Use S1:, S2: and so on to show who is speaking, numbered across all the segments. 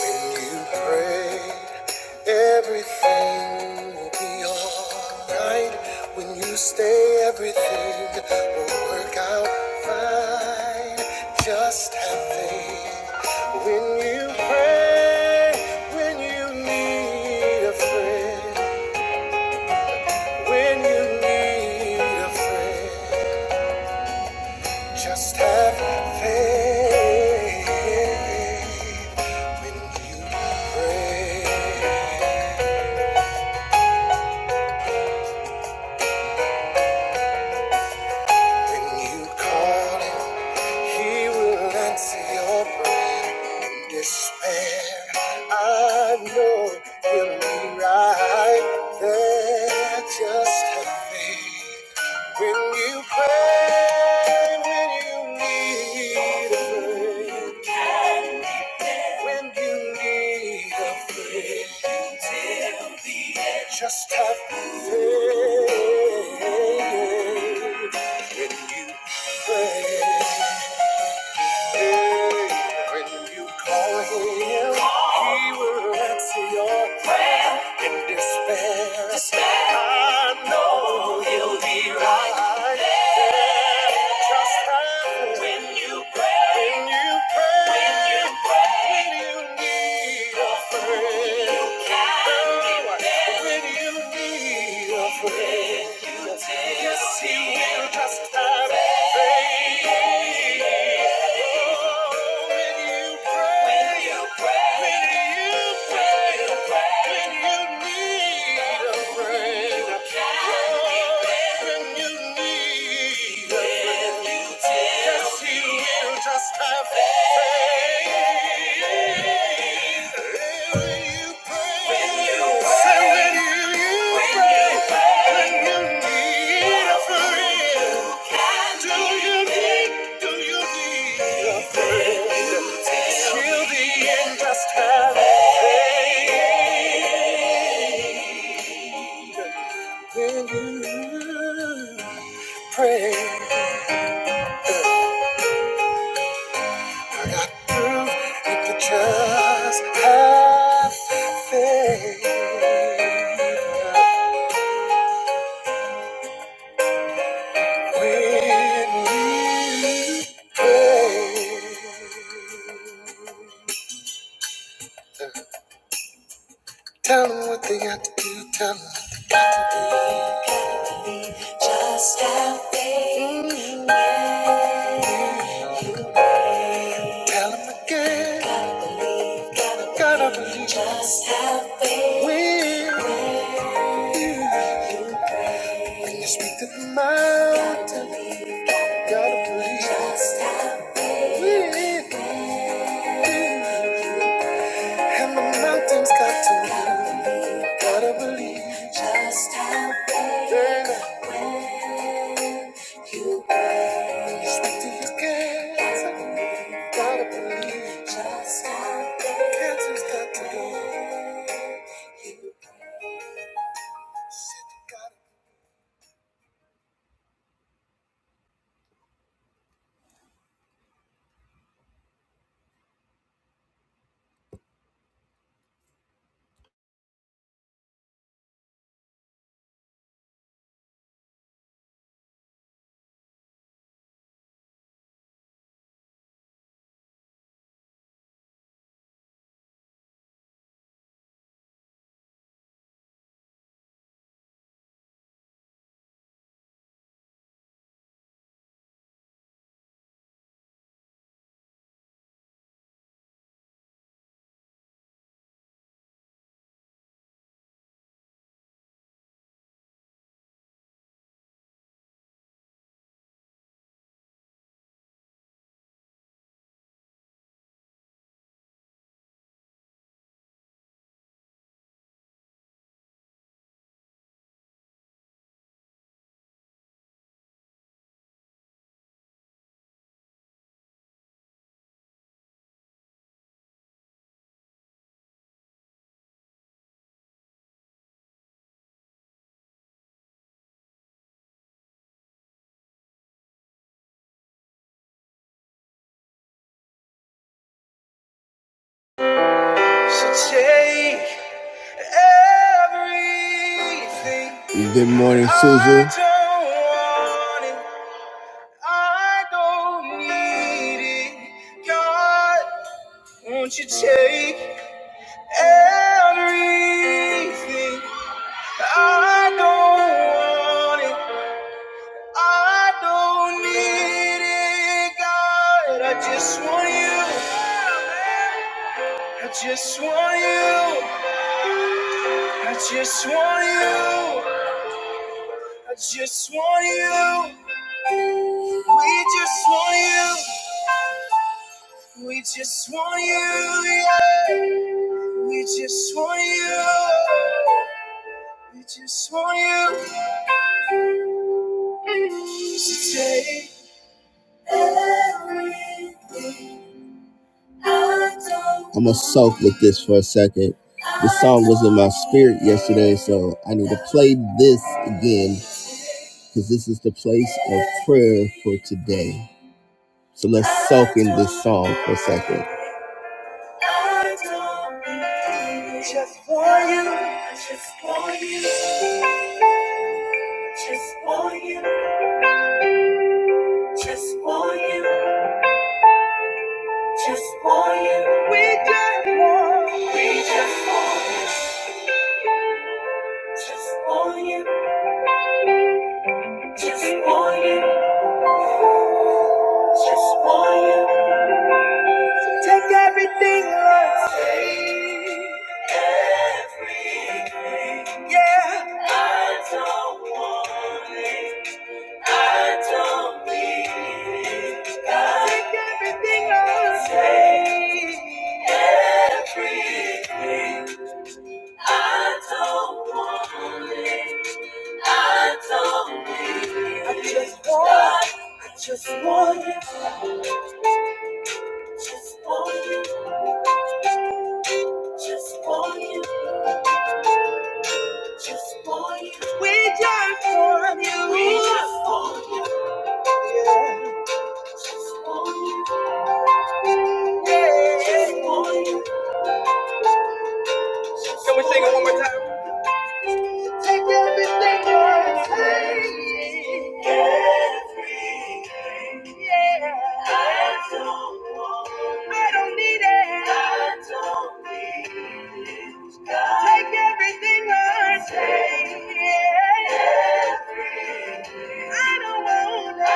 S1: When you pray, everything will be alright. When you stay, everything will work out fine. Just have faith. When you pray, when you need a friend, when you need a friend, just have faith. When you pray. When you call him, he will answer your prayer. In despair, I know he'll be right there. Just have faith. When you pray, when you need a friend, when you need a friend, just have faith. When you call him, he will answer your prayer in despair. I know he'll be right there. Just have him. When you pray, when you need a friend, you can be there. When you need a friend, yes, he will just have faith. Just have faith. When you pray, when you pray, when you need a friend. Do you need, do you need a friend? Till the end, just have faith. When you pray, I got proof you could just have faith. When you pray, tell them what they got to do, tell them. Tell him again, I gotta believe I will. Can you speak to the mountain? Gotta believe I will. And the mountain's got to move. Gotta believe. Yeah. Can you speak to the cancer? Gotta believe. I will. Cancer's got to go. So take everything. Good morning, Susan. I do I don't need it. God, won't you take everything? I don't want it. I don't need it. God, I just want you. I just want you. I just want you. I just want you. We just want you. We just want you. Yeah. We just want you. We just want you to take everything I don't. I'm gonna soak with this for a second. The song was in my spirit yesterday, so I need to play this again because this is the place of prayer for today. So let's soak in this song for a second. I don't need you. Just want you. I just want you. Just want you. Just want you. Just want you. We just want. We just want you. Just want you. Just want you. Just want you. Take everything, Lord. Take everything. Yeah. I don't want it. I don't need it. Take everything take. Everything. I don't want it. I don't need it. I just want. you. I just want you. Just want you. Just want you. We Just want you. We just want you. We just want you. yeah. Just want you. Yeah. it one more? Take everything you're saying. Everything. Yeah. I don't want. I don't need it. I don't need it. God. Take everything you're saying. Yeah. Everything. I don't want it. I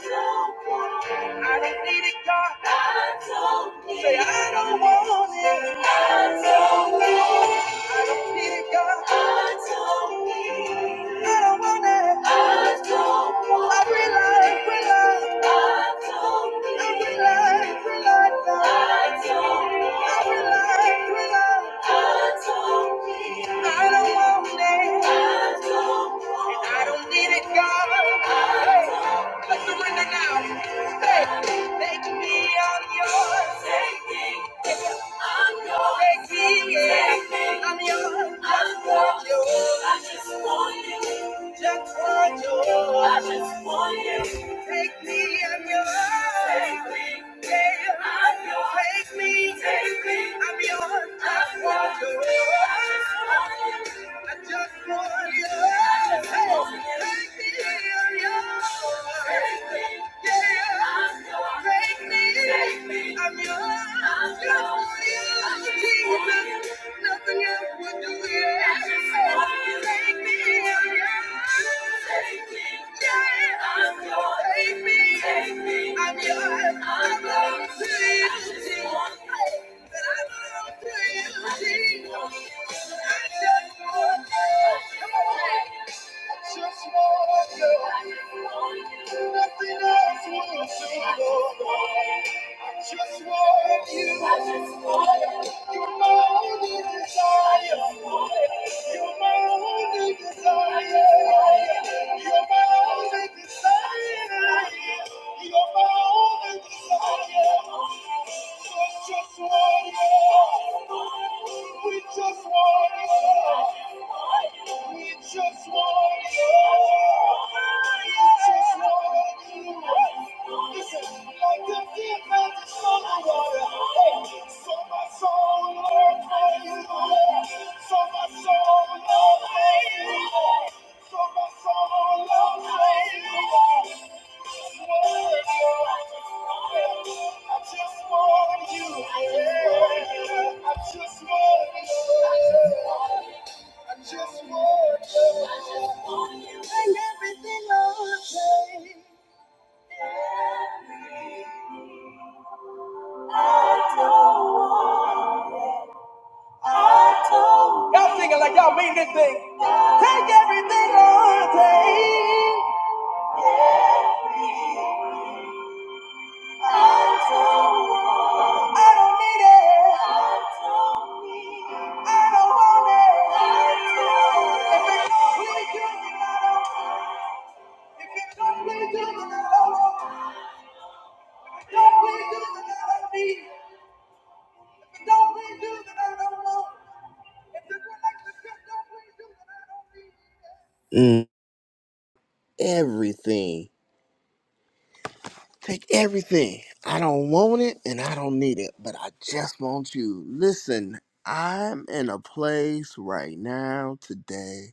S1: don't want I don't need it, God. I don't need Say, I don't want it. I don't need it. I don't need it, God. I don't need it. I don't want it. I don't want it. I rely, rely. I don't need it. I rely, rely, God. I don't want it. I rely, rely. God told me I don't want it. and I don't need it, God. Hey, told let's surrender now. Hey, make me on yours. Take me. I'm yours. Take me, yeah. I'm yours. I I'm just want yours. you. I just want you. just want you. Take me, I'm yours. Take me, yeah, I'm yours. Take me, take me, I'm yours. I want your love. I just want your love. Take me, I'm yours. Take me, Yeah, I'm yours. take me, take me, I'm yours. I Just want you, Jesus. Nothing else would do it. Take me, yeah. Take me, yeah. I'm yours. Take me, take me. I'm yours. I belong to you. I just want That I belong to you. I just want you. I just want you. Come on. I Just want you. Nothing else will do, just want you. I just want you. You're my only desire. You're my only desire. You're my only desire. You're my only desire. Just, just want you. We just want you. We just want you. I just want you. I just want you I just want you. I just want you. I just want you. And everything I'll take. Everything. I don't want it. I don't Y'all singing like y'all mean this thing. Take everything I'll take. Everything. Mm. Everything. Take everything. I don't want it and I don't need it, but I just want you. Listen, I'm in a place right now today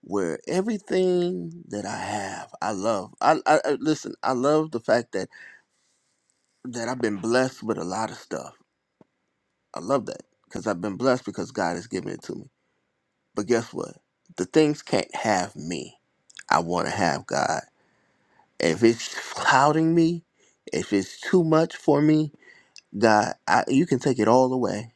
S1: where everything that I have, I love. I, I, I listen. I love the fact that that I've been blessed with a lot of stuff. I love that because I've been blessed because God has given it to me. But guess what? The things can't have me. I want to have God. If it's clouding me, if it's too much for me, God, I, you can take it all away.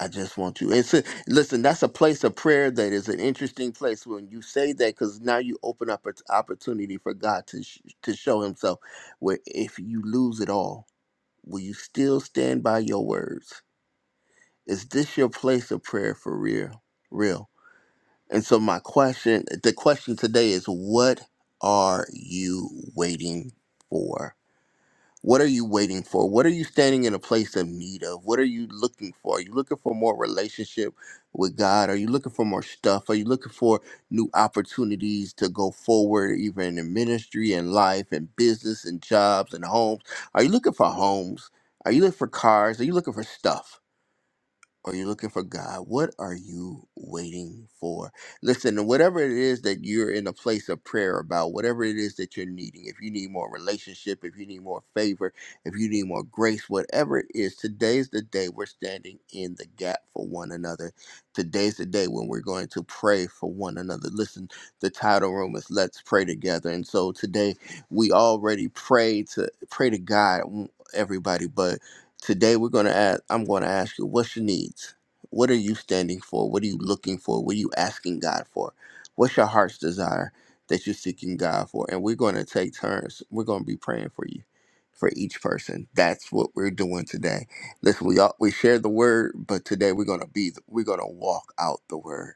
S1: I just want you. And so, listen, that's a place of prayer that is an interesting place when you say that because now you open up an opportunity for God to sh- to show Himself. Where if you lose it all, will you still stand by your words? Is this your place of prayer for real? Real. And so, my question, the question today is, what are you waiting for? What are you waiting for? What are you standing in a place of need of? What are you looking for? Are you looking for more relationship with God? Are you looking for more stuff? Are you looking for new opportunities to go forward, even in ministry and life and business and jobs and homes? Are you looking for homes? Are you looking for cars? Are you looking for stuff? Are you looking for God? What are you waiting for? Listen, whatever it is that you're in a place of prayer about, whatever it is that you're needing, if you need more relationship, if you need more favor, if you need more grace, whatever it is, today's the day we're standing in the gap for one another. Today's the day when we're going to pray for one another. Listen, the title room is Let's Pray Together. And so today we already pray to pray to God, mm, everybody, but Today we're gonna ask I'm gonna ask you, what's your needs? What are you standing for? What are you looking for? What are you asking God for? What's your heart's desire that you're seeking God for? And we're gonna take turns. We're gonna be praying for you, for each person. That's what we're doing today. Listen, we all we share the word, but today we're gonna be we're gonna walk out the word.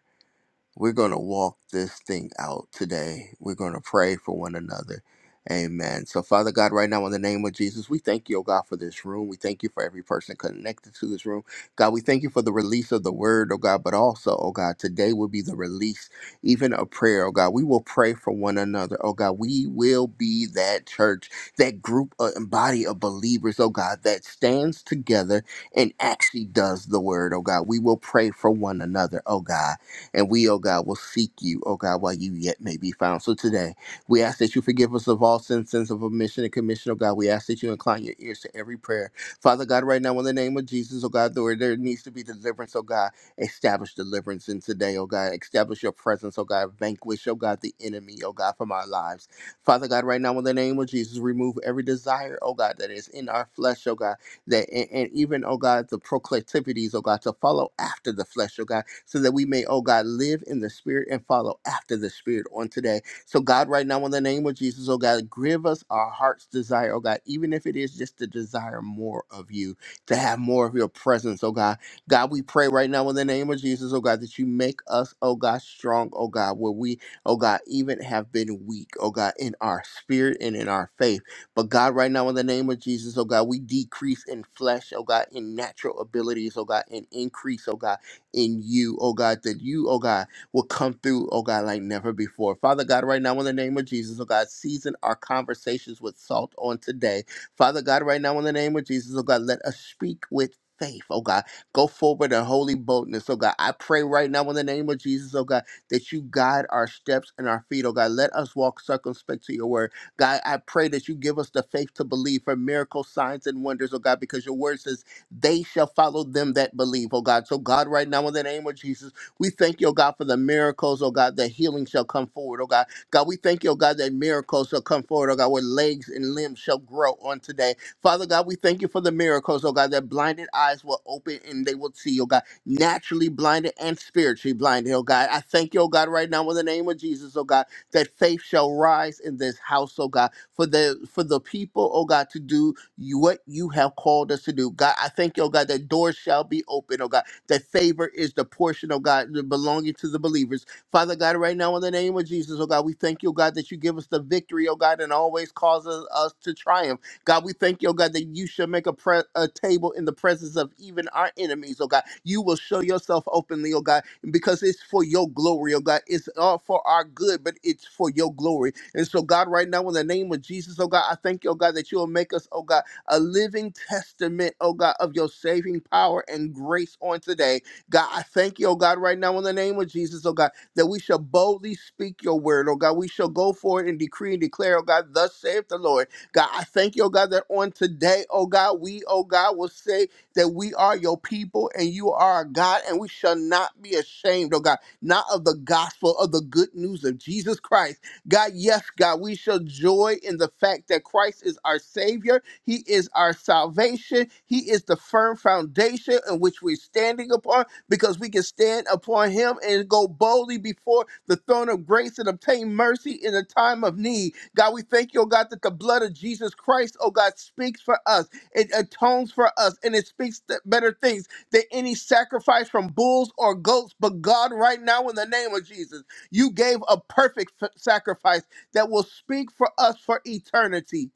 S1: We're going to walk this thing out today. We're going to pray for one another. Amen. So, Father God, right now, in the name of Jesus, we thank you, oh God, for this room. We thank you for every person connected to this room. God, we thank you for the release of the word, oh God, but also, oh God, today will be the release, even a prayer, oh God. We will pray for one another, oh God. We will be that church, that group uh, and body of believers, oh God, that stands together and actually does the word, oh God. We will pray for one another, oh God. And we, oh God, will seek you, oh God, while you yet may be found. So today, we ask that you forgive us of all sins, sins of omission and commission, oh God. We ask that you incline your ears to every prayer. Father God, right now, in the name of Jesus, oh God, Lord, there needs to be deliverance, oh God. Establish deliverance in today, oh God. Establish your presence, oh God. Vanquish, oh God, the enemy, oh God, from our lives. Father God, right now, in the name of Jesus, remove every desire, oh God, that is in our flesh, oh God that and, and even oh god the proclivities oh god to follow after the flesh oh god so that we may oh god live in the spirit and follow after the spirit on today so god right now in the name of jesus oh god give us our heart's desire oh god even if it is just to desire more of you to have more of your presence oh god god we pray right now in the name of jesus oh god that you make us oh god strong oh god where we oh god even have been weak oh god in our spirit and in our faith but God, right now, in the name of Jesus, oh God, we decrease in flesh, oh God, in natural abilities, oh God, and increase, oh God, in you, oh God, that you, oh God, will come through, oh God, like never before. Father God, right now, in the name of Jesus, oh God, season our conversations with salt on today. Father God, right now, in the name of Jesus, oh God, let us speak with faith, oh God. Go forward in holy boldness, oh God. I pray right now, in the name of Jesus, oh God, that you guide our steps and our feet, oh God. Let us walk circumspect to your word. God, I pray that you give us the faith to believe for miracles, signs, and wonders, oh God, because your word says they shall follow them that believe, oh God. So, God, right now, in the name of Jesus, we thank you, oh God, for the miracles, oh God, that healing shall come forward, oh God. God, we thank you, oh God, that miracles shall come forward, oh God, where legs and limbs shall grow on today. Father God, we thank you for the miracles, oh God, that blinded eyes will open and they will see, oh God, naturally blinded and spiritually blinded, oh God. I thank you, oh God, right now, in the name of Jesus, oh God that faith shall rise in this house, oh God, for the for the people, oh God, to do you, what you have called us to do. God, I thank you, oh God, that doors shall be open, oh God, that favor is the portion, oh God, belonging to the believers. Father God, right now in the name of Jesus, oh God, we thank you, oh God, that you give us the victory, oh God, and always causes us to triumph. God, we thank you, oh God, that you shall make a, pre- a table in the presence of even our enemies, oh God. You will show yourself openly, oh God because it's for your glory, oh God. It's all for our good, but it's for your glory. And so, God, right now, in the name of Jesus, oh God, I thank you, oh God, that you will make us, oh God, a living testament, oh God, of your saving power and grace on today. God, I thank you, oh God, right now, in the name of Jesus, oh God, that we shall boldly speak your word, oh God. We shall go forward and decree and declare, oh God, thus saith the Lord. God, I thank you, oh God, that on today, oh God, we, oh God, will say that we are your people and you are our God, and we shall not be ashamed, oh God, not of the gospel, of the good news of Jesus Christ. God, yes, God, we shall joy in the fact that Christ is our Savior. He is our salvation. He is the firm foundation in which we're standing upon because we can stand upon Him and go boldly before the throne of grace and obtain mercy in a time of need. God, we thank you, oh God, that the blood of Jesus Christ, oh God, speaks for us. It atones for us and it speaks th- better things than any sacrifice from bulls or goats. But God, right now, in the name of Jesus, you gave a perfect f- sacrifice that will speak for us for eternity.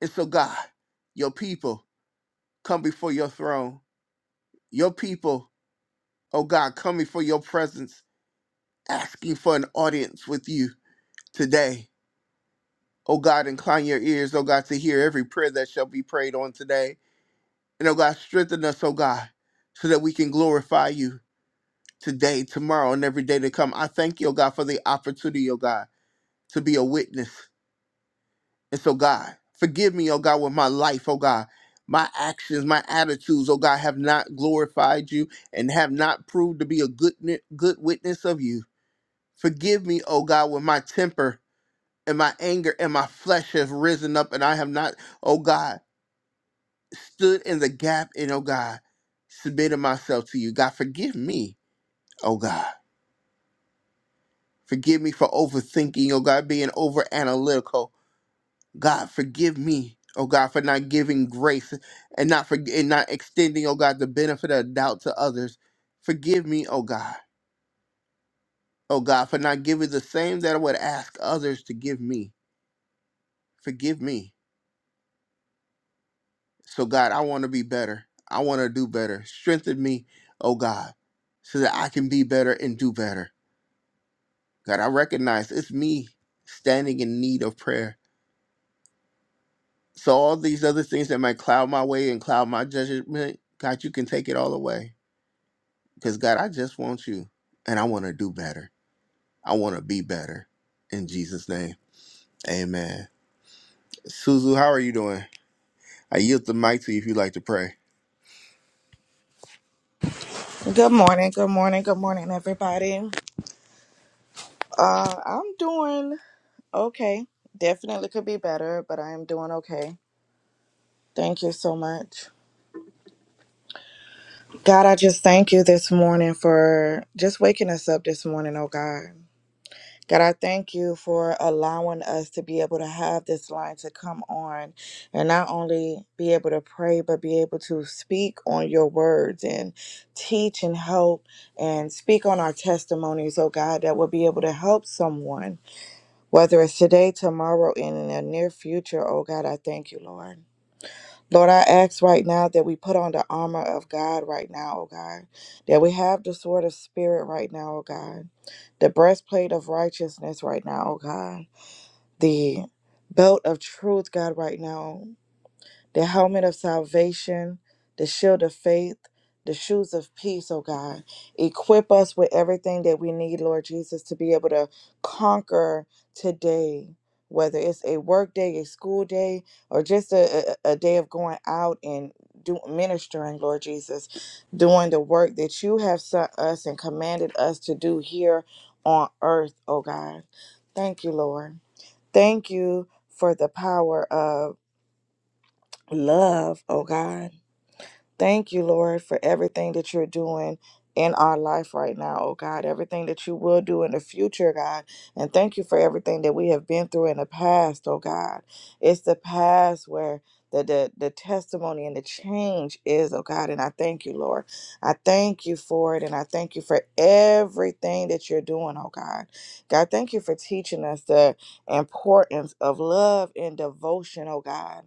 S1: And so, God, your people come before your throne. Your people, oh God, come before your presence, asking for an audience with you today. Oh God, incline your ears, oh God, to hear every prayer that shall be prayed on today. And oh God, strengthen us, oh God, so that we can glorify you today, tomorrow, and every day to come. I thank you, oh God, for the opportunity, oh God, to be a witness. And so, God, forgive me, oh God, with my life, oh God. My actions, my attitudes, oh God, have not glorified you and have not proved to be a good, ni- good witness of you. Forgive me, oh God, with my temper and my anger and my flesh have risen up and I have not, oh God. stood in the gap and oh God, submitted myself to you. God, forgive me, oh God. Forgive me for overthinking, oh God, being over analytical. God, forgive me, oh God, for not giving grace and not for and not extending, oh God, the benefit of doubt to others. Forgive me, oh God, oh God, for not giving the same that I would ask others to give me. Forgive me. So God, I want to be better. I want to do better. Strengthen me, oh God, so that I can be better and do better. God, I recognize it's me standing in need of prayer. So all these other things that might cloud my way and cloud my judgment, God, you can take it all away. Because God, I just want you and I want to do better. I want to be better. In Jesus' name. Amen. Suzu, how are you doing? I yield the mic to you if you'd like to pray.
S2: Good morning, good morning, good morning, everybody. Uh, I'm doing okay. Definitely could be better, but I am doing okay. Thank you so much. God, I just thank you this morning for just waking us up this morning, oh God. God, I thank you for allowing us to be able to have this line to come on and not only be able to pray, but be able to speak on your words and teach and help and speak on our testimonies, oh God, that will be able to help someone whether it's today, tomorrow, and in the near future, oh God, I thank you, Lord. Lord, I ask right now that we put on the armor of God right now, oh God, that we have the sword of spirit right now, oh God, the breastplate of righteousness right now, oh God, the belt of truth, God, right now, the helmet of salvation, the shield of faith, the shoes of peace, oh God. Equip us with everything that we need, Lord Jesus, to be able to conquer today. Whether it's a work day, a school day, or just a, a, a day of going out and do, ministering, Lord Jesus, doing the work that you have sent us and commanded us to do here on earth, oh God. Thank you, Lord. Thank you for the power of love, oh God. Thank you, Lord, for everything that you're doing in our life right now, oh God, everything that you will do in the future, God. And thank you for everything that we have been through in the past, oh God. It's the past where the, the, the testimony and the change is, oh God, and I thank you, Lord. I thank you for it, and I thank you for everything that you're doing, oh God. God, thank you for teaching us the importance of love and devotion, oh God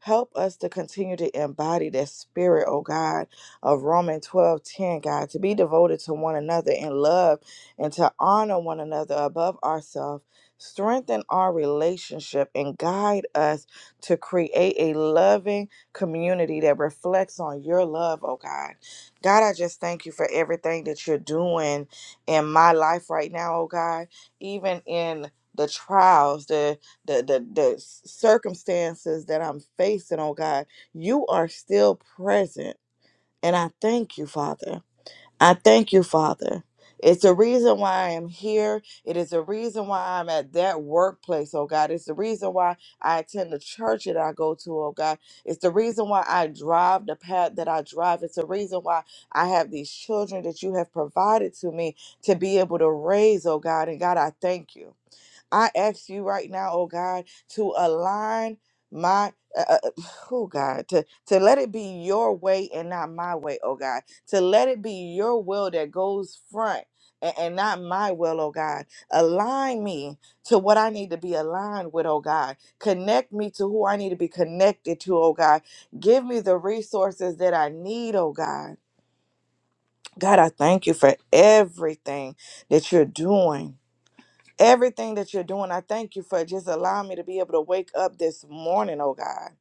S2: Help us to continue to embody that spirit, oh God, of Romans 12 10. God, to be devoted to one another in love and to honor one another above ourselves. Strengthen our relationship and guide us to create a loving community that reflects on your love, oh God. God, I just thank you for everything that you're doing in my life right now, oh God, even in the trials, the the the the circumstances that I'm facing, oh God, you are still present. And I thank you, Father. I thank you, Father. It's the reason why I am here. It is the reason why I'm at that workplace, oh God. It's the reason why I attend the church that I go to, oh God. It's the reason why I drive the path that I drive. It's the reason why I have these children that you have provided to me to be able to raise, oh God. And God, I thank you. I ask you right now, oh God, to align my uh, uh, uh, oh God, to to let it be your way and not my way, oh God. To let it be your will that goes front and, and not my will, oh God. Align me to what I need to be aligned with, oh God. Connect me to who I need to be connected to, oh God. Give me the resources that I need, oh God. God, I thank you for everything that you're doing everything that you're doing. I thank you for just allowing me to be able to wake up this morning, oh God.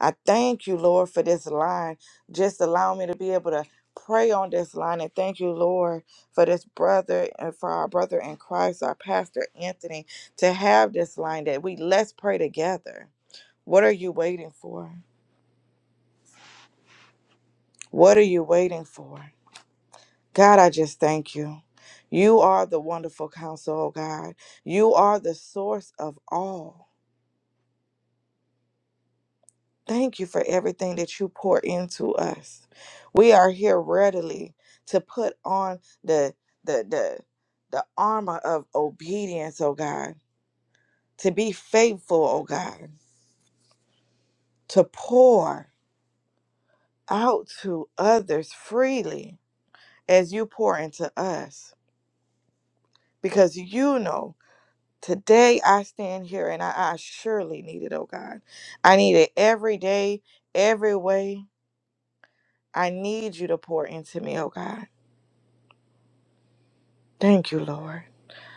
S2: I thank you, Lord, for this line. Just allow me to be able to pray on this line. And thank you, Lord, for this brother and for our brother in Christ, our pastor Anthony, to have this line that we let's pray together. What are you waiting for? What are you waiting for? God, I just thank you. You are the wonderful counsel, oh God. You are the source of all. Thank you for everything that you pour into us. We are here readily to put on the the the the armor of obedience, oh God, to be faithful, oh God, to pour out to others freely as you pour into us. Because you know, today I stand here and I, I surely need it, oh God. I need it every day, every way. I need you to pour into me, oh God. Thank you, Lord.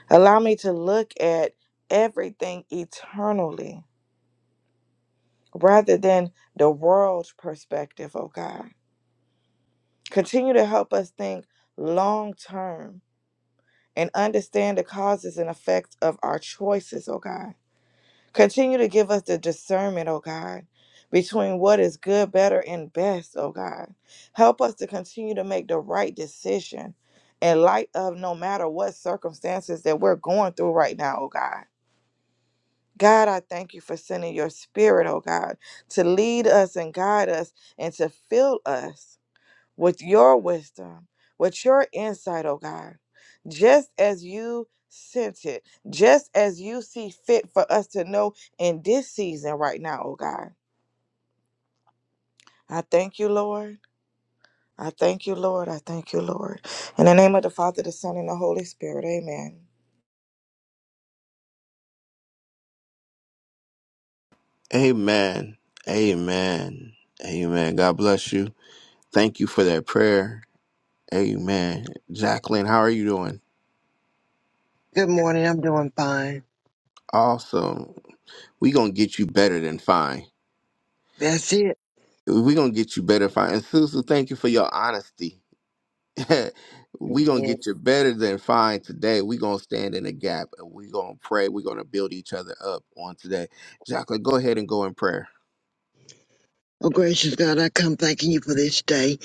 S2: Allow me to look at everything eternally rather than the world's perspective, oh God. Continue to help us think long term and understand the causes and effects of our choices, oh God. Continue to give us the discernment, oh God, between what is good, better, and best, oh God. Help us to continue to make the right decision in light of no matter what circumstances that we're going through right now, oh God. God, I thank you for sending your spirit, oh God, to lead us and guide us and to fill us with your wisdom, with your insight, oh God, just as you sent it, just as you see fit for us to know in this season right now, oh God. I thank you, Lord. I thank you, Lord. I thank you, Lord. In the name of the Father, the Son, and the Holy Spirit, amen.
S1: Amen. Amen. Amen. God bless you. Thank you for that prayer. Amen. Jacqueline, how are you doing?
S3: Good morning. I'm doing fine.
S1: Awesome. We gonna get you better than fine.
S3: That's it.
S1: We're gonna get you better fine. And Susu, thank you for your honesty. we gonna
S3: Amen.
S1: get you better than fine today. we gonna stand in the gap and we gonna pray. we gonna build each other up on today. Jacqueline, go ahead and go in prayer.
S3: Oh, gracious God, I come thanking you for this day,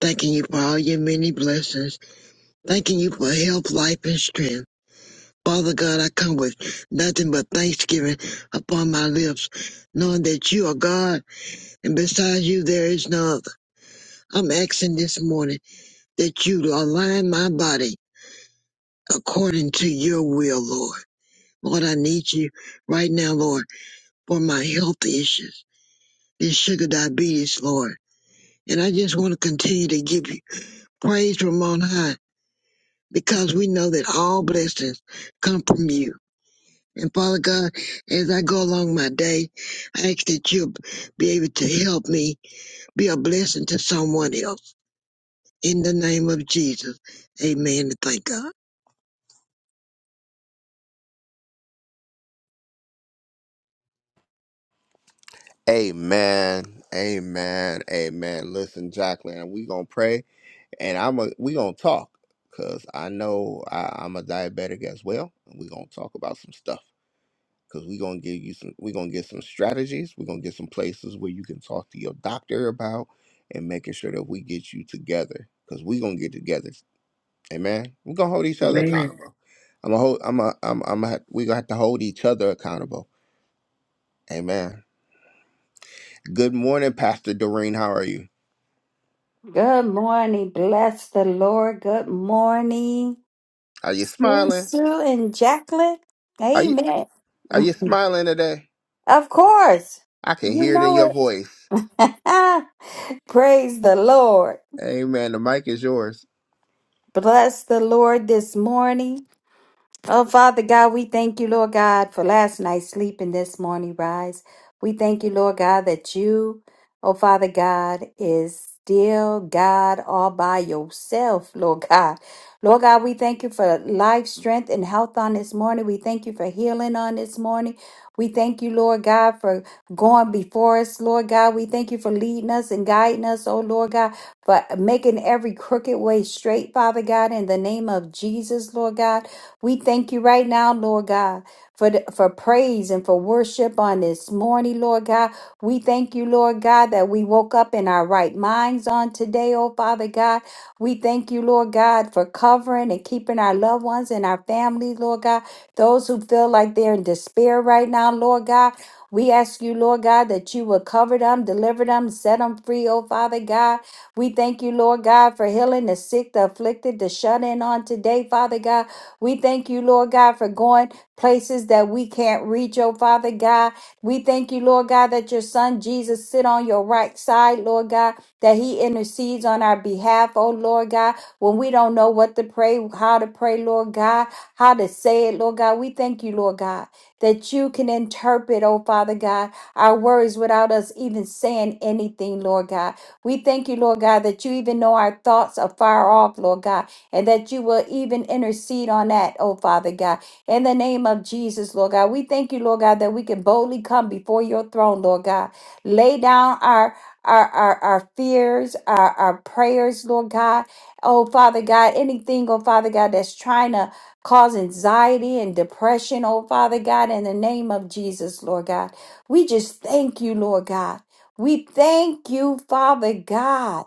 S3: thanking you for all your many blessings, thanking you for health, life, and strength. Father God, I come with nothing but thanksgiving upon my lips, knowing that you are God and besides you there is no other. I'm asking this morning that you align my body according to your will, Lord. Lord, I need you right now, Lord, for my health issues, this sugar diabetes, Lord. And I just want to continue to give you praise from on high because we know that all blessings come from you. And Father God, as I go along my day, I ask that you'll be able to help me be a blessing to someone else. In the name of Jesus, amen and thank God.
S1: Amen. Amen. Amen. Listen, Jacqueline, we gonna pray and I'm a, we gonna talk because I know I, I'm a diabetic as well, and we gonna talk about some stuff because we gonna give you some we gonna get some strategies. we gonna get some places where you can talk to your doctor about and making sure that we get you together because we gonna get together. Amen. we gonna hold each other Amen.
S3: Amen.
S1: accountable. I'm a hold. I'm a. I'm. I'm. A, we gonna have to hold each other accountable. Amen. Good morning, Pastor Doreen. How are you?
S4: Good morning. Bless the Lord. Good morning.
S1: Are you
S4: Sue
S1: smiling?
S4: Sue and Jacqueline.
S1: Are you
S4: Amen.
S1: Are you smiling today?
S4: Of course.
S1: I can
S4: You
S1: hear it in your
S4: know
S1: voice.
S4: it. Praise the Lord.
S1: Amen. The mic is yours.
S4: Bless the Lord this morning. Oh, Father God, we thank you, Lord God, for last night's sleep and this morning rise. We thank you, Lord God, that you, oh, Father God, is still God all by yourself, Lord God. Lord God, we thank you for life, strength, and health on this morning. We thank you for healing on this morning. We thank you, Lord God, for going before us, Lord God. We thank you for leading us and guiding us, oh Lord God, for making every crooked way straight, Father God, in the name of Jesus, Lord God. We thank you right now, now, Lord God, for, the, for praise and for worship on this morning, Lord God. We thank you, Lord God, that we woke up in our right minds on today, oh Father God. We thank you, Lord God, for covering and keeping our loved ones and our families, Lord God. Those who feel like they're in despair right now, Lord God. We ask you, Lord God, that you will cover them, deliver them, set them free, oh Father God. We thank you, Lord God, for healing the sick, the afflicted, the shut in on today, Father God. We thank you, Lord God, for going places that we can't reach, oh Father God. We thank you, Lord God, that your son Jesus sit on your right side, Lord God, that he intercedes on our behalf, oh Lord God, when we don't know what to pray, how to pray, Lord God, how to say it, Lord God. We thank you, Lord God, that you can interpret, oh Father God, our words without us even saying anything, Lord God. We thank you, Lord God, that you even know our thoughts are far off, Lord God, and that you will even intercede on that, oh Father God. In the name of Jesus, Lord God, we thank you, Lord God, that we can boldly come before your throne, Lord God. Lay down our our, our, our fears, our, our prayers, Lord God. Oh, Father God, anything, oh, Father God, that's trying to cause anxiety and depression, oh, Father God, in the name of Jesus, Lord God. We just thank you, Lord God. We thank you, Father God.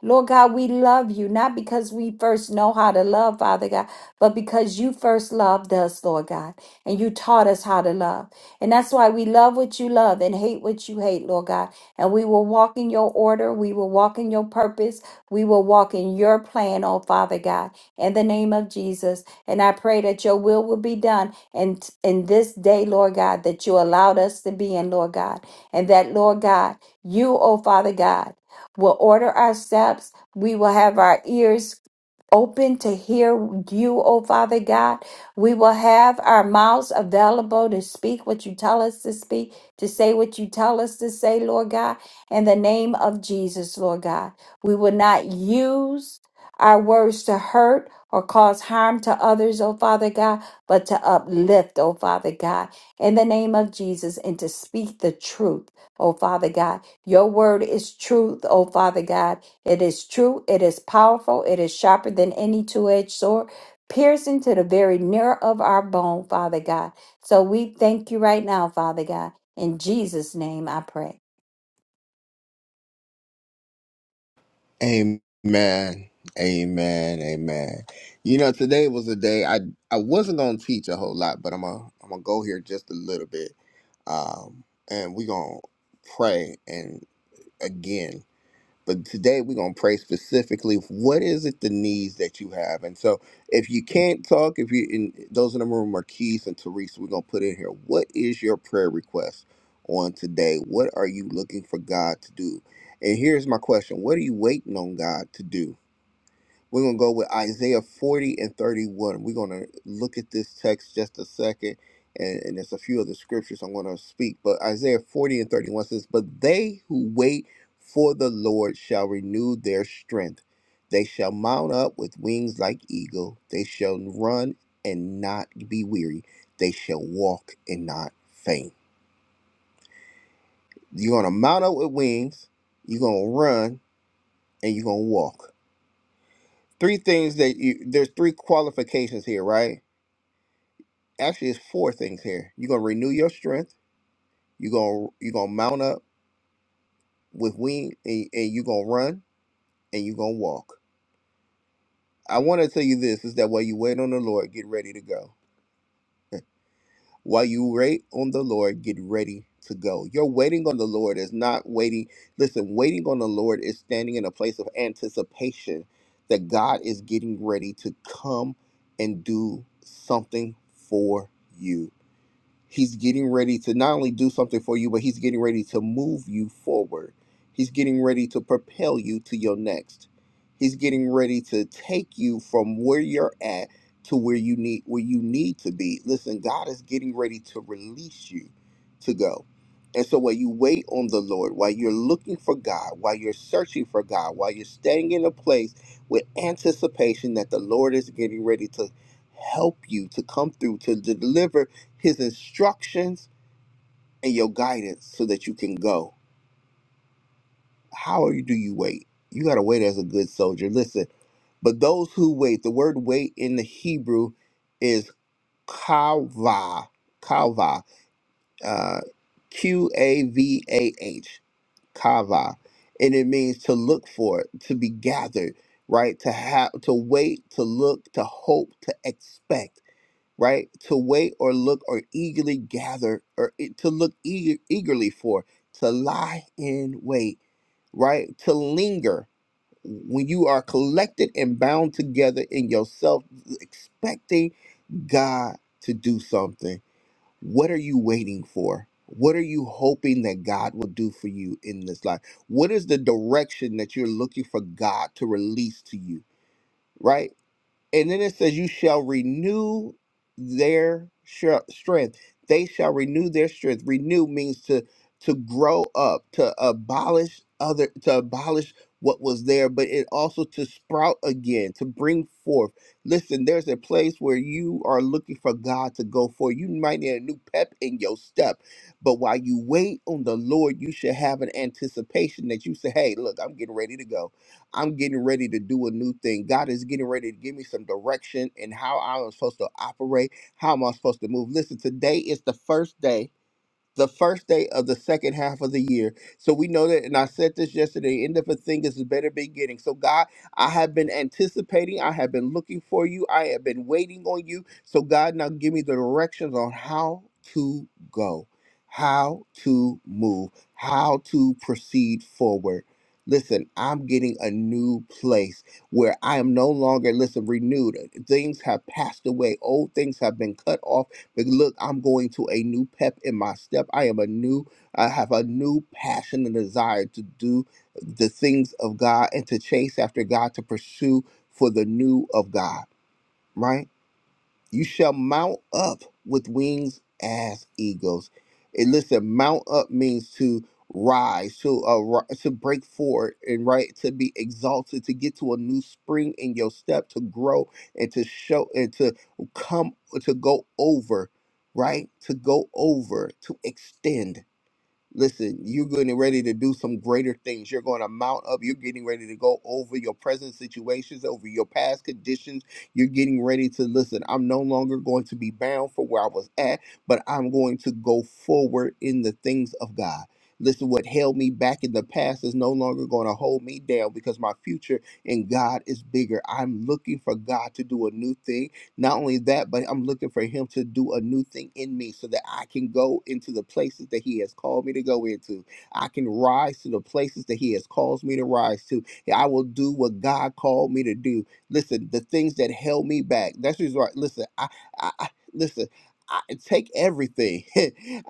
S4: Lord God, we love you, not because we first know how to love, Father God, but because you first loved us, Lord God, and you taught us how to love. And that's why we love what you love and hate what you hate, Lord God. And we will walk in your order. We will walk in your purpose. We will walk in your plan, oh Father God, in the name of Jesus. And I pray that your will will be done and in in this day, Lord God, that you allowed us to be in, Lord God. And that, Lord God, you, oh Father God, will order our steps. We will have our ears open to hear you, O Father God. We will have our mouths available to speak what you tell us to speak, to say what you tell us to say, Lord God, in the name of Jesus, Lord God. We will not use our words to hurt or cause harm to others, O Father God, but to uplift, O Father God, in the name of Jesus, and to speak the truth, O Father God. Your word is truth, O Father God it is true, it is powerful, it is sharper than any two edged sword, piercing to the very nerve of our bone, Father God. So we thank you right now, Father God. In Jesus' name I pray.
S1: Amen. Amen. Amen. You know, today was a day I I wasn't gonna teach a whole lot, but I'm gonna I'm gonna go here just a little bit. Um, and we're gonna pray and again But today we're gonna pray specifically. What is it the needs that you have? And so, if you can't talk, if you in those in the room are Keith and Teresa, we're gonna put in here. What is your prayer request on today? What are you looking for God to do? And here's my question: What are you waiting on God to do? We're going to go with Isaiah 40 and 31. We're going to look at this text just a second, and, and there's a few other scriptures I'm going to speak. But Isaiah 40 and 31 says, But they who wait for the Lord shall renew their strength. They shall mount up with wings like eagle. They shall run and not be weary. They shall walk and not faint. You're going to mount up with wings, you're going to run, and you're going to walk. Three things that you, there's three qualifications here, right? actually it's four things here. You're gonna renew your strength. You're gonna you're gonna mount up with wing and, and you're gonna run and you're gonna walk. I want to tell you this is that while you wait on the Lord, get ready to go. While you wait on the Lord, get ready to go. Your waiting on the Lord is not waiting. Listen, waiting on the Lord is standing in a place of anticipation that God is getting ready to come and do something for you He's getting ready to not only do something for you, but he's getting ready to move you forward. He's getting ready to propel you to your next. He's getting ready to take you from where you're at to where you need where you need to be. Listen, God is getting ready to release you to go. And so while you wait on the Lord, while you're looking for God, while you're searching for God, while you're staying in a place with anticipation that the Lord is getting ready to help you to come through to deliver his instructions and your guidance so that you can go. How are you, do you wait? You got to wait as a good soldier. Listen, but those who wait, the word wait in the Hebrew is kava, kava, uh, Q A V A H, kava. And it means to look for, to be gathered, right? To have, to wait, to look, to hope, to expect. right? To wait or look or eagerly gather or e- to look eager, eagerly for, to lie in wait, right? To linger when you are collected and bound together in yourself, expecting God to do something. What are you waiting for? What are you hoping that God will do for you in this life? What is the direction that you're looking for God to release to you? right? and then it says you shall renew their sh- strength they shall renew their strength renew means to to grow up to abolish other to abolish what was there but it also to sprout again to bring forth listen there's a place where you are looking for god to go for you might need a new pep in your step but while you wait on the lord you should have an anticipation that you say hey look i'm getting ready to go I'm getting ready to do a new thing. God is getting ready to give me some direction and how I'm supposed to operate, how am I supposed to move. Listen, today is the first day the first day of the second half of the year. So we know that, and I said this yesterday, end of a thing is a better beginning. So God, I have been anticipating, I have been looking for you, I have been waiting on you. So God, now give me the directions on how to go, how to move, how to proceed forward. Listen, I'm getting a new place where I am no longer, listen, renewed. Things have passed away. Old things have been cut off like, Look, I'm going to a new pep in my step. I am a new, I have a new passion and desire to do the things of God and to chase after God, to pursue for the new of God, right? You shall mount up with wings as eagles. And listen, mount up means to rise, to uh, ri- to break forward, and right to be exalted, to get to a new spring in your step, to grow and to show and to come to go over, right? To go over, to extend. Listen, you're getting ready to do some greater things. You're going to mount up. You're getting ready to go over your present situations, over your past conditions. You're getting ready to listen. I'm no longer going to be bound for where I was at, but I'm going to go forward in the things of God. Listen, what held me back in the past is no longer going to hold me down because my future in God is bigger. I'm looking for God to do a new thing not only that, but I'm looking for him to do a new thing in me so that I can go into the places that he has called me to go into. I can rise to the places that he has caused me to rise to. Yeah, I will do what God called me to do. Listen, the things that held me back. That's just right. Listen, I, I, I listen. I take everything.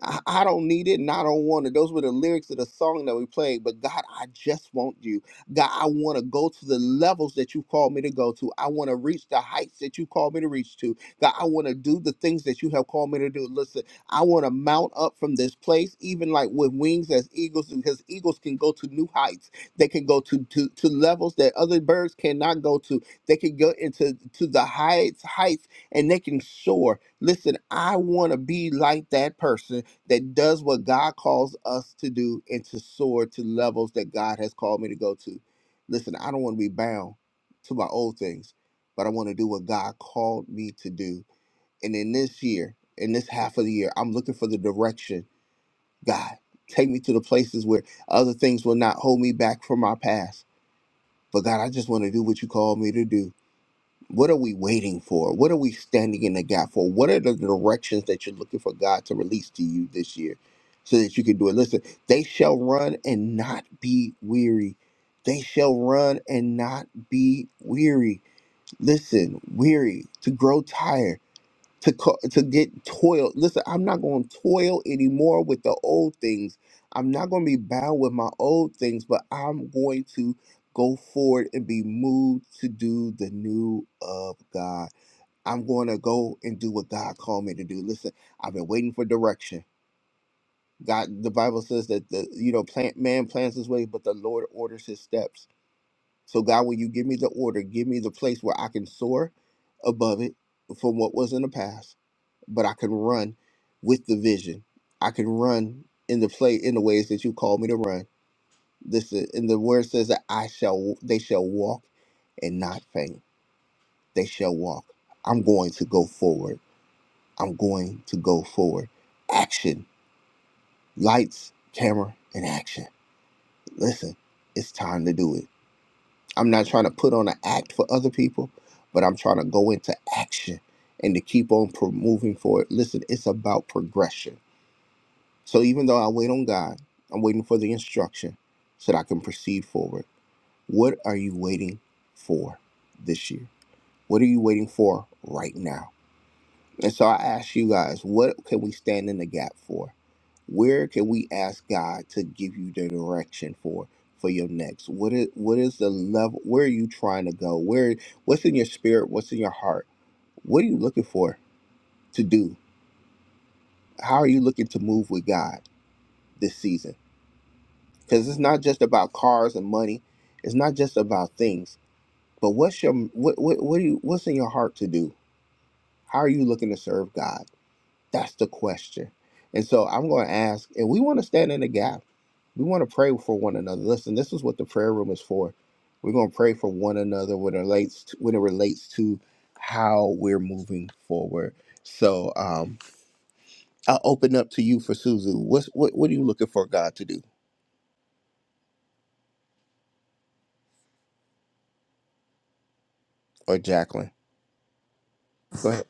S1: I, I don't need it and I don't want it. Those were the lyrics of the song that we played. But God, I just want you. God, I want to go to the levels that you called me to go to. I want to reach the heights that you called me to reach to. God, I want to do the things that you have called me to do. Listen, I want to mount up from this place, even like with wings as eagles, because eagles can go to new heights. They can go to to, to levels that other birds cannot go to. They can go into to the heights, heights, and they can soar. Listen, I want to be like that person that does what God calls us to do and to soar to levels that God has called me to go to. Listen, I don't want to be bound to my old things, but I want to do what God called me to do. And in this year, in this half of the year, I'm looking for the direction. God, take me to the places where other things will not hold me back from my past. But God, I just want to do what you called me to do. What are we waiting for? What are we standing in the gap for? What are the directions that you're looking for God to release to you this year so that you can do it? Listen, they shall run and not be weary. They shall run and not be weary. Listen, weary, to grow tired to co- to get toil. Listen, I'm not going to toil anymore with the old things. I'm not going to be bound with my old things, but I'm going to go forward and be moved to do the new of God. I'm going to go and do what God called me to do. Listen, I've been waiting for direction. God, the Bible says that the you know plant man plans his way, but the Lord orders his steps. So God, when you give me the order, give me the place where I can soar above it from what was in the past but I can run with the vision. I can run in the play in the ways that you call me to run. This is, and the word says that I shall they shall walk and not faint. They shall walk. I'm going to go forward. I'm going to go forward. Action. Lights, camera, and action. Listen, it's time to do it. I'm not trying to put on an act for other people, but I'm trying to go into action and to keep on pro- moving forward. Listen, it's about progression So even though I wait on God, I'm waiting for the instruction so that I can proceed forward. What are you waiting for this year? What are you waiting for right now? And so I ask you guys, what can we stand in the gap for? Where can we ask God to give you the direction for for your next? What is what is the level? Where are you trying to go? Where what's in your spirit? What's in your heart? What are you looking for to do? How are you looking to move with God this season? because it's not just about cars and money it's not just about things but what's your what what what do you what's in your heart to do how are you looking to serve god that's the question and so i'm going to ask and we want to stand in the gap we want to pray for one another listen this is what the prayer room is for we're going to pray for one another when it relates to, when it relates to how we're moving forward so um i'll open up to you for suzu what's what, what are you looking for god to do or jacqueline go ahead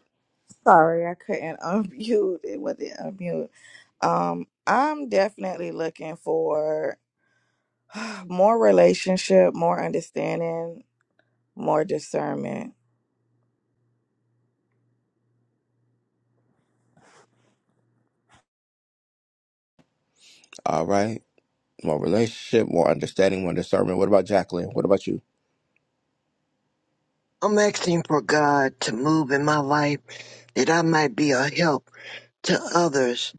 S2: Sorry, I couldn't unmute. It wasn't unmute. Um, I'm definitely looking for more relationship, more understanding, more discernment.
S1: all right more relationship, more understanding, more discernment. What about Jacqueline? What about you?
S3: I'm asking for God to move in my life that I might be a help to others,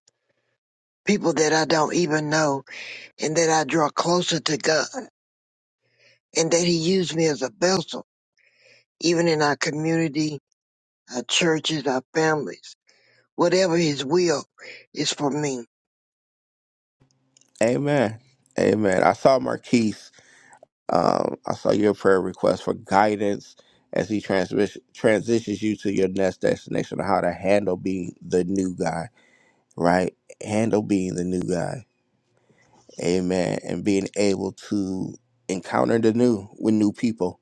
S3: people that I don't even know, and that I draw closer to God, and that He use me as a vessel even in our community, our churches, our families. Whatever His will is for me.
S1: Amen. Amen. I saw Marquise. Um, I saw your prayer request for guidance as he transmis- transitions you to your next destination on how to handle being the new guy, right? Handle being the new guy. Amen. And being able to encounter the new with new people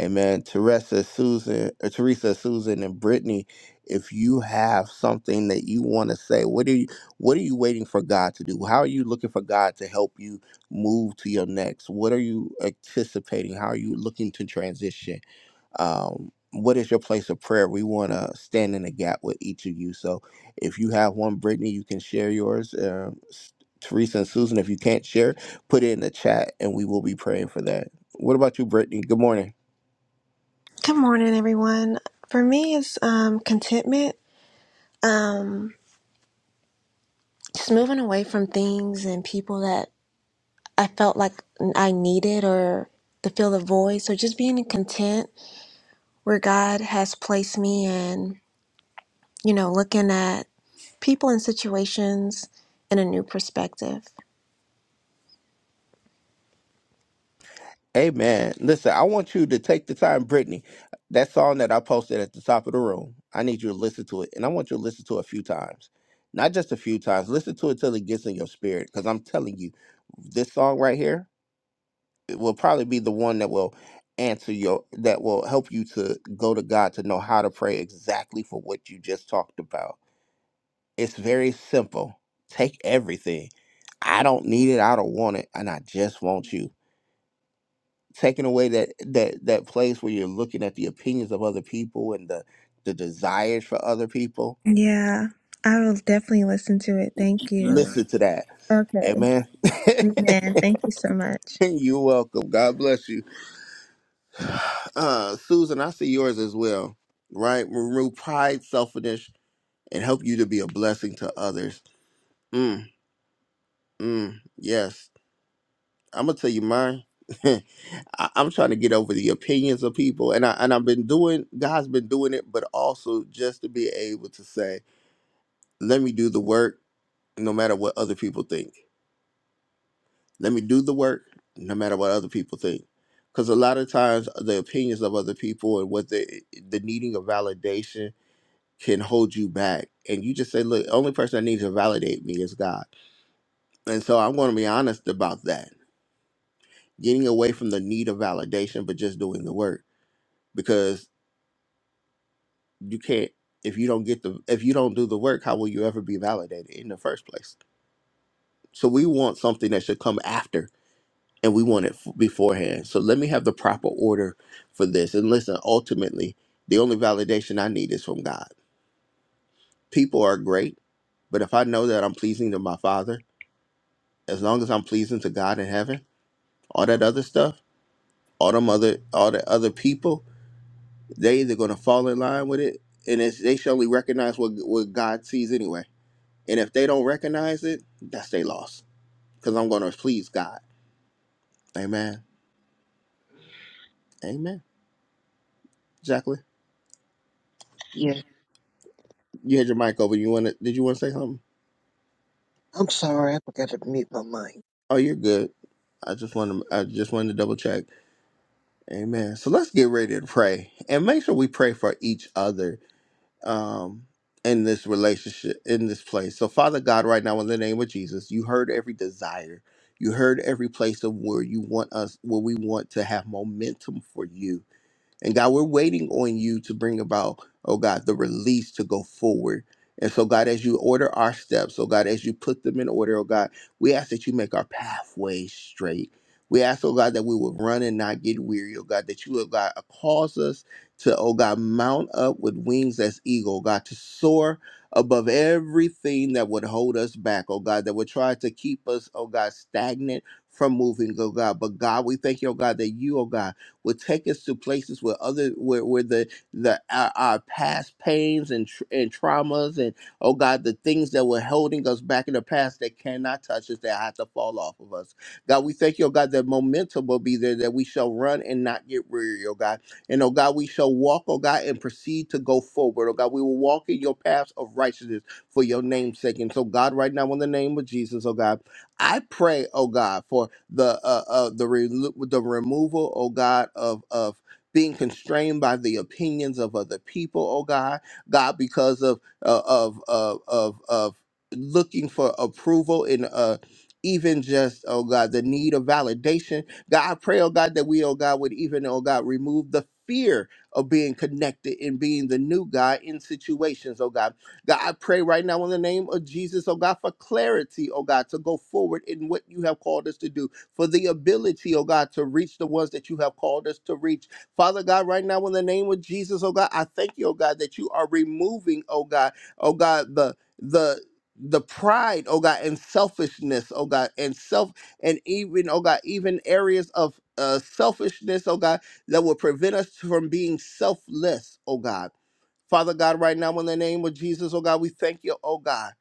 S1: Amen. Teresa, Susan, uh, Teresa, Susan, and Brittany, if you have something that you want to say, what are you what are you waiting for God to do? How are you looking for God to help you move to your next? What are you anticipating? How are you looking to transition? Um, what is your place of prayer? We want to stand in the gap with each of you. So if you have one, Brittany, you can share yours. Um, S- Teresa and Susan, if you can't share, put it in the chat and we will be praying for that. What about you, Brittany? Good morning.
S5: Good morning, everyone. For me, it's um, contentment, um, just moving away from things and people that I felt like I needed or to fill the void. So just being content where God has placed me and, you know, looking at people and situations in a new perspective.
S1: Amen. Listen, I want you to take the time, Brittany. That song that I posted at the top of the room, I need you to listen to it. And I want you to listen to it a few times. Not just a few times. Listen to it till it gets in your spirit. Because I'm telling you, this song right here it will probably be the one that will answer your that will help you to go to God to know how to pray exactly for what you just talked about. It's very simple. Take everything. I don't need it. I don't want it. And I just want you taking away that that that place where you're looking at the opinions of other people and the the desires for other people
S5: Yeah, I will definitely listen to it. Thank you.
S1: listen to that
S5: Okay.
S1: amen
S5: Man, thank you so much.
S1: you're welcome god bless you uh susan i see yours as well right remove pride selfishness and help you to be a blessing to others mm, mm, yes i'm gonna tell you mine I, I'm trying to get over the opinions of people, and I and I've been doing. God's been doing it, but also just to be able to say let me do the work no matter what other people think. Let me do the work no matter what other people think. Because a lot of times the opinions of other people and what the the needing of validation can hold you back. And you just say, look, the only person that needs to validate me is God. And so I'm going to be honest about that. Getting away from the need of validation, but just doing the work. Because you can't if you don't get the if you don't do the work, how will you ever be validated in the first place? So we want something that should come after and we want it f- beforehand. So let me have the proper order for this. And listen, ultimately, the only validation I need is from God. People are great, but if I know that I'm pleasing to my Father, as long as I'm pleasing to God in heaven, all that other stuff, all them other, all the other people, they either gonna fall in line with it, and it's, they surely recognize what what God sees anyway. And if they don't recognize it, that's their loss, because I'm gonna please God. Amen. Amen. Jacqueline,
S3: Yes,
S1: you had your mic over. You want to? Did you want to say something?
S3: I'm sorry, I forgot to mute my mic.
S1: Oh, you're good. I just want to I just wanted to double check. Amen. So let's get ready to pray and make sure we pray for each other um in this relationship in this place. So Father God, right now in the name of Jesus, you heard every desire. You heard every place of where you want us where we want to have momentum for you. And God, we're waiting on you to bring about, oh God, the release to go forward. And so, God, as you order our steps, oh God, as you put them in order, oh God, we ask that you make our pathways straight. We ask, oh God, that we would run and not get weary, oh God, that you, oh God, cause us to, oh God, mount up with wings as eagle, oh God, to soar above everything that would hold us back, oh God, that would try to keep us, oh God, stagnant from moving, oh God. But God, we thank you, oh God, that you, oh God, will take us to places where other where, where the the our, our past pains and tr- and traumas and oh God the things that were holding us back in the past that cannot touch us that have to fall off of us. God, we thank you, oh God, that momentum will be there that we shall run and not get weary, oh God. And oh God, we shall walk, oh God, and proceed to go forward. Oh God, we will walk in your paths of righteousness for your name's sake. And so, God, right now, in the name of Jesus, oh God. I pray, oh God, for the uh, uh the relo the removal, oh God, of of being constrained by the opinions of other people, oh God, God, because of uh, of of of of looking for approval in uh even just oh God, the need of validation, God, I pray, oh God, that we, oh God, would even, oh God, remove the fear of being connected and being the new guy in situations, oh God. God, I pray right now in the name of Jesus, oh God, for clarity, oh God, to go forward in what you have called us to do, for the ability, oh God, to reach the ones that you have called us to reach. Father God, right now in the name of Jesus, oh God, I thank you, oh God, that you are removing, oh God, oh God, the the the pride, oh God, and selfishness, oh God, and self and even, oh God, even areas of uh, selfishness, oh God, that will prevent us from being selfless, oh God. Father God, right now in the name of Jesus, oh God, we thank you, oh God,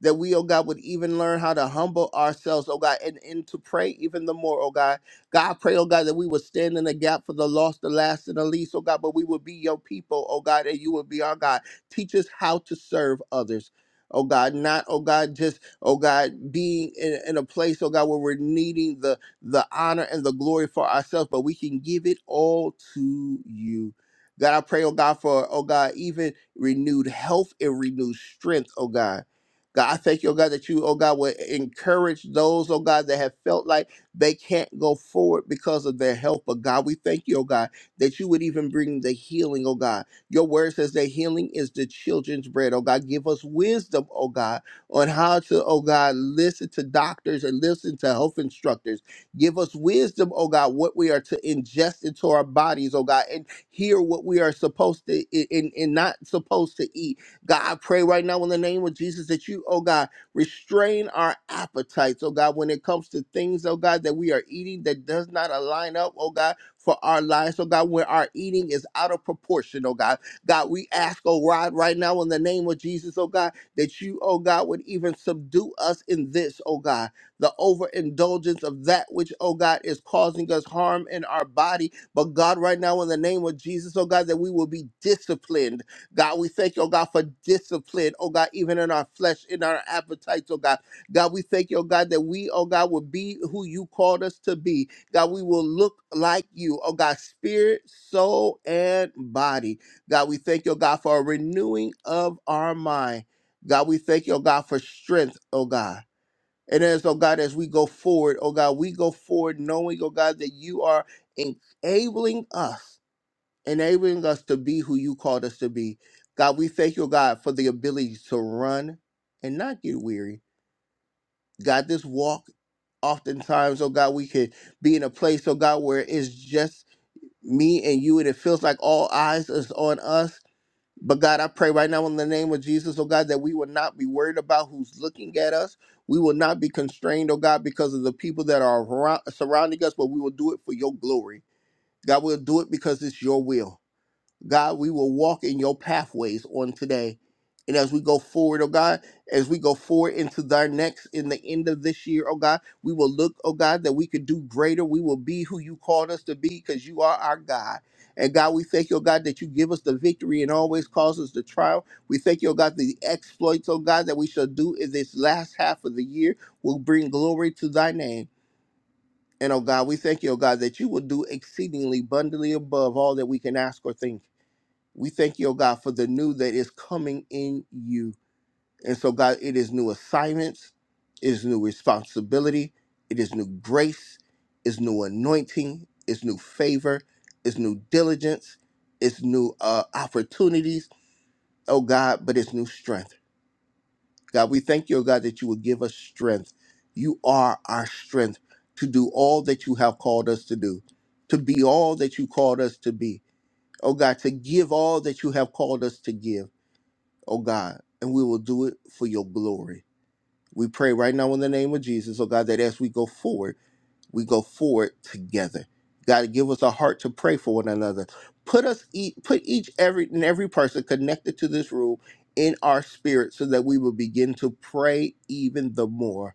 S1: that we, oh God, would even learn how to humble ourselves, oh God, and, and to pray even the more, oh God. God, I pray, oh God, that we would stand in the gap for the lost, the last, and the least, oh God, but we would be your people, oh God, and you would be our God. Teach us how to serve others. Oh God, not oh God, just oh God, being in, in a place, oh God, where we're needing the the honor and the glory for ourselves, but we can give it all to you. God, I pray, oh God, for, oh God, even renewed health and renewed strength, oh God. God, I thank you, oh God, that you, oh God, will encourage those, oh God, that have felt like they can't go forward because of their health. But God, we thank you, oh God, that you would even bring the healing, oh God. Your word says that healing is the children's bread, oh God. Give us wisdom, oh God, on how to, oh God, listen to doctors and listen to health instructors. Give us wisdom, oh God, what we are to ingest into our bodies, oh God and hear what we are supposed to i- and, and not supposed to eat. God, I pray right now in the name of Jesus that you, oh God, restrain our appetites, oh God, when it comes to things, oh God, that we are eating that does not align up, oh God, for our lives, oh God, when our eating is out of proportion, oh God. God, we ask, oh God, right now in the name of Jesus, oh God, that you, oh God, would even subdue us in this, oh God, the overindulgence of that which, oh God, is causing us harm in our body but God, right now, in the name of Jesus, oh God, that we will be disciplined. God, we thank you, oh God, for discipline, oh God, even in our flesh, in our appetites, oh God. God, we thank you, oh God, that we, oh God, will be who you called us to be. God, we will look like you, oh God, spirit, soul, and body. God, we thank you, oh God, for a renewing of our mind. God, we thank you, oh God, for strength, oh God. And as, oh God, as we go forward, oh God, we go forward knowing, oh God, that you are enabling us, enabling us to be who you called us to be. God, we thank you, oh God, for the ability to run and not get weary. God, this walk, oftentimes, oh God, we could be in a place, oh God, where it's just me and you, and it feels like all eyes is on us. But God, I pray right now in the name of Jesus, oh God, that we will not be worried about who's looking at us. We will not be constrained, oh God, because of the people that are around, surrounding us, but we will do it for your glory. God, we'll do it because it's your will. God, we will walk in your pathways on today. And as we go forward, oh God, as we go forward into thy next, in the end of this year, oh God, we will look, oh God, that we could do greater. We will be who you called us to be because you are our God. And God, we thank you, oh God, that you give us the victory and always cause us to triumph. We thank you, oh God, the exploits, oh God, that we shall do in this last half of the year will bring glory to thy name. And oh God, we thank you, oh God, that you will do exceedingly abundantly above all that we can ask or think we thank you, oh God, for the new that is coming in you. And so, God, it is new assignments, it is new responsibility, it is new grace, it's new anointing, it's new favor, it's new diligence, it's new uh, opportunities, oh God, but it's new strength. God, we thank you, oh God, that you will give us strength. You are our strength to do all that you have called us to do, to be all that you called us to be. Oh God, to give all that you have called us to give oh God, and we will do it for your glory. We pray right now in the name of Jesus, oh God, that as we go forward, we go forward together. God, give us a heart to pray for one another. Put us, each, put each every and every person connected to this room in our spirit, so that we will begin to pray even the more.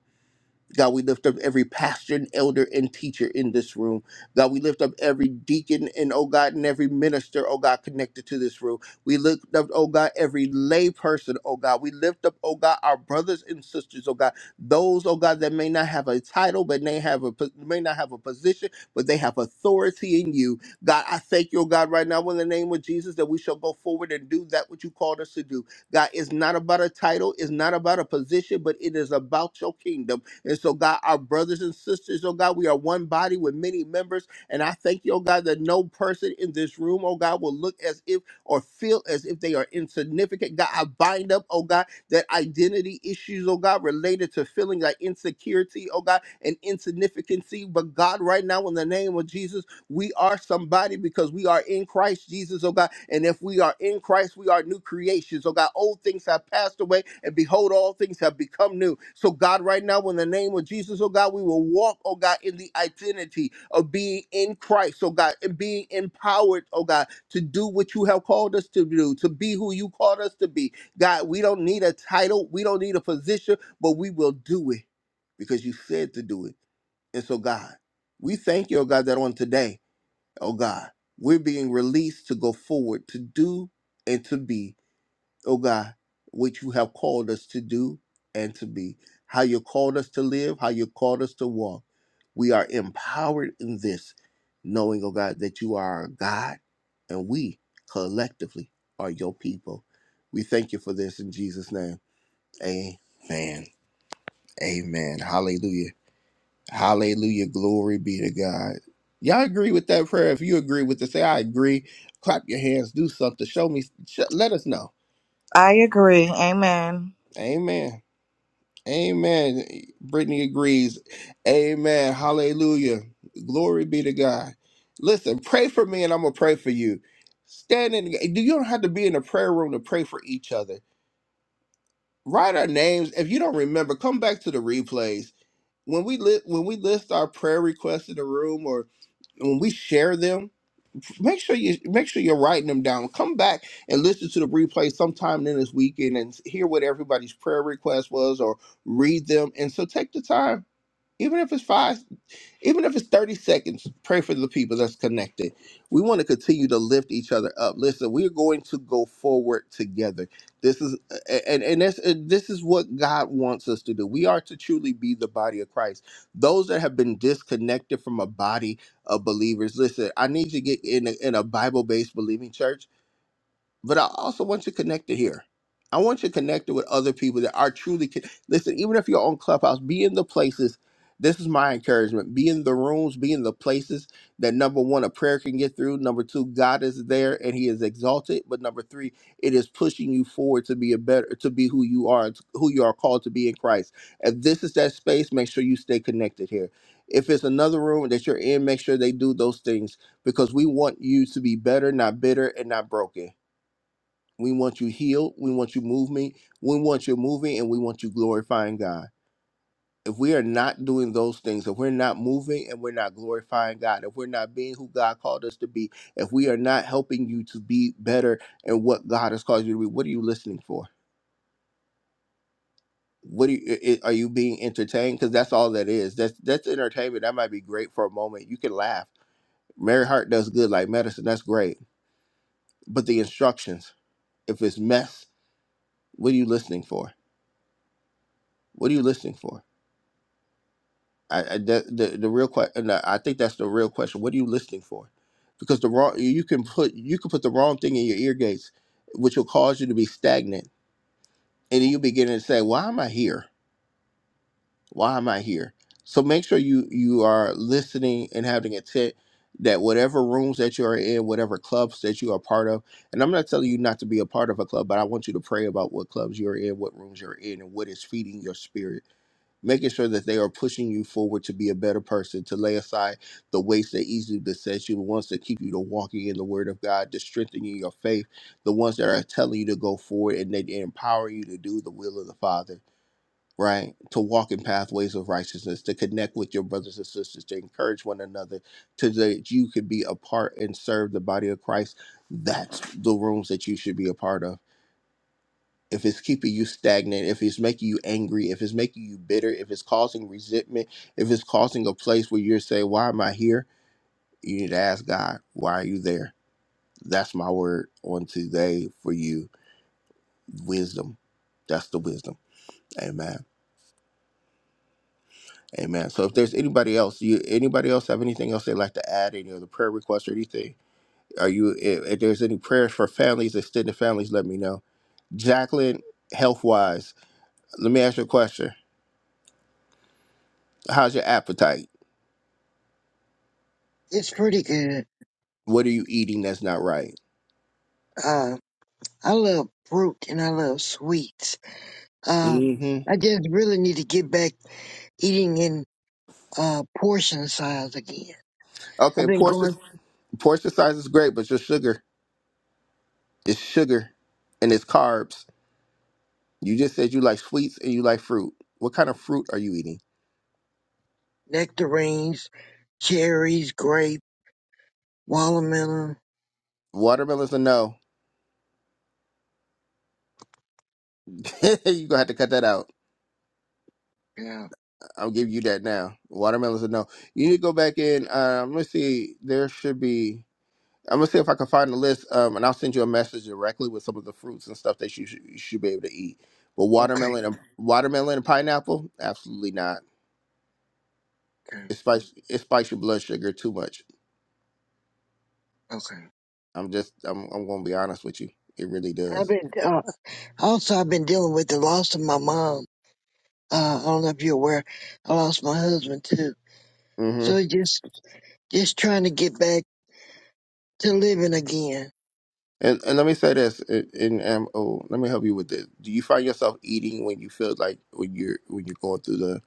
S1: God, we lift up every pastor and elder and teacher in this room. God, we lift up every deacon and, oh God, and every minister, oh God, connected to this room. We lift up, oh God, every lay person, oh God. We lift up, oh God, our brothers and sisters, oh God. Those, oh God, that may not have a title, but may have a po- may not have a position, but they have authority in you. God, I thank you, oh God, right now in the name of Jesus that we shall go forward and do that which you called us to do. God, it's not about a title, it's not about a position, but it is about your kingdom. And so, God, our brothers and sisters, oh God, we are one body with many members. And I thank you, oh God, that no person in this room, oh God, will look as if or feel as if they are insignificant. God, I bind up, oh God, that identity issues, oh God, related to feeling like insecurity, oh God, and insignificancy. But God, right now, in the name of Jesus, we are somebody because we are in Christ Jesus, oh God. And if we are in Christ, we are new creations, oh God. Old things have passed away, and behold, all things have become new. So, God, right now, in the name of Jesus, oh God, we will walk, oh God, in the identity of being in Christ, oh God, and being empowered, oh God, to do what you have called us to do, to be who you called us to be. God, we don't need a title, we don't need a position, but we will do it because you said to do it. And so, God, we thank you, oh God, that on today oh God. We're being released to go forward, to do and to be, oh God, what you have called us to do and to be, how you called us to live, how you called us to walk. We are empowered in this, knowing, oh God, that you are our God and we collectively are your people. We thank you for this in Jesus' name. Amen. Amen. Hallelujah. Hallelujah. Glory be to God. Y'all agree with that prayer? If you agree with it, say, I agree. Clap your hands, do something. Show me, sh- let us know.
S2: I agree. Amen.
S1: Amen. Amen. Brittany agrees. Amen. Hallelujah. Glory be to God. Listen, pray for me and I'm going to pray for you. Stand in, the- you don't have to be in a prayer room to pray for each other. Write our names. If you don't remember, come back to the replays. When we, li- when we list our prayer requests in the room or when we share them, make sure you make sure you're writing them down. Come back and listen to the replay sometime in this weekend and hear what everybody's prayer request was or read them. And so take the time even if it's five, even if it's 30 seconds, pray for the people that's connected. We want to continue to lift each other up. Listen, we're going to go forward together. This is and and this, this is what God wants us to do. We are to truly be the body of Christ. Those that have been disconnected from a body of believers, listen, I need you to get in a, in a Bible-based believing church but I also want you connected here. I want you connected with other people that are truly con- listen. Even if you're on Clubhouse, be in the places. This is my encouragement: be in the rooms, be in the places that number one, a prayer can get through. Number two, God is there and He is exalted. But number three, it is pushing you forward to be a better, to be who you are, to- who you are called to be in Christ. If this is that space, make sure you stay connected here. If it's another room that you're in, make sure they do those things because we want you to be better, not bitter, and not broken. We want you healed. We want you moving. We want you moving and we want you glorifying God. If we are not doing those things, if we're not moving and we're not glorifying God, if we're not being who God called us to be, if we are not helping you to be better and what God has called you to be, what are you listening for? What are you, i- i- are you being entertained? Because that's all that is. That's that's entertainment. That might be great for a moment. You can laugh. Mary Hart does good like medicine. That's great. But the instructions, if it's mess, what are you listening for? What are you listening for? I, I the, the the real question. I think that's the real question. What are you listening for? Because the wrong you can put you can put the wrong thing in your ear gates, which will cause you to be stagnant, and then you'll be getting to say, "Why am I here?" Why am I here? So make sure you you are listening and having intent that whatever rooms that you are in, whatever clubs that you are part of, and I'm not telling you not to be a part of a club, but I want you to pray about what clubs you're in, what rooms you're in, and what is feeding your spirit making sure that they are pushing you forward to be a better person, to lay aside the weights that easily beset you, the ones that keep you to walking in the Word of God, to strengthening your faith, the ones that are telling you to go forward and they empower you to do the will of the Father right? To walk in pathways of righteousness, to connect with your brothers and sisters, to encourage one another, to that you could be a part and serve the body of Christ. That's the rooms that you should be a part of. If it's keeping you stagnant, if it's making you angry, if it's making you bitter, if it's causing resentment, if it's causing a place where you're saying, Why am I here? You need to ask God, Why are you there? That's my word on today for you. Wisdom. That's the wisdom. Amen. Amen. So if there's anybody else, you anybody else have anything else they'd like to add, any other prayer requests or anything? Are you if, if there's any prayers for families, extended families, let me know. Jacqueline, health wise, let me ask you a question. How's your appetite?
S3: It's pretty good.
S1: What are you eating that's not right?
S3: Uh, I love fruit and I love sweets. Uh,
S1: hmm
S3: I just really need to get back eating in uh, portion size again. I've
S1: Okay,
S3: been
S1: portion
S3: going
S1: portion size is great, but your sugar is sugar and it's carbs. You just said you like sweets and you like fruit. What kind of fruit are you eating?
S3: nectarines, cherries, grape, watermelon.
S1: Watermelon's a no. You're gonna have to cut that out.
S3: Yeah,
S1: I'll give you that now. Watermelon's a no. You need to go back in. Uh, I'm gonna see. There should be. I'm gonna see if I can find the list. Um, and I'll send you a message directly with some of the fruits and stuff that you should, you should be able to eat. But
S3: okay,
S1: watermelon, and, watermelon and pineapple, absolutely not.
S3: okay,
S1: It spikes it spikes your blood sugar too much.
S3: okay.
S1: I'm just I'm I'm gonna be honest with you. It really
S3: I've
S1: does.
S3: been uh, also I've been dealing with the loss of my mom Uh, I don't know if you're aware, I lost my husband too.
S1: hmm
S3: So just, just trying to get back to living again.
S1: And and let me say this. And, and um, oh, let me help you with this. Do you find yourself eating when you feel like when you're when you're going through the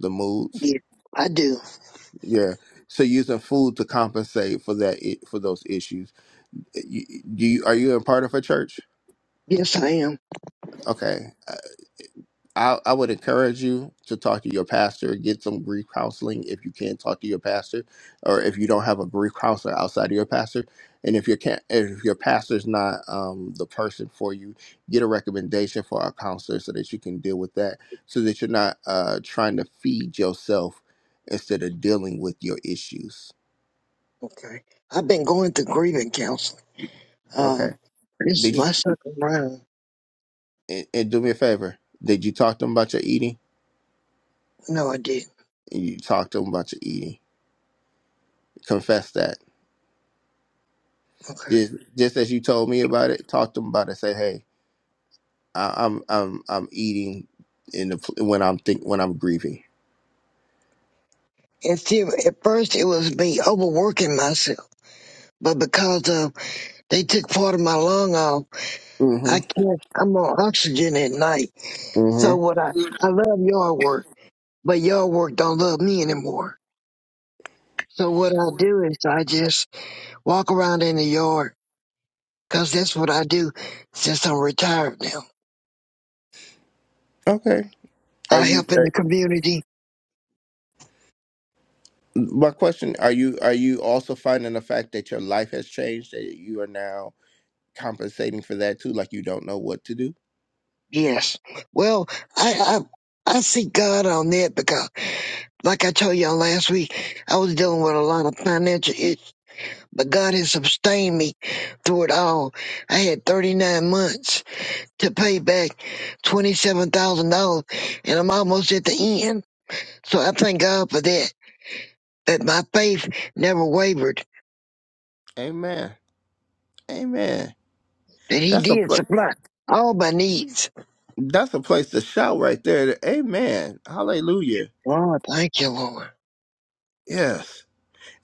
S1: the moods?
S3: Yeah, I do.
S1: Yeah. So using food to compensate for that i- for those issues. You- Do you are you a part of a church?
S3: Yes, I am.
S1: Okay. Uh, I I would encourage you to talk to your pastor, get some grief counseling if you can talk to your pastor or if you don't have a grief counselor outside of your pastor. And if your can if your pastor's not um, the person for you, get a recommendation for a counselor so that you can deal with that so that you're not uh, trying to feed yourself instead of dealing with your issues.
S3: Okay. I've been going to grieving counseling. Um,
S1: Okay.
S3: this is
S1: Did you
S3: my second round.
S1: and, and do me a favor. Did you talk to them about your eating?
S3: No, I did.
S1: And you talk to them about your eating. Confess that.
S3: Okay.
S1: Just just as you told me about it, talk to them about it. Say, hey, I, I'm I'm I'm eating in the pl- when I'm think when I'm grieving.
S3: At, few, at first, it was me overworking myself, but because of they took part of my lung off, I
S1: Mm-hmm.
S3: can't. I'm on oxygen at night. So
S1: Mm-hmm.
S3: what I I love yard work, but yard work don't love me anymore. So what I do is I just walk around in the yard, 'cause that's what I do since I'm retired now.
S1: Okay. Are
S3: I
S1: you?
S3: help in the
S1: Uh,
S3: community.
S1: my question: Are you are you also finding the fact that your life has changed that you are now compensating for that too? Like you don't know what to do.
S3: Yes. Well, I I, I see God on that because, like I told y'all last week, I was dealing with a lot of financial issues but God has sustained me through it all. I had 39 months to pay back $27,000 and I'm almost at the end. So I thank God for that, that my faith never wavered,
S1: Amen. Amen.
S3: that he
S1: That's a
S3: did
S1: pl-
S3: supply all my needs.
S1: That's a place to shout right there. Amen. Hallelujah.
S3: Lord, thank you, Lord.
S1: Yes.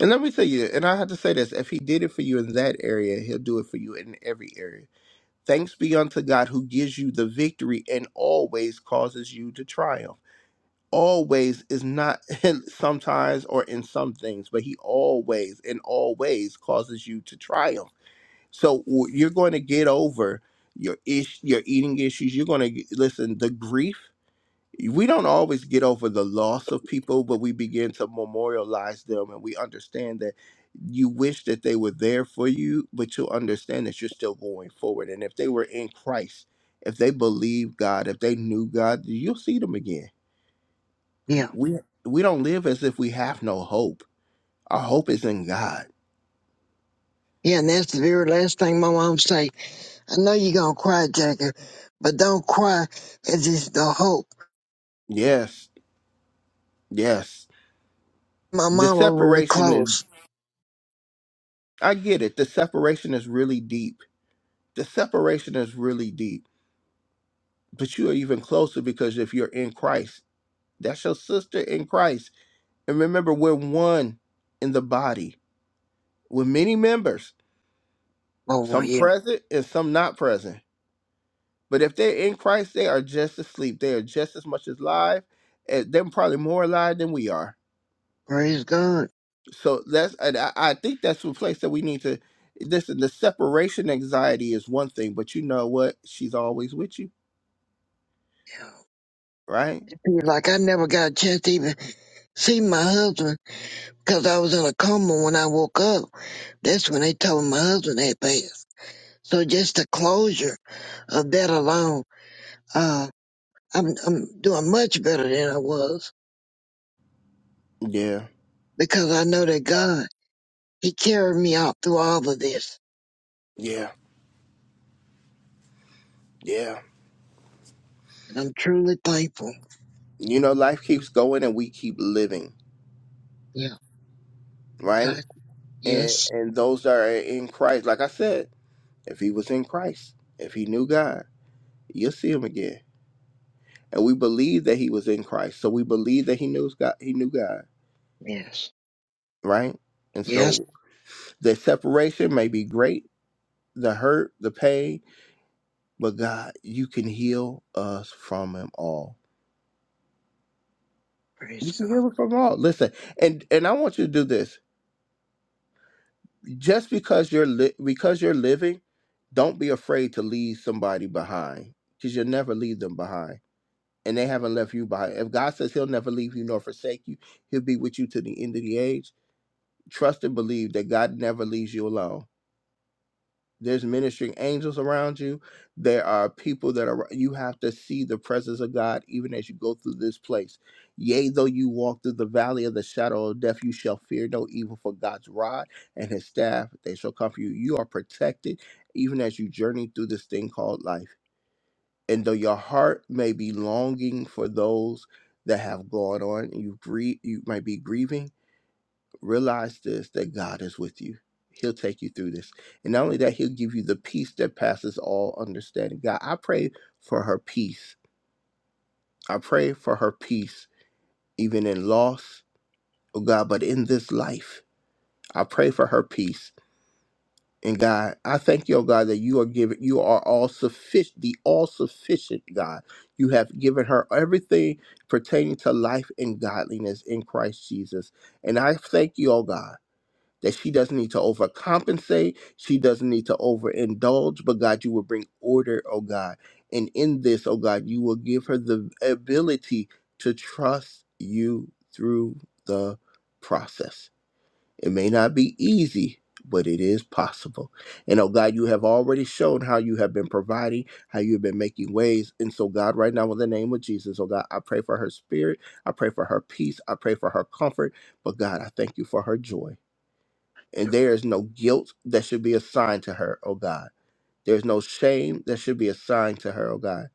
S1: And let me tell you, and I have to say this if he did it for you in that area, he'll do it for you in every area. Thanks be unto God who gives you the victory and always causes you to triumph. Always is not in sometimes or in some things, but he always and always causes you to triumph. So w- you're going to get over your ish, your eating issues. You're going to listen, the grief we don't always get over the loss of people, but we begin to memorialize them and we understand that you wish that they were there for you, but you understand that you're still going forward. And if they were in Christ, if they believed God, if they knew God, you'll see them again.
S3: Yeah.
S1: We we don't live as if we have no hope. Our hope is in God.
S3: Yeah, and that's the very last thing my mom say. I know you're gonna cry, Jackie, but don't cry as it's the hope.
S1: Yes, yes.
S3: My
S1: The
S3: mama really
S1: separation is
S3: close.
S1: I get it. The separation is really deep. The separation is really deep but you are even closer because if you're in Christ. That's your sister in Christ. And remember, we're one in the body with many members,
S3: Oh,
S1: some
S3: yeah.
S1: present and some not present. But if they're in Christ, they are just asleep. They are just as much alive, and they're probably more alive than we are.
S3: Praise God.
S1: So that's, and I, I think that's the place that we need to. Listen, the separation anxiety is one thing, but you know what? She's always with you, right?
S3: you Like I never got a chance to even see my husband because I was in a coma when I woke up. That's when they told me my husband had passed. So just the closure of that alone, uh, I'm I'm doing much better than I was
S1: Yeah,
S3: because I know that God He carried me out through all of this,
S1: yeah, yeah.
S3: and I'm truly thankful.
S1: You know, life keeps going and we keep living,
S3: Yeah,
S1: right?
S3: God,
S1: and
S3: yes,
S1: and those that are in Christ. Like I said, if he was in Christ, if he knew God, you'll see him again. And we believe that he was in Christ, so we believe that he knows God. He knew God,
S3: yes,
S1: right? And
S3: yes.
S1: so the separation may be great, the hurt, the pain, but God, you can heal us from them all. You
S3: Praise
S1: can heal
S3: God.
S1: us from all. Listen, and and I want you to do this. Just because you're li- because you're living, don't be afraid to leave somebody behind, because you'll never leave them behind and they haven't left you behind. If God says He'll never leave you nor forsake you, He'll be with you to the end of the age. Trust and believe that God never leaves you alone. There's ministering angels around you. There are people that are, you have to see the presence of God even as you go through this place. Yea, though you walk through the valley of the shadow of death, you shall fear no evil, for God's rod and his staff, they shall comfort you. You are protected even as you journey through this thing called life and though your heart may be longing for those that have gone on, and you grieve, you might be grieving. Realize this: that God is with you. He'll take you through this, and not only that, He'll give you the peace that passes all understanding. God, I pray for her peace. I pray for her peace, even in loss, oh God. But in this life, I pray for her peace And God, I thank you, oh God, that you are giving, you are all sufficient, the all sufficient God. You have given her everything pertaining to life and godliness in Christ Jesus. And I thank you, oh God, that she doesn't need to overcompensate. She doesn't need to overindulge, but God, you will bring order, oh God. And in this, oh God, you will give her the ability to trust you through the process. It may not be easy, but it is possible. And oh God, you have already shown how you have been providing, how you've been making ways. And so, God, right now, in the name of Jesus, oh God, I pray for her spirit. I pray for her peace. I pray for her comfort. But God, I thank you for her joy. And there is no guilt that should be assigned to her, oh God. There's no shame that should be assigned to her, oh God.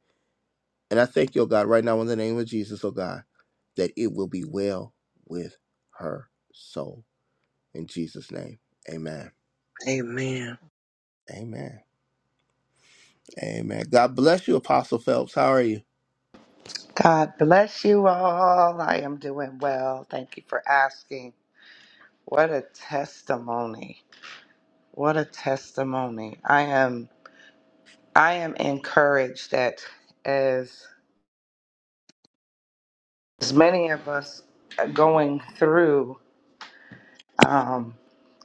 S1: And I thank you, oh God, right now, in the name of Jesus, oh God, that it will be well with her soul. In Jesus' name, amen.
S3: Amen.
S1: Amen. Amen. God bless you, Apostle Phelps. How are you?
S6: God bless you all. I am doing well. Thank you for asking. What a testimony. What a testimony. I am I am encouraged that as as many of us are going through um,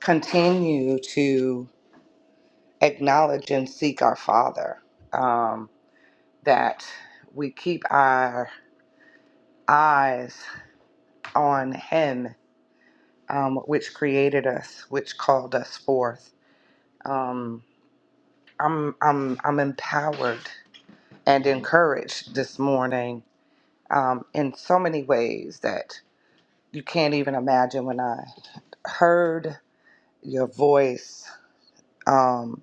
S6: continue to acknowledge and seek our Father. Um, that we keep our eyes on Him, um, which created us, which called us forth Um, I'm I'm I'm empowered and encouraged this morning um, in so many ways that you can't even imagine. When I heard your voice, um,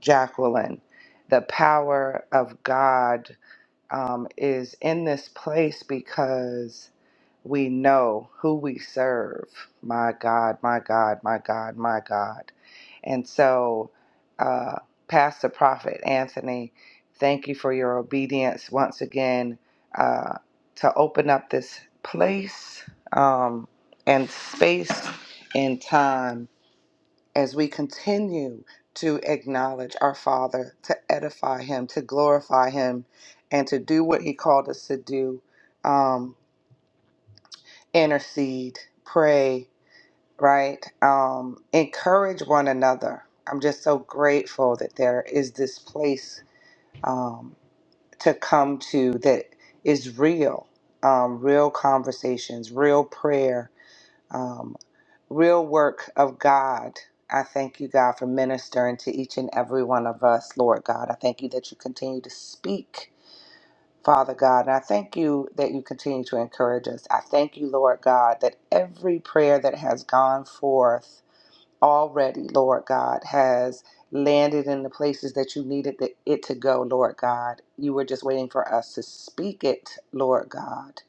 S6: Jacqueline, the power of God um, is in this place because we know who we serve. My God, my God, my God, my God. And so, uh, Pastor Prophet Anthony, thank you for your obedience once again uh, to open up this place um, and space and time as we continue to acknowledge our Father, to edify Him, to glorify Him, and to do what He called us to do um, intercede, pray right? Um, encourage one another. I'm just so grateful that there is this place um, to come to that is real, um, real conversations, real prayer, um, real work of God. I thank you, God, for ministering to each and every one of us, Lord God. I thank you that you continue to speak, Father God. And I thank you that you continue to encourage us. I thank you, Lord God, that every prayer that has gone forth already, Lord God, has landed in the places that you needed the, it to go, Lord God. You were just waiting for us to speak it, Lord God,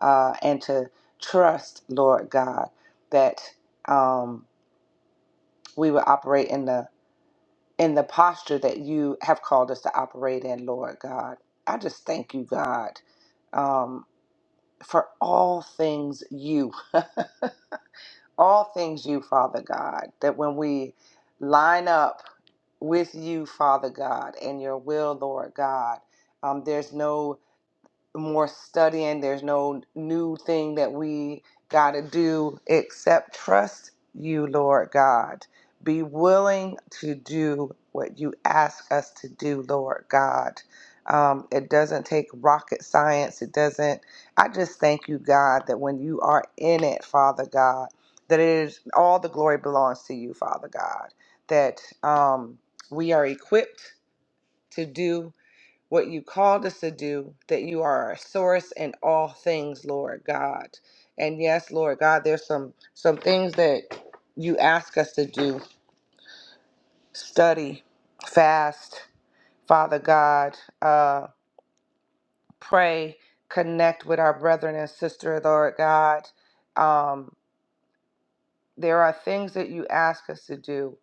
S6: uh, and to trust, Lord God, that um, we will operate in the in the posture that you have called us to operate in, Lord God. I just thank you, God, um, for all things you, all things you, Father God, that when we line up with you, Father God, and your will, Lord God. Um, there's no more studying. There's no new thing that we got to do except trust you, Lord God. Be willing to do what you ask us to do, Lord God. Um, it doesn't take rocket science. It doesn't. I just thank you, God, that when you are in it, Father God, that it is all the glory belongs to you, Father God. That um, we are equipped to do what you called us to do, that you are our source in all things, Lord God. And yes, Lord God, there's some some things that you ask us to do. Study, fast, Father God, uh, pray, connect with our brethren and sister, Lord God. Um, there are things that you ask us to do,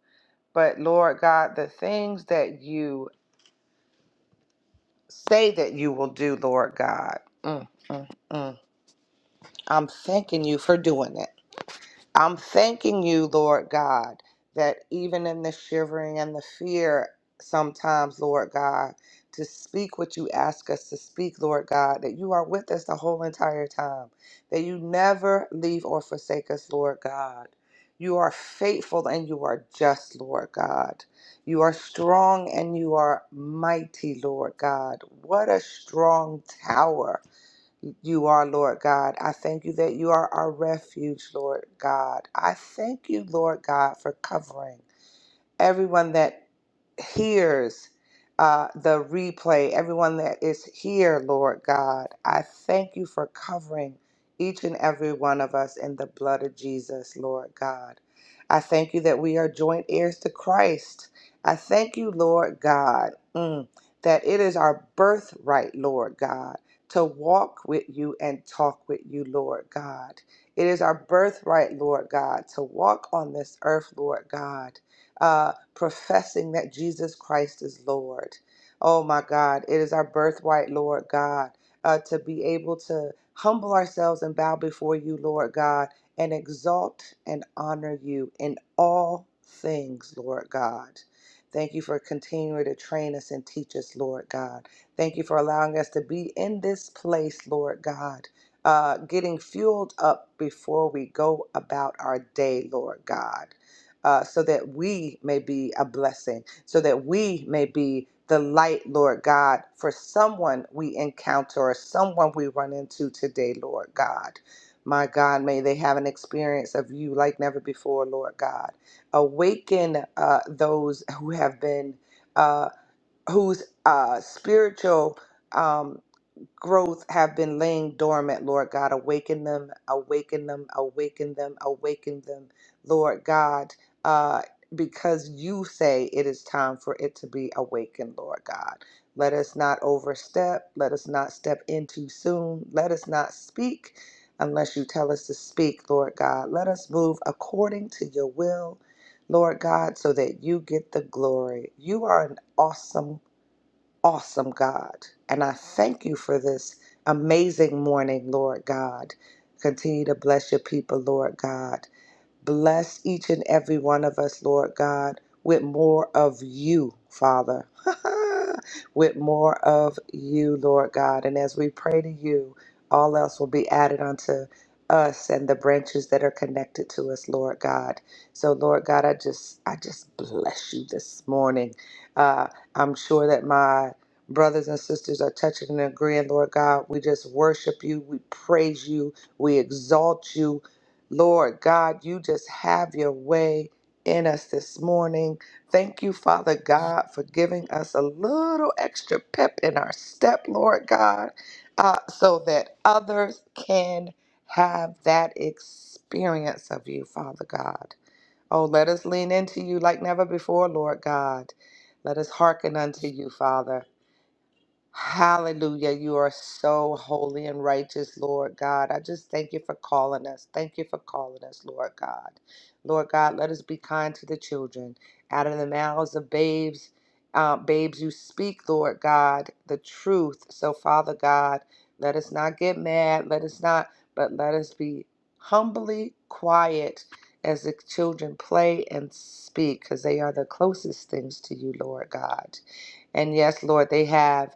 S6: but Lord God, the things that you say that you will do, Lord God. Mm, mm, mm. I'm thanking you for doing it. I'm thanking you, Lord God, that even in the shivering and the fear, sometimes, Lord God, to speak what you ask us to speak, Lord God, that you are with us the whole entire time, that you never leave or forsake us, Lord God. You are faithful and you are just, Lord God. You are strong and you are mighty, Lord God. What a strong tower you are, Lord God. I thank you that you are our refuge, Lord God. I thank you, Lord God, for covering everyone that hears uh, the replay, everyone that is here, Lord God. I thank you for covering each and every one of us in the blood of Jesus, Lord God. I thank you that we are joint heirs to Christ. I thank you, Lord God, mm, that it is our birthright, Lord God, to walk with you and talk with you, Lord God. It is our birthright, Lord God, to walk on this earth, Lord God uh, professing that Jesus Christ is Lord. Oh my God, it is our birthright, Lord God, uh, to be able to humble ourselves and bow before you, Lord God, and exalt and honor you in all things, Lord God. Thank you for continuing to train us and teach us, Lord God. Thank you for allowing us to be in this place, Lord God, uh, getting fueled up before we go about our day, Lord God uh, so that we may be a blessing, so that we may be the light, Lord God, for someone we encounter or someone we run into today, Lord God. My God, may they have an experience of you like never before, Lord God. Awaken uh, those who have been, uh, whose uh, spiritual. Um, growth have been laying dormant, Lord God. Awaken them, awaken them, awaken them, awaken them, Lord God, uh, because you say it is time for it to be awakened, Lord God. Let us not overstep. Let us not step in too soon. Let us not speak unless you tell us to speak, Lord God. Let us move according to your will, Lord God, so that you get the glory. You are an awesome awesome God. And I thank you for this amazing morning, Lord God. Continue to bless your people, Lord God. Bless each and every one of us, Lord God, with more of you, Father. with more of you, Lord God. And as we pray to you, all else will be added unto us and the branches that are connected to us, Lord God. So, Lord God, I just I just bless you this morning. Uh, I'm sure that my brothers and sisters are touching and agreeing, Lord God. We just worship you, we praise you, we exalt you, Lord God, you just have your way in us this morning. Thank you, Father God, for giving us a little extra pep in our step, Lord God, uh, so that others can have that experience of you, Father God. Oh, let us lean into you like never before, Lord God. Let us hearken unto you, Father. Hallelujah. You are so holy and righteous, Lord God. I just thank you for calling us. Thank you for calling us, Lord God. Lord God, let us be kind to the children. Out of the mouths of babes, uh, babes, you speak, Lord God, the truth. So, Father God, let us not get mad. Let us not, but let us be humbly quiet as the children play and speak, because they are the closest things to you, Lord God. And yes, Lord, they have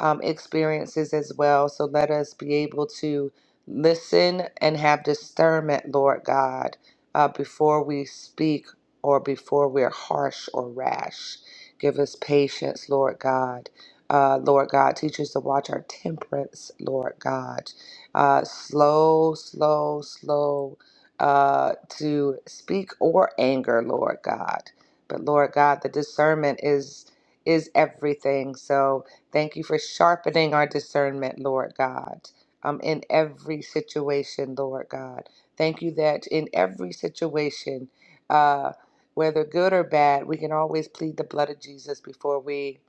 S6: um, experiences as well. So let us be able to listen and have discernment, Lord God, uh, before we speak or before we're harsh or rash. Give us patience, Lord God. Uh, Lord God, teach us to watch our temperance, Lord God. Uh, slow, slow, slow uh, to speak or anger, Lord God. But Lord God, the discernment is is everything. So Thank you for sharpening our discernment, Lord God, um, in every situation, Lord God. Thank you that in every situation, uh, whether good or bad, we can always plead the blood of Jesus before we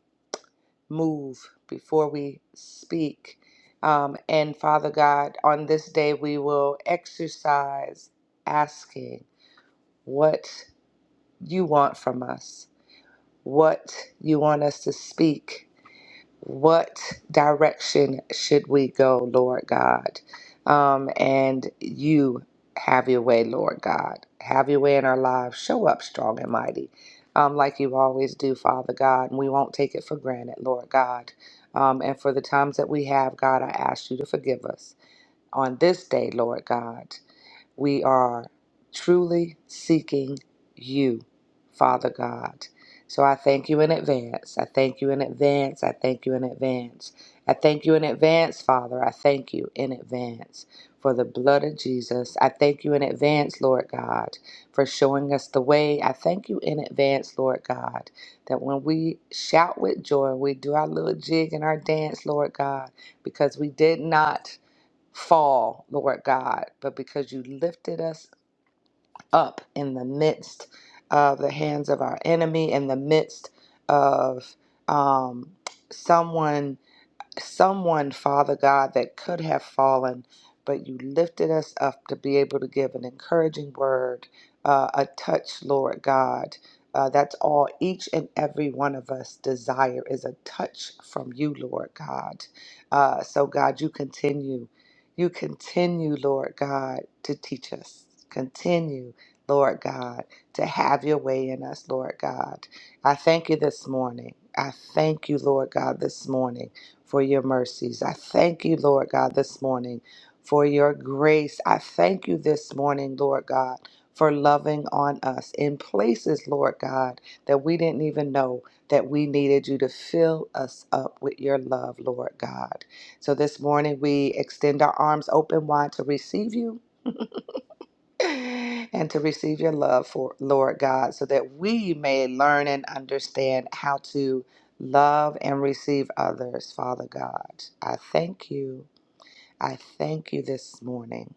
S6: move, before we speak. Um, and Father God, on this day, we will exercise asking what you want from us, what you want us to speak what direction should we go, Lord God? Um, and you have your way, Lord God. Have your way in our lives. Show up strong and mighty, um, like you always do, Father God. And we won't take it for granted, Lord God. Um, and for the times that we have, God, I ask you to forgive us on this day, Lord God. We are truly seeking you, Father God. So I thank you in advance. I thank you in advance. I thank you in advance. I thank you in advance, Father. I thank you in advance for the blood of Jesus. I thank you in advance, Lord God, for showing us the way. I thank you in advance, Lord God, that when we shout with joy, we do our little jig and our dance, Lord God, because we did not fall, Lord God, but because you lifted us up in the midst of the hands of our enemy, in the midst of um, someone someone, Father God, that could have fallen, but you lifted us up to be able to give an encouraging word, uh, a touch, Lord God. Uh, that's all each and every one of us desire is a touch from you, Lord God. Uh, so, God, you continue. You continue, Lord God, to teach us. Continue, Lord God, to have your way in us, Lord God. I thank you this morning. I thank you, Lord God, this morning for your mercies. I thank you, Lord God, this morning for your grace. I thank you this morning, Lord God, for loving on us in places, Lord God, that we didn't even know that we needed you to fill us up with your love, Lord God. So this morning we extend our arms open wide to receive you and to receive your love for Lord God so that we may learn and understand how to love and receive others, Father God. I thank you. I thank you this morning.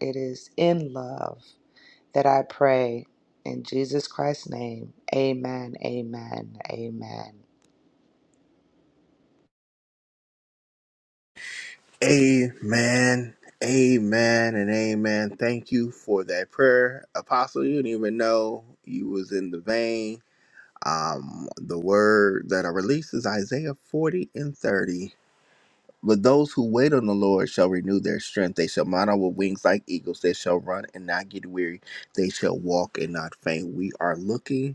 S6: It is in love that I pray in Jesus Christ's name. Amen. Amen. Amen.
S1: Amen. Amen and amen. Thank you for that prayer. Apostle, you didn't even know you was in the vein. Um, the word that I release is Isaiah 40 and 30. But those who wait on the Lord shall renew their strength. They shall mount up with wings like eagles. They shall run and not get weary. They shall walk and not faint. We are looking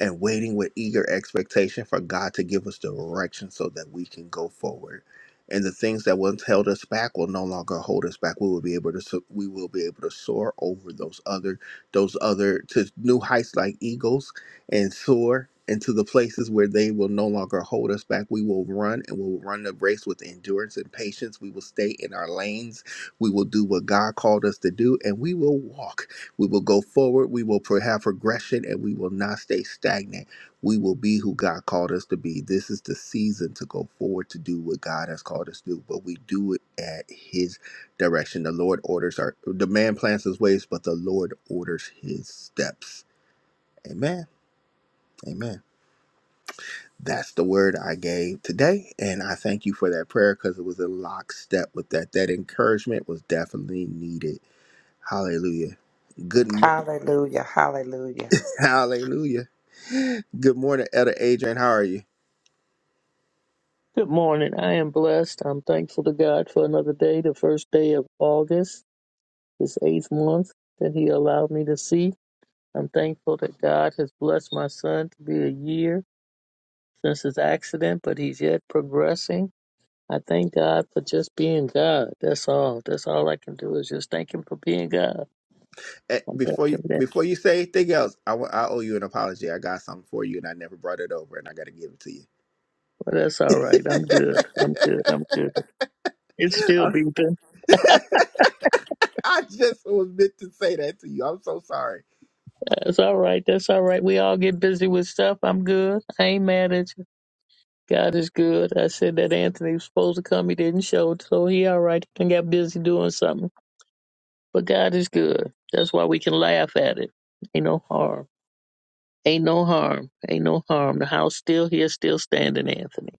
S1: and waiting with eager expectation for God to give us direction so that we can go forward. And the things that once held us back will no longer hold us back. We will be able to so- we will be able to soar over those other those other to new heights like eagles and soar into the places where they will no longer hold us back. We will run and we will run the race with endurance and patience. We will stay in our lanes. We will do what God called us to do and we will walk we will go forward. We will pro- have progression and we will not stay stagnant. We will be who God called us to be. This is the season to go forward to do what God has called us to do, but we do it at His direction. The Lord orders our, the man plans his ways, but the Lord orders his steps. Amen. Amen. That's the word I gave today. And I thank you for that prayer because it was in lockstep with that. That encouragement was definitely needed. Hallelujah. Good morning.
S6: Hallelujah. Hallelujah.
S1: Hallelujah. Good morning, Elder Adrian. How are you?
S7: Good morning. I am blessed. I'm thankful to God for another day, the first day of August, this eighth month that He allowed me to see. I'm thankful that God has blessed my son to be a year since his accident, but he's yet progressing. I thank God for just being God. That's all. That's all I can do is just thank Him for being God.
S1: Eh,
S7: I'm
S1: Before you
S7: thanking that.
S1: before you say anything else, I wa- I owe you an apology. I got something for you, and I never brought it over, and I got to give it to you.
S7: But that's all right. I'm good. I'm good. I'm good. It's still
S1: I'm-
S7: beeping.
S1: I just was meant to say that to you. I'm so sorry.
S7: That's all right. That's all right. We all get busy with stuff. I'm good. I ain't mad at you. God is good. I said that Anthony was supposed to come. He didn't show, so he all right. He done got busy doing something. But God is good. That's why we can laugh at it. Ain't no harm. Ain't no harm. Ain't no harm. The house still here, still standing, Anthony.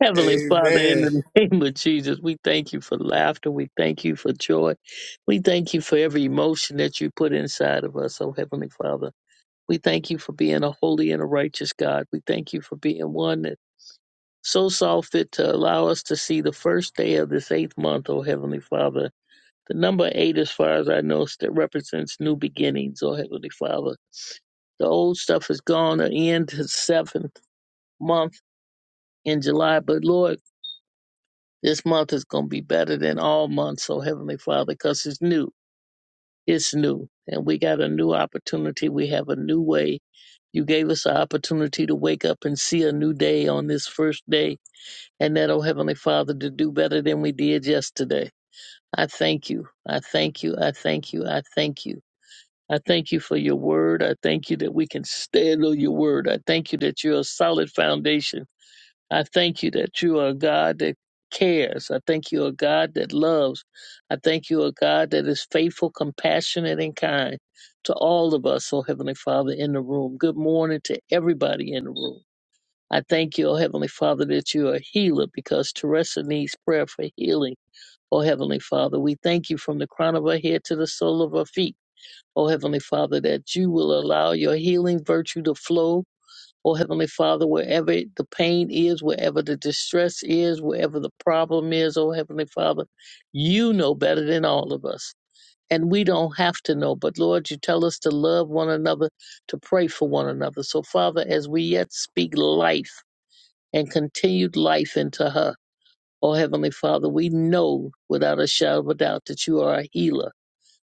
S7: Heavenly Father, in
S1: Amen.
S7: the name of Jesus, we thank you for laughter. We thank you for joy. We thank you for every emotion that you put inside of us, oh Heavenly Father. We thank you for being a holy and a righteous God. We thank you for being one that so saw fit to allow us to see the first day of this eighth month, O Heavenly Father. The number eight, as far as I know, st- represents new beginnings, O Heavenly Father. The old stuff is gone to end the seventh month in July, but Lord, this month is going to be better than all months, O Heavenly Father, because it's new. It's new. And we got a new opportunity. We have a new way. You gave us the opportunity to wake up and see a new day on this first day and that, oh Heavenly Father, to do better than we did yesterday. I thank you. I thank you. I thank you. I thank you. I thank you for your word. I thank you that we can stand on your word. I thank you that you're a solid foundation. I thank you that you are a God that cares. I thank you, a God that loves. I thank you, a God that is faithful, compassionate, and kind to all of us, oh Heavenly Father, in the room. Good morning to everybody in the room. I thank you, O Heavenly Father, that you are a healer because Teresa needs prayer for healing. O Heavenly Father, we thank you from the crown of our head to the sole of our feet. O Heavenly Father, that you will allow your healing virtue to flow. O Heavenly Father, wherever the pain is, wherever the distress is, wherever the problem is, O Heavenly Father, you know better than all of us. And we don't have to know, but Lord, you tell us to love one another, to pray for one another. So, Father, as we yet speak life, and continued life into her. Oh, Heavenly Father, we know without a shadow of a doubt that you are a healer.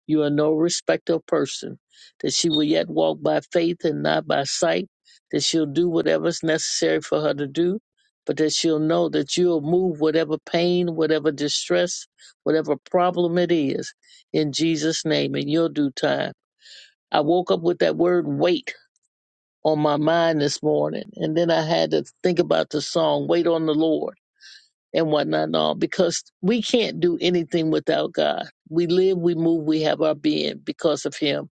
S7: You are no respecter of person, that she will yet walk by faith and not by sight, that she'll do whatever's necessary for her to do, but that she'll know that you'll move whatever pain, whatever distress, whatever problem it is, in Jesus' name, in your due time. I woke up with that word wait on my mind this morning, and then I had to think about the song, Wait on the Lord and whatnot and all because we can't do anything without God. We live, we move, we have our being because of Him.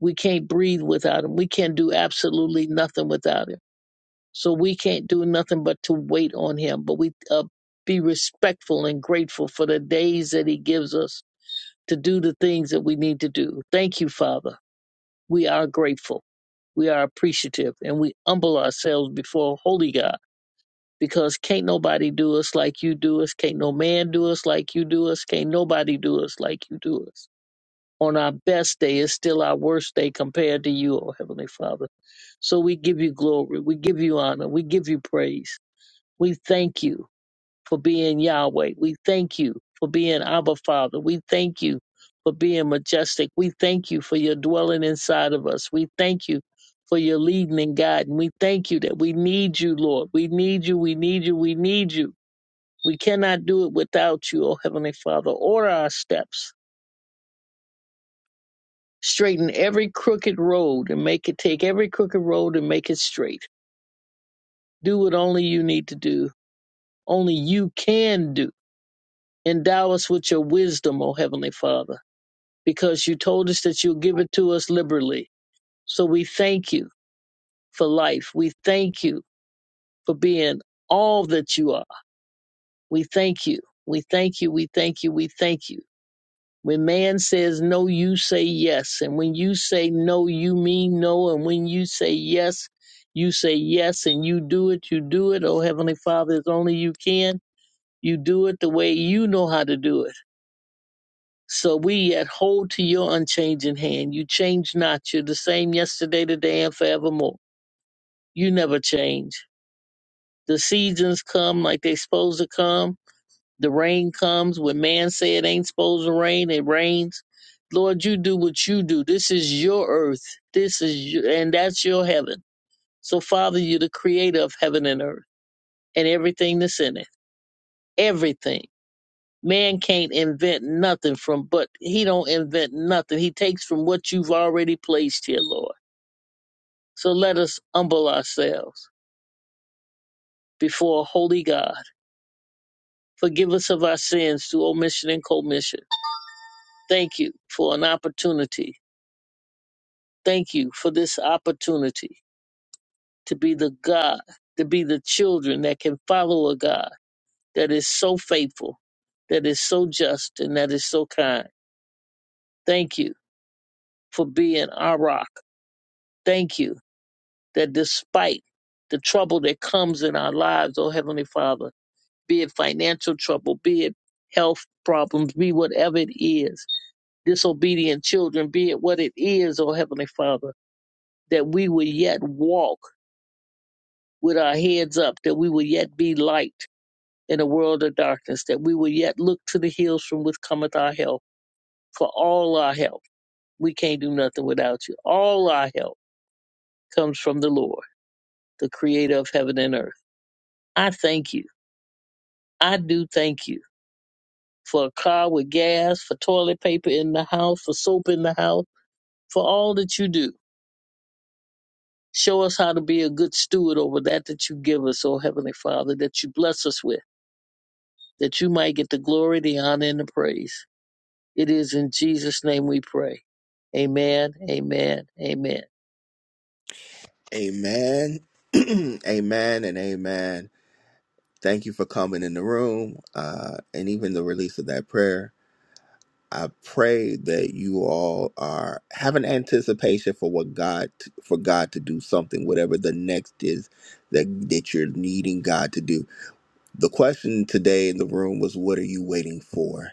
S7: We can't breathe without Him. We can't do absolutely nothing without Him. So we can't do nothing but to wait on Him. But we uh, be respectful and grateful for the days that He gives us to do the things that we need to do. Thank you, Father. We are grateful. We are appreciative and we humble ourselves before Holy God because can't nobody do us like you do us. Can't no man do us like you do us. Can't nobody do us like you do us. On our best day is still our worst day compared to you, O Heavenly Father. So we give you glory. We give you honor. We give you praise. We thank you for being Yahweh. We thank you for being Abba Father. We thank you for being majestic. We thank you for your dwelling inside of us. We thank you for your leading and guiding. We thank you that we need you, Lord. We need you. We need you. We need you. We cannot do it without you, O Heavenly Father. Order our steps. Straighten every crooked road and make it take every crooked road and make it straight. Do what only you need to do, only you can do. Endow us with your wisdom, O Heavenly Father because you told us that you'll give it to us liberally. So we thank you for life. We thank you for being all that you are. We thank you. We thank you. We thank you. We thank you. When man says no, you say yes. And when you say no, you mean no. And when you say yes, you say yes and you do it. You do it. Oh, Heavenly Father, as only you can. You do it the way you know how to do it So we yet hold to your unchanging hand. You change not. You're the same yesterday, today, and forevermore. You never change. The seasons come like they supposed to come. The rain comes when man say it ain't supposed to rain. It rains. Lord, you do what you do. This is your earth. This is your, and that's your heaven. So Father, you're the creator of heaven and earth and everything that's in it. Everything. Man can't invent nothing from, but he don't invent nothing. He takes from what you've already placed here, Lord. So let us humble ourselves before a holy God. Forgive us of our sins through omission and commission. Thank you for an opportunity. Thank you for this opportunity to be the God, to be the children that can follow a God that is so faithful, that is so just, and that is so kind. Thank you for being our rock. Thank you that despite the trouble that comes in our lives, oh Heavenly Father, be it financial trouble, be it health problems, be whatever it is, disobedient children, be it what it is, oh Heavenly Father, that we will yet walk with our heads up, that we will yet be light in a world of darkness, that we will yet look to the hills from which cometh our help, for all our help. We can't do nothing without you. All our help comes from the Lord, the creator of heaven and earth. I thank you. I do thank you for a car with gas, for toilet paper in the house, for soap in the house, for all that you do. Show us how to be a good steward over that that you give us, oh Heavenly Father, that you bless us with, that you might get the glory, the honor, and the praise. It is in Jesus' name we pray. Amen, amen, amen.
S1: Amen. amen and amen. Thank you for coming in the room, uh, and even the release of that prayer. I pray that you all are have an anticipation for what God for God to do something, whatever the next is that that you're needing God to do. The question today in the room was, "What are you waiting for?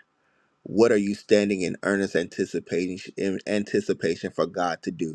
S1: What are you standing in earnest anticipation in anticipation for God to do?"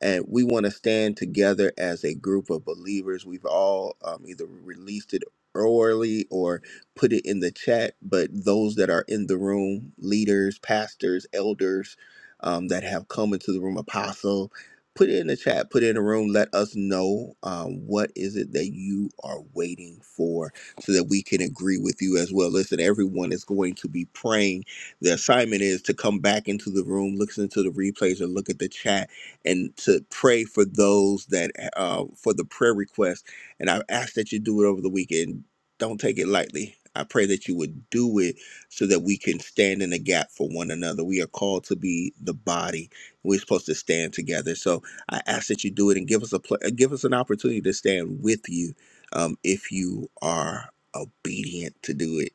S1: and we want to stand together as a group of believers. We've all um, either released it orally or put it in the chat, but those that are in the room, leaders, pastors, elders um, that have come into the room, apostle, put it in the chat, put it in the room, let us know um, what is it that you are waiting for so that we can agree with you as well. Listen, everyone is going to be praying. The assignment is to come back into the room, listen to the replays, or look at the chat and to pray for those that uh, for the prayer request. And I ask that you do it over the weekend. Don't take it lightly. I pray that you would do it so that we can stand in the gap for one another. We are called to be the body. We're supposed to stand together. So I ask that you do it and give us a pl- give us an opportunity to stand with you um, if you are obedient to do it.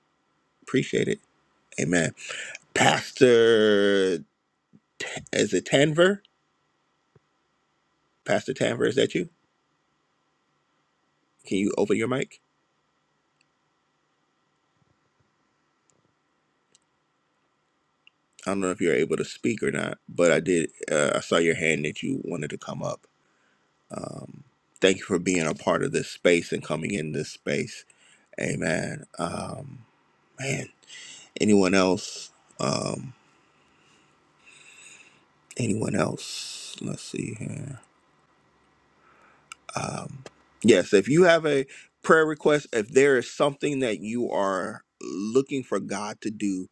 S1: Appreciate it. Amen. Pastor, T- is it Tanver? Pastor Tanver, is that you? Can you open your mic? I don't know if you're able to speak or not, but I did. Uh, I saw your hand that you wanted to come up. Um, thank you for being a part of this space and coming in this space. Amen. Um, man, anyone else? Um, anyone else? Let's see here. um, yes, if you have a prayer request, if there is something that you are looking for God to do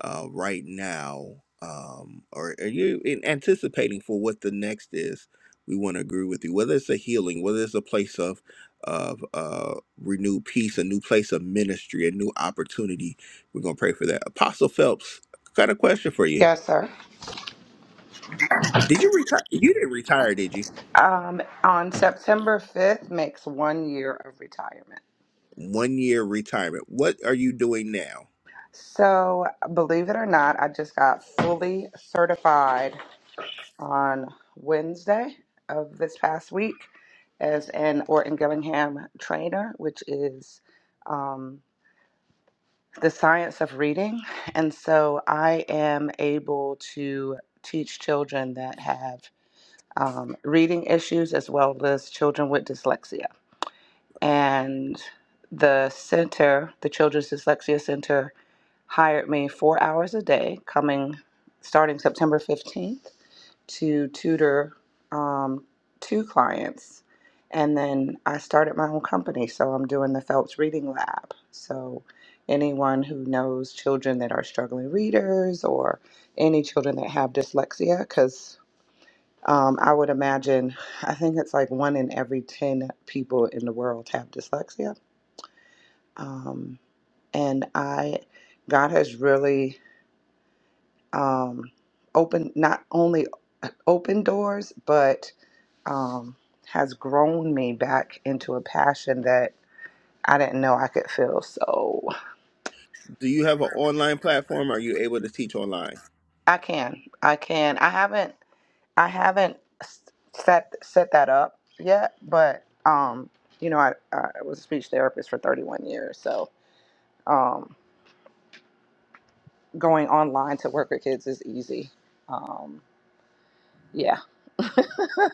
S1: uh, right now, um, or are you in anticipating for what the next is, we want to agree with you. Whether it's a healing, whether it's a place of of uh, renewed peace, a new place of ministry, a new opportunity, we're gonna pray for that. Apostle Phelps, got a question for you.
S6: Yes, sir.
S1: Did you retire? You didn't retire, did you?
S6: Um, on September 5th makes one year of retirement.
S1: One year retirement. What are you doing now?
S6: So, believe it or not, I just got fully certified on Wednesday of this past week as an Orton Gillingham trainer, which is um, the science of reading. And so, I am able to teach children that have um, reading issues as well as children with dyslexia. And the center, the Children's Dyslexia Center, hired me four hours a day, coming starting September 15th to tutor um, two clients. And then I started my own company. So I'm doing the Phelps Reading Lab. So anyone who knows children that are struggling readers or any children that have dyslexia, because um, I would imagine, I think it's like one in every 10 people in the world have dyslexia. Um, and I, God has really um, open not only open doors, but um, has grown me back into a passion that I didn't know I could feel. So
S1: Do you have an online platform? Are you able to teach online?
S6: I can, I can. I haven't, I haven't s- set set that up yet, but um, you know, I, I was a speech therapist for 31 years, so um, going online to work with kids is easy. Um, yeah,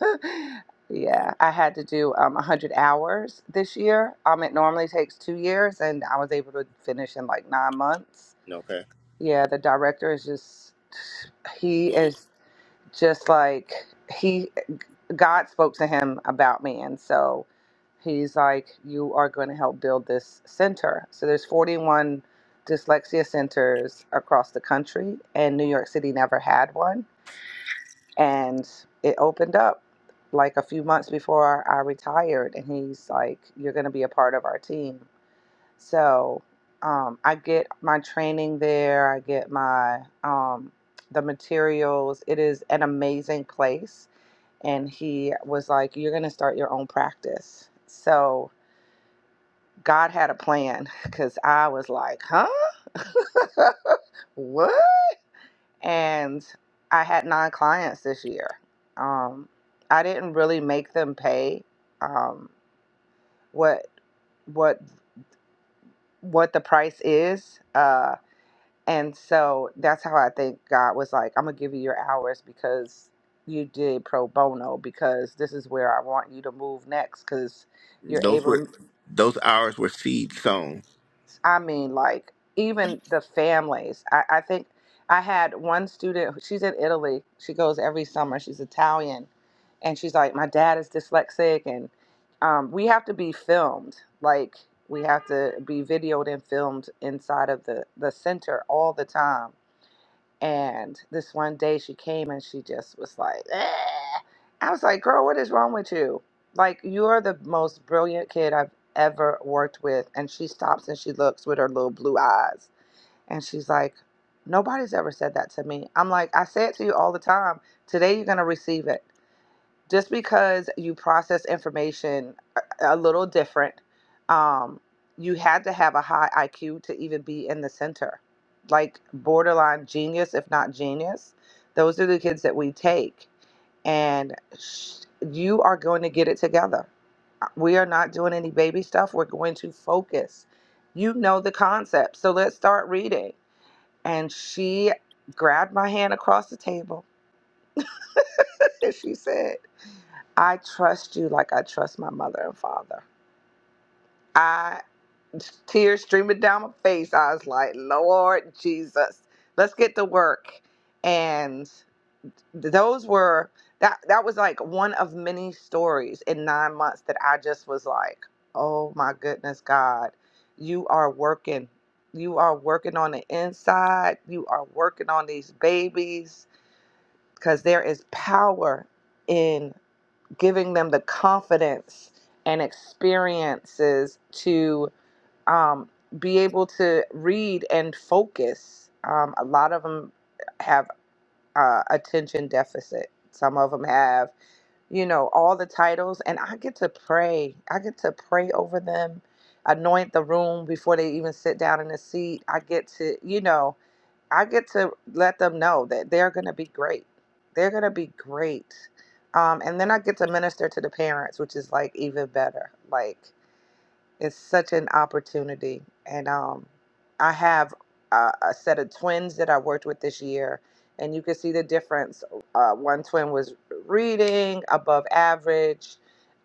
S6: yeah, I had to do um, 100 hours this year. Um, it normally takes two years, and I was able to finish in like nine months.
S1: Okay.
S6: Yeah, the director is just, he is just like, he, God spoke to him about me. And so he's like, you are going to help build this center. So there's 41 dyslexia centers across the country, and New York City never had one and it opened up like a few months before I retired and he's like you're going to be a part of our team so um, I get my training there I get my um, the materials it is an amazing place and he was like you're going to start your own practice so God had a plan because I was like huh what and I had nine clients this year. Um, I didn't really make them pay um, what what what the price is, uh, and so that's how I think God was like, "I'm gonna give you your hours because you did pro bono because this is where I want you to move next because you're
S1: Those were
S6: able to."
S1: those hours were seed sown.
S6: I mean, like even the families. I, I think I had one student. She's in Italy. She goes every summer. She's Italian and she's like, my dad is dyslexic, and um, we have to be filmed. Like we have to be videoed and filmed inside of the the center all the time. And this one day she came and she just was like, "Ah." I was like, girl, what is wrong with you? Like you're the most brilliant kid I've ever worked with. And she stops and she looks with her little blue eyes, and she's like. Nobody's ever said that to me. I'm like, I say it to you all the time. Today you're gonna receive it just because you process information a a little different, um, you had to have a high IQ to even be in the center, like borderline genius, if not genius. Those are the kids that we take, and sh- you are going to get it together. Uh, We are not doing any baby stuff. We're going to focus. You know the concept, so let's start reading. And she grabbed my hand across the table, and she said. I trust you like I trust my mother and father. I tears streaming down my face. I was like, Lord Jesus, let's get to work. And those were that that was like one of many stories in nine months that I just was like, Oh my goodness, God, you are working. You are working on the inside. You are working on these babies. Cause there is power in giving them the confidence and experiences to um, be able to read and focus. Um, a lot of them have uh, attention deficit. Some of them have, you know, all the titles, and I get to pray. I get to pray over them, anoint the room before they even sit down in the seat. I get to, you know, I get to let them know that they're going to be great. They're going to be great. Um, and then I get to minister to the parents, which is like even better. Like it's such an opportunity. And um, I have a, a set of twins that I worked with this year. And you can see the difference. Uh, one twin was reading above average,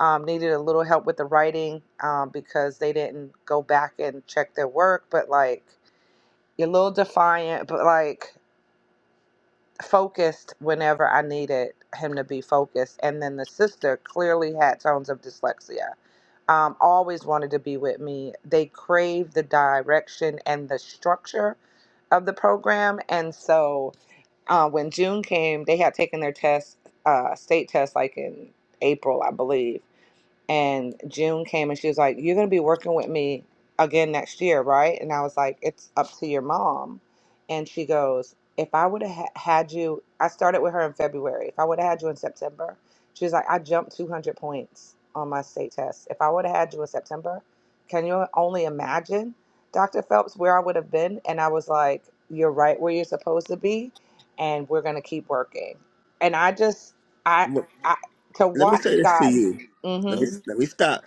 S6: um, needed a little help with the writing um, because they didn't go back and check their work. But like, you're a little defiant, but like focused whenever I needed him to be focused. And then the sister clearly had tones of dyslexia. Um, always wanted to be with me. They craved the direction and the structure of the program. And so uh, when June came, they had taken their test, uh, state test, like in April, I believe and June came and she was like, You're going to be working with me again next year, right? And I was like, It's up to your mom. And she goes, If I would have ha- had you, I started with her in February. If I would have had you in September, she was like, I jumped 200 points on my state test. If I would have had you in September, can you only imagine, Dr. Phelps, where I would have been? And I was like, You're right where you're supposed to be. And we're going to keep working. And I just, I,
S1: Look,
S6: I, to
S1: let me
S6: watch
S1: say this to
S6: God.
S1: you. Let me let me stop.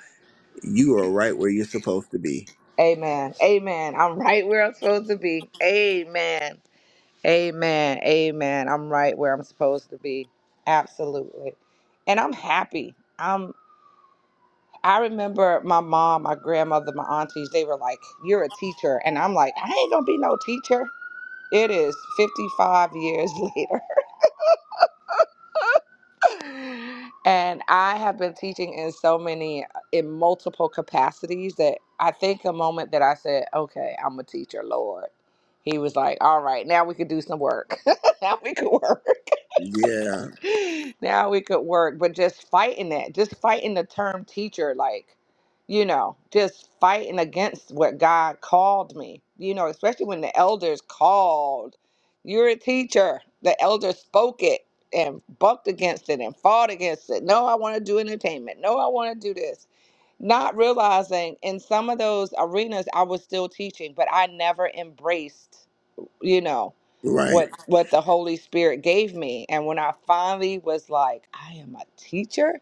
S1: You are right where you're supposed to be.
S6: Amen. Amen. I'm right where I'm supposed to be. Amen. Amen. Amen. I'm right where I'm supposed to be. Absolutely. And I'm happy. I'm I remember my mom, my grandmother, my aunties, they were like, You're a teacher. And I'm like, I ain't gonna be no teacher. It is 55 years later. and I have been teaching in so many, in multiple capacities that I think a moment that I said, okay, I'm a teacher, Lord. He was like, all right, now we could do some work. now we could work.
S1: Yeah,
S6: now we could work, but just fighting that, just fighting the term teacher, like, you know, just fighting against what God called me, you know, especially when the elders called, you're a teacher. The elders spoke it and bucked against it and fought against it. No, I want to do entertainment. No, I want to do this. Not realizing in some of those arenas, I was still teaching, but I never embraced you know
S1: right.
S6: what what the holy spirit gave me and when i finally was like i am a teacher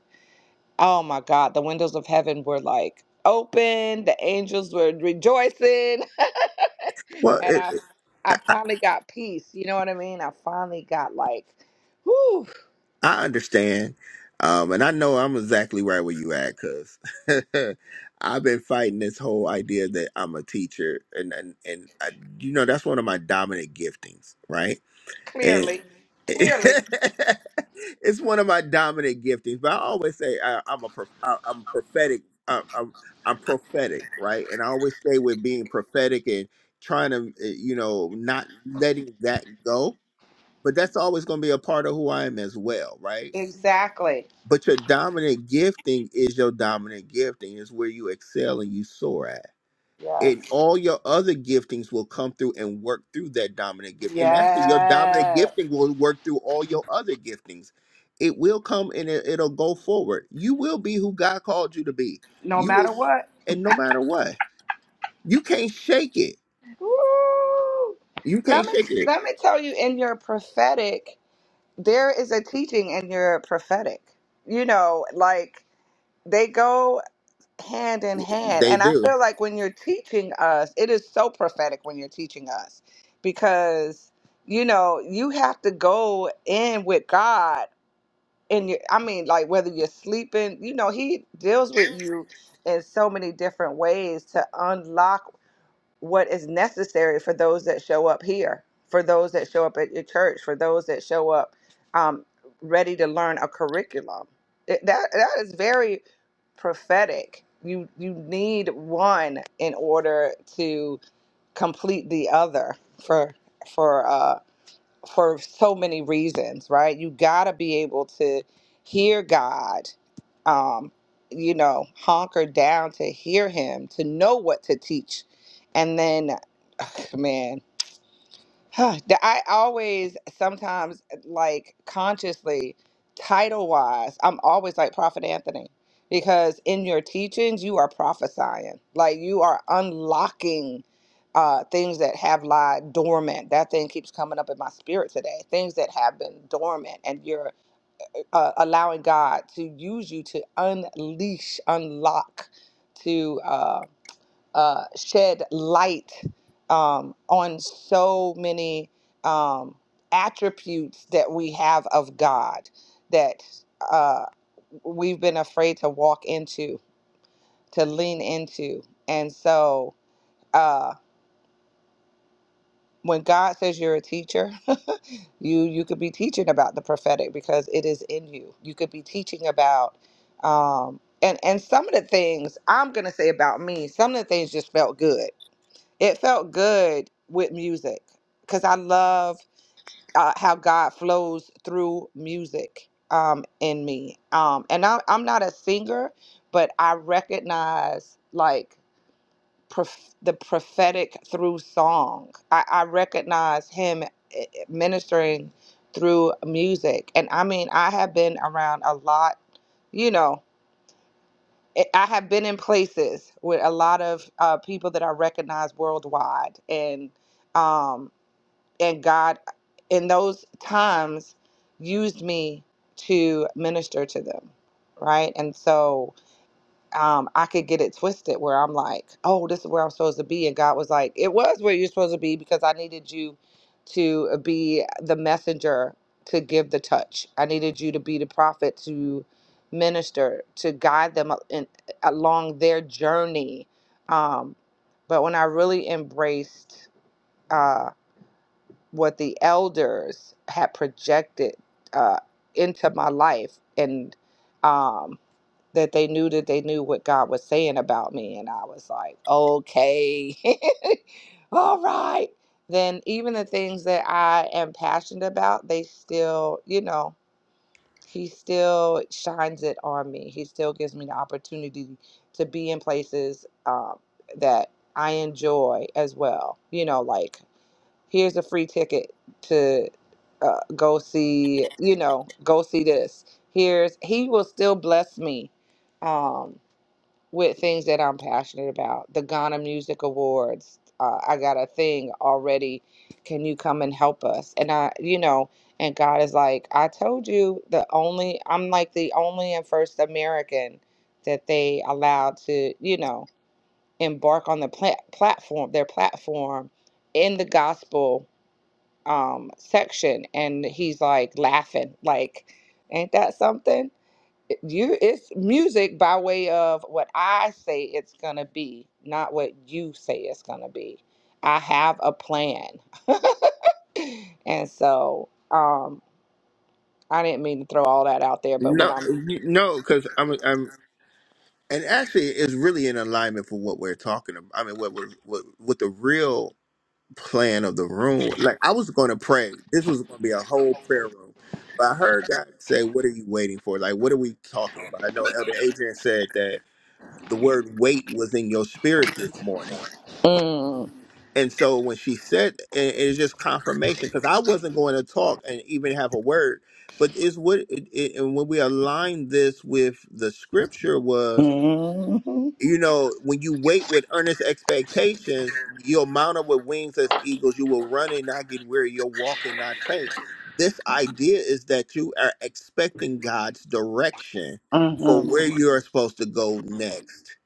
S6: oh my god the windows of heaven were like open the angels were rejoicing
S1: Well,
S6: and i
S1: it, it-
S6: i finally got peace you know what i mean i finally got like whew,
S1: I understand, um, and I know I'm exactly right where you at, cause I've been fighting this whole idea that I'm a teacher, and and and I, you know that's one of my dominant giftings, right? And
S6: clearly clearly
S1: it's one of my dominant giftings, but I always say I, I'm a pro- I, I'm prophetic. I, I'm I'm prophetic, right? And I always stay with being prophetic and trying to, eh, you know, not letting that go. But that's always going to be a part of who I am as well, right?
S6: exactly
S1: But your dominant gifting is your dominant gifting. Is where you excel and you soar at
S6: yes
S1: and all your other giftings will come through and work through that dominant gift. And actually, your dominant
S6: yes
S1: gifting will work through all your other giftings. It will come and it, it'll go forward. You will be who God called you to be.
S6: no
S1: You will,
S6: matter what
S1: and no matter what, you can't shake it.
S6: Woo.
S1: You
S6: let
S1: can't
S6: me
S1: shake it.
S6: let me tell you in your prophetic there is a teaching and you're prophetic. You know, like they go hand in hand.
S1: They
S6: And I
S1: do.
S6: feel like when you're teaching us, it is so prophetic when you're teaching us because, you know, you have to go in with God. And you, I mean, like whether you're sleeping, you know, He deals with you in so many different ways to unlock what is necessary for those that show up here, for those that show up at your church, for those that show up um, ready to learn a curriculum. It, that that is very prophetic. You you need one in order to complete the other for for uh, for so many reasons, right? You gotta be able to hear God. Um, you know, honker down to hear him, to know what to teach, and then man that i always sometimes like consciously title wise i'm always like prophet anthony because in your teachings you are prophesying like you are unlocking uh, things that have lied dormant that thing keeps coming up in my spirit today things that have been dormant and you're uh, allowing god to use you to unleash unlock to uh, uh, shed light um, on so many um, attributes that we have of God that uh, we've been afraid to walk into, to lean into. And so uh, when God says you're a teacher, you you could be teaching about the prophetic because it is in you. You could be teaching about um, and and some of the things I'm gonna say about me, some of the things just felt good it felt good with music because I love uh, how God flows through music um, in me. Um, and I, I'm not a singer, but I recognize like prof- the prophetic through song. I, I recognize Him eh, eh, ministering through music. And I mean, I have been around a lot, you know. I I have been in places with a lot of uh, people that I recognize worldwide, and um, and God in those times used me to minister to them, right? And so um, I could get it twisted where I'm like, oh, this is where I'm supposed to be. And God was like, it was where you're supposed to be because I needed you to be the messenger to give the touch. I needed you to be the prophet to minister, to guide them in, along their journey. Um, but when I really embraced, uh, what the elders had projected uh, into my life and um, that they knew that they knew what God was saying about me. And I was like, okay, all right. Then even the things that I am passionate about, they still, you know, he still shines it on me. He still gives me the opportunity to be in places um, that I enjoy as well. You know, like here's a free ticket to uh, go see you know go see this here's he will still bless me um with things that i'm passionate about the ghana music awards uh, i got a thing already can you come and help us and i you know and god is like i told you the only i'm like the only and first american that they allowed to you know embark on the pla- platform their platform in the gospel um, section, and he's like laughing, like, "Ain't that something?" It- You, it's music by way of what I say it's gonna be, not what you say it's gonna be. I have a plan, and so um, I didn't mean to throw all that out there, but when
S1: No,
S6: I'm
S1: you- no, because I'm, I'm, and actually, it's really in alignment for what we're talking about. I mean, what we're, what, what the real plan of the room. Like I was going to pray. This was going to be a whole prayer room. But I heard God say, "What are you waiting for? Like, what are we talking about?" I know Elder Adrian said that the word "wait" was in your spirit this morning,
S6: mm,
S1: and so when she said, and it is just confirmation because I wasn't going to talk and even have a word. But it's what, it, it, and when we align this with the scripture was
S6: Mm-hmm. Mm-hmm.
S1: you know, when you wait with earnest expectations, you'll mount up with wings as eagles. You will run and not get weary. You'll walk and not faint. This idea is that you are expecting God's direction for
S6: Mm,
S1: where you are supposed to go next.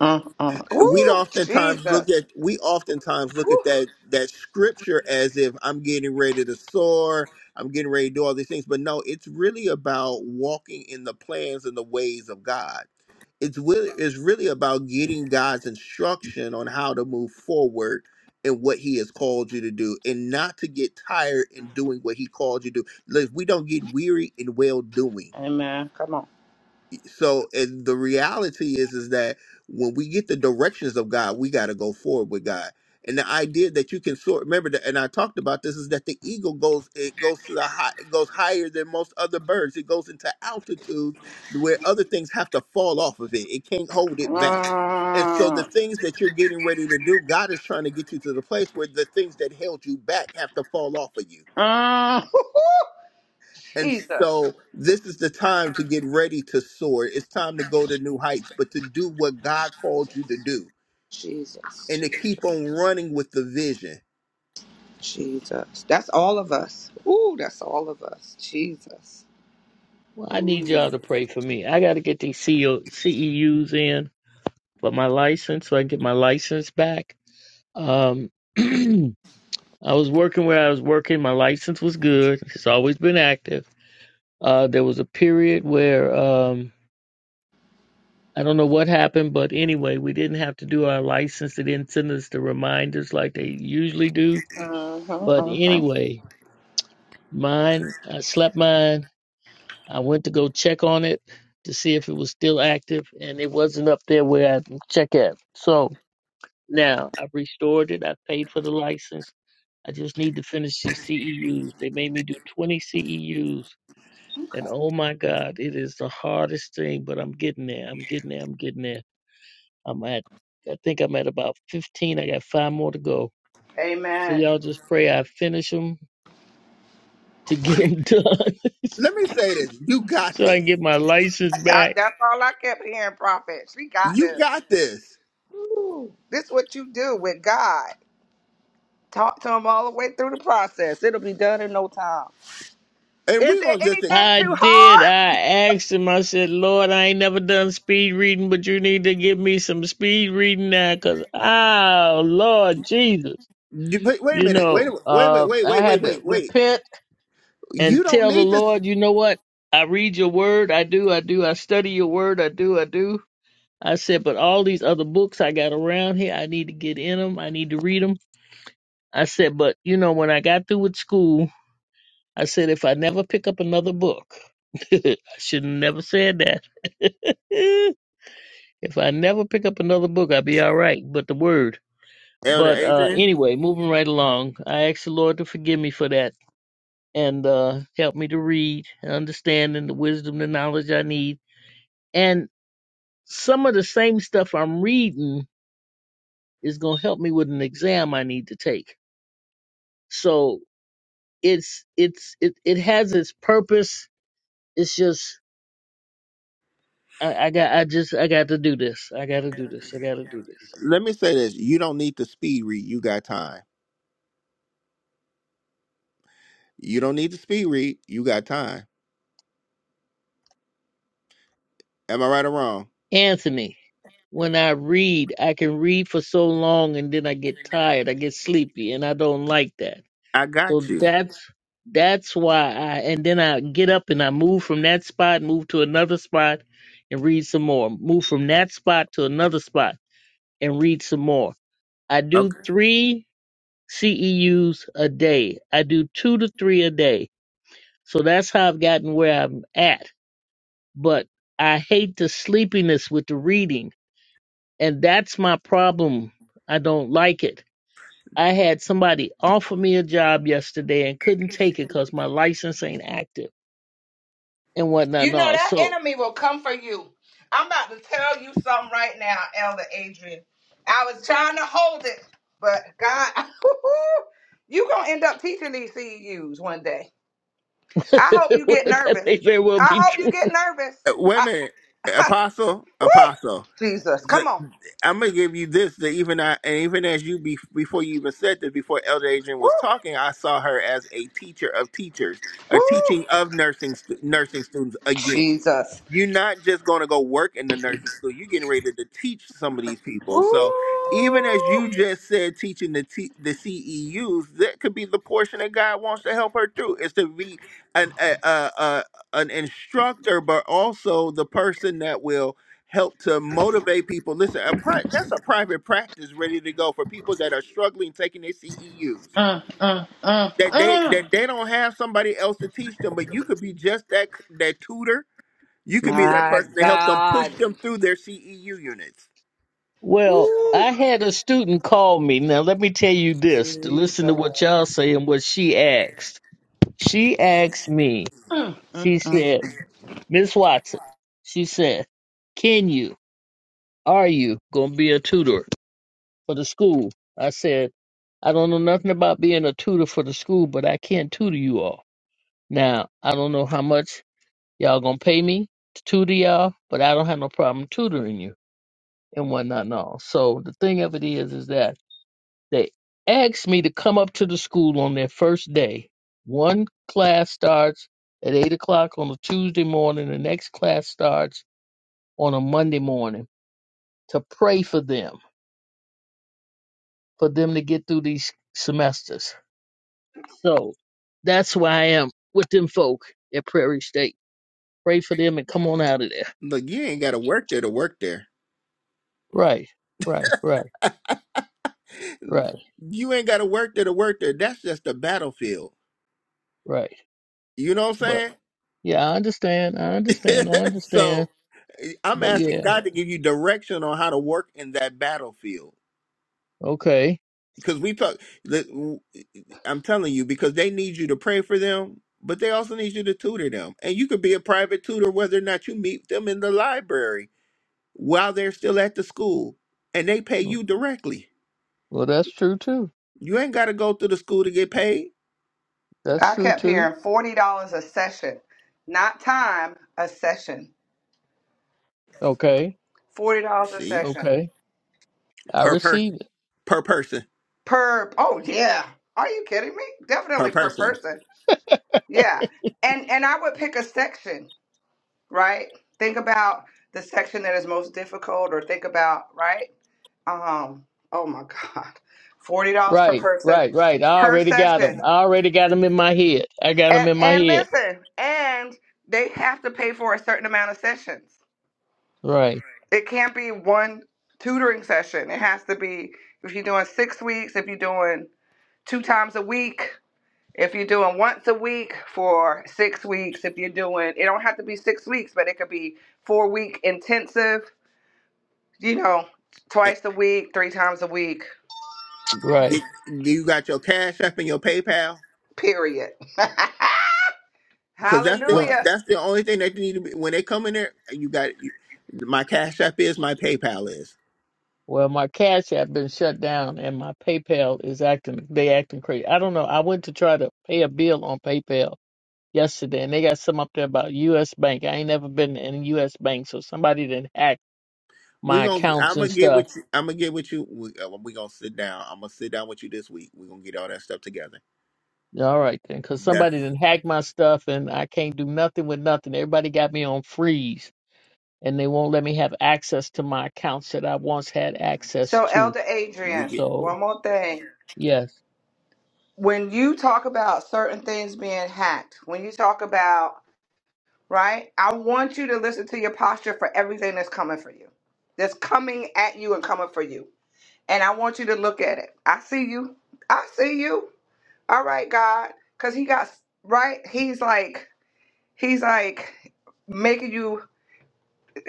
S6: mm, mm.
S1: We'd
S6: Ooh,
S1: oftentimes look
S6: Jesus.
S1: at we oftentimes look at that that scripture as if I'm getting ready to soar, I'm getting ready to do all these things. But no, it's really about walking in the plans and the ways of God it's really it's really about getting God's instruction on how to move forward and what He has called you to do, and not to get tired in doing what He called you to do. Look, we don't get weary in well doing
S6: Amen. Come on.
S1: so and the reality is is that when we get the directions of God, we got to go forward with God. And the idea that you can sort remember that, and I talked about this is that the eagle goes it goes to the high it goes higher than most other birds. It goes into altitudes where other things have to fall off of it. It can't hold it back. And so the
S6: Mm,
S1: things that you're getting ready to do, God is trying to get you to the place where the things that held you back have to fall off of you
S6: mm.
S1: and
S6: Jesus.
S1: so this is the time to get ready to soar. It's time to go to new heights, but to do what God called you to do
S6: Jesus,
S1: and to
S6: Jesus,
S1: keep on running with the vision.
S6: Jesus. That's all of us. Ooh, that's all of us. Jesus.
S7: Well, I need
S6: Ooh.
S7: y'all to pray for me. I got to get these CO, CEUs in for my license so I can get my license back. Um, I was working where I was working. My license was good. It's always been active. Uh, there was a period where um, I don't know what happened, but anyway, we didn't have to do our license. They didn't send us the reminders like they usually do.
S6: Mm-hmm,
S7: But
S6: mm-hmm.
S7: anyway, mine, I slept mine. I went to go check on it to see if it was still active, and it wasn't up there where I check at. So now I've restored it. I paid for the license. I just need to finish these CEUs. They made me do 20 CEUs And oh my God, it is the hardest thing, but I'm getting there. I'm getting there. I'm getting there. I'm at, I think I'm at about 15. I got five more to go. So
S6: Amen.
S7: y'all just pray I finish them to get them done
S1: Let me say this. You got
S7: so I
S1: this.
S7: can get my license
S6: I,
S7: back.
S6: that's all I kept hearing, Prophet. She got
S1: You
S6: this.
S1: got this.
S6: Ooh. This is what you do with God. Talk to him all the way through the process. It'll be done in no time.
S1: And
S6: Is
S1: we're
S6: there
S1: going to just think,
S6: anything
S7: I
S6: too
S7: did.
S6: hard?
S7: I asked him, I said, Lord, I ain't never done speed reading, but you need to give me some speed reading now because, oh, Lord Jesus.
S1: you- wait, wait a
S7: You
S1: minute. Wait,
S7: know,
S1: a- wait, wait,
S7: uh,
S1: wait,
S7: I
S1: wait, wait,
S7: had to
S1: wait, wait.
S7: repent
S1: You
S7: and
S1: don't
S7: tell the
S1: need this.
S7: Lord, you know what? I read your word. I do. I do. I study your word. I do. I do. I said, but all these other books I got around here, I need to get in them. I need to read them. I said, but you know, when I got through with school, I said, if I never pick up another book, I should have never said that. if I never pick up another book, I'll be all right. But the word.
S1: Elder
S7: But uh,
S1: Adrian,
S7: anyway, moving right along, I asked the Lord to forgive me for that and uh, help me to read and understand and the wisdom, the knowledge I need. And some of the same stuff I'm reading is going to help me with an exam I need to take. So it's it's it it has its purpose. It's just I, I got I just I got to do this. I got to do this. I got to do this.
S1: let me say this. You don't need the speed read. You got time. You don't need the speed read. You got time. Am I right or wrong?
S7: Anthony, when I read, I can read for so long and then I get tired. I get sleepy, and I don't like that.
S1: I got
S7: So
S1: you.
S7: that's that's why I and then I get up and I move from that spot, move to another spot and read some more. Move from that spot to another spot and read some more. I do three CEUs a day. I do two to three a day. So that's how I've gotten where I'm at. But I hate the sleepiness with the reading. And that's my problem. I don't like it. I had somebody offer me a job yesterday and couldn't take it because my license ain't active. and whatnot
S6: You
S7: and
S6: know
S7: all.
S6: that
S7: So
S6: enemy will come for you. I'm about to tell you something right now, Elder Adrian. I was trying to hold it, but God, you gonna end up teaching these CEUs one day. I hope you get
S7: that
S6: nervous.
S7: may very well
S6: I
S7: be
S6: hope you
S7: true.
S6: get nervous.
S1: Uh, Wait a
S6: I,
S1: minute, Apostle,
S6: woo!
S1: Apostle.
S6: Jesus,
S1: The,
S6: come on.
S1: I'm gonna give you this. That even I, and even as you be, before you even said this, before Elder Adrian
S6: Woo!
S1: was talking, I saw her as a teacher of teachers, a teaching
S6: Woo!
S1: of nursing stu- nursing students again.
S6: Jesus.
S1: You're not just going to go work in the nursing school. You're getting ready to teach some of these people.
S6: Woo!
S1: So even as you just said, teaching the T, the CEUs, that could be the portion that God wants to help her through. Is to be an a, a, a, an instructor, but also the person that will help to motivate people. Listen, a pri- that's a private practice ready to go for people that are struggling taking their CEUs.
S6: Mm, mm, mm,
S1: That they
S6: mm.
S1: that they don't have somebody else to teach them, but you could be just that that tutor you could be that
S6: My
S1: person to help them
S6: God.
S1: push them through their CEU units.
S7: Well,
S6: Woo!
S7: I had a student call me. Now let me tell you this to
S6: Jesus.
S7: listen to what y'all say and what she asked. She asked me,
S6: Mm, mm,
S7: she
S6: mm.
S7: said, Miss Watson, she said, Can you, are you gonna be a tutor for the school? I said, I don't know nothing about being a tutor for the school, but I can tutor you all. Now, I don't know how much y'all gonna pay me to tutor y'all, but I don't have no problem tutoring you. and whatnot and all. So the thing of it is, is that they asked me to come up to the school on their first day. One class starts at eight o'clock on a Tuesday morning. The next class starts on a Monday morning to pray for them, for them to get through these semesters. So that's why I am with them folk at Prairie State. Pray for them and come on out of there.
S1: Look, you ain't got to work there to work there.
S7: Right, right, right, right,
S1: You ain't got to work there to work there. That's just a battlefield.
S7: right.
S1: You know what
S7: But
S1: I'm
S7: yeah, I understand. I
S1: saying?
S7: understand. I
S1: so
S7: understand.
S1: eh, I'm
S7: But yeah.
S1: asking God to give you direction on how to work in that battlefield.
S7: Okay.
S1: Because we talk, the- I'm telling you, because they need you to pray for them, but they also need you to tutor them. And you could be a private tutor whether or not you meet them in the library while they're still at the school and they pay
S7: W-
S1: you directly.
S7: Well, that's true too.
S1: You ain't got to go through the school to get paid.
S7: That's
S6: I
S7: true
S6: kept
S7: too.
S6: hearing forty dollars a session, not time a session.
S7: Okay.
S6: Forty dollars a
S1: See,
S6: session
S7: Okay. I
S1: per person,
S7: receive it.
S1: per person,
S6: per. Oh yeah, are you kidding me?
S1: per
S6: Definitely per
S1: person.
S6: person. Yeah, and and I would pick a section. Right. Think about the section that is most difficult, or think about right. Um. Oh my God. Forty dollars per
S7: Right.
S6: person
S7: Right. Right. I
S6: per
S7: already got them.
S6: session,
S7: I already got them in my head. I got them
S6: and
S7: in my
S6: and
S7: head.
S6: listen, and they have to pay for a certain amount of sessions.
S7: Right.
S6: it can't be one tutoring session. It has to be if you're doing six weeks, if you're doing two times a week, if you're doing once a week for six weeks, if you're doing it don't have to be six weeks, but it could be four week intensive, you know,
S1: Eh,
S6: twice a week, three times a week,
S7: Right.
S1: Get, do you got your Cash App and your PayPal?
S6: period.
S1: Because that's the
S7: Well,
S6: Hallelujah.
S1: that's the only thing that you need to be when they come in there. You got you, my Cash App is my PayPal is.
S7: well, my Cash App been shut down and my PayPal is acting, they acting crazy. I don't know. I went to try to pay a bill on PayPal yesterday and they got some up there about U.S. Bank. I ain't never been in a U.S. Bank, so somebody didn't hack
S1: We
S7: my
S1: gonna
S7: accounts
S1: I'm gonna
S7: and
S1: get
S7: stuff
S1: with you. I'm gonna get with you. We, uh, we gonna sit down. I'm gonna sit down with you this week. We are gonna get all that stuff together.
S7: Yeah, All right, then, because somebody
S1: That's
S7: didn't hack my stuff and I can't do nothing with nothing. Everybody got me on freeze and they won't let me have access to my accounts that I once had access
S6: So
S7: to.
S6: Elder
S1: we
S6: Adrian,
S1: get.
S7: So,
S6: one more thing.
S7: yes.
S6: When you talk about certain things being hacked, when you talk about right? I want you to listen to your posture for everything that's coming for you, that's coming at you and coming for you. And I want you to look at it. I see you. I see you. All right, God. Because he got, right? He's like, he's like making you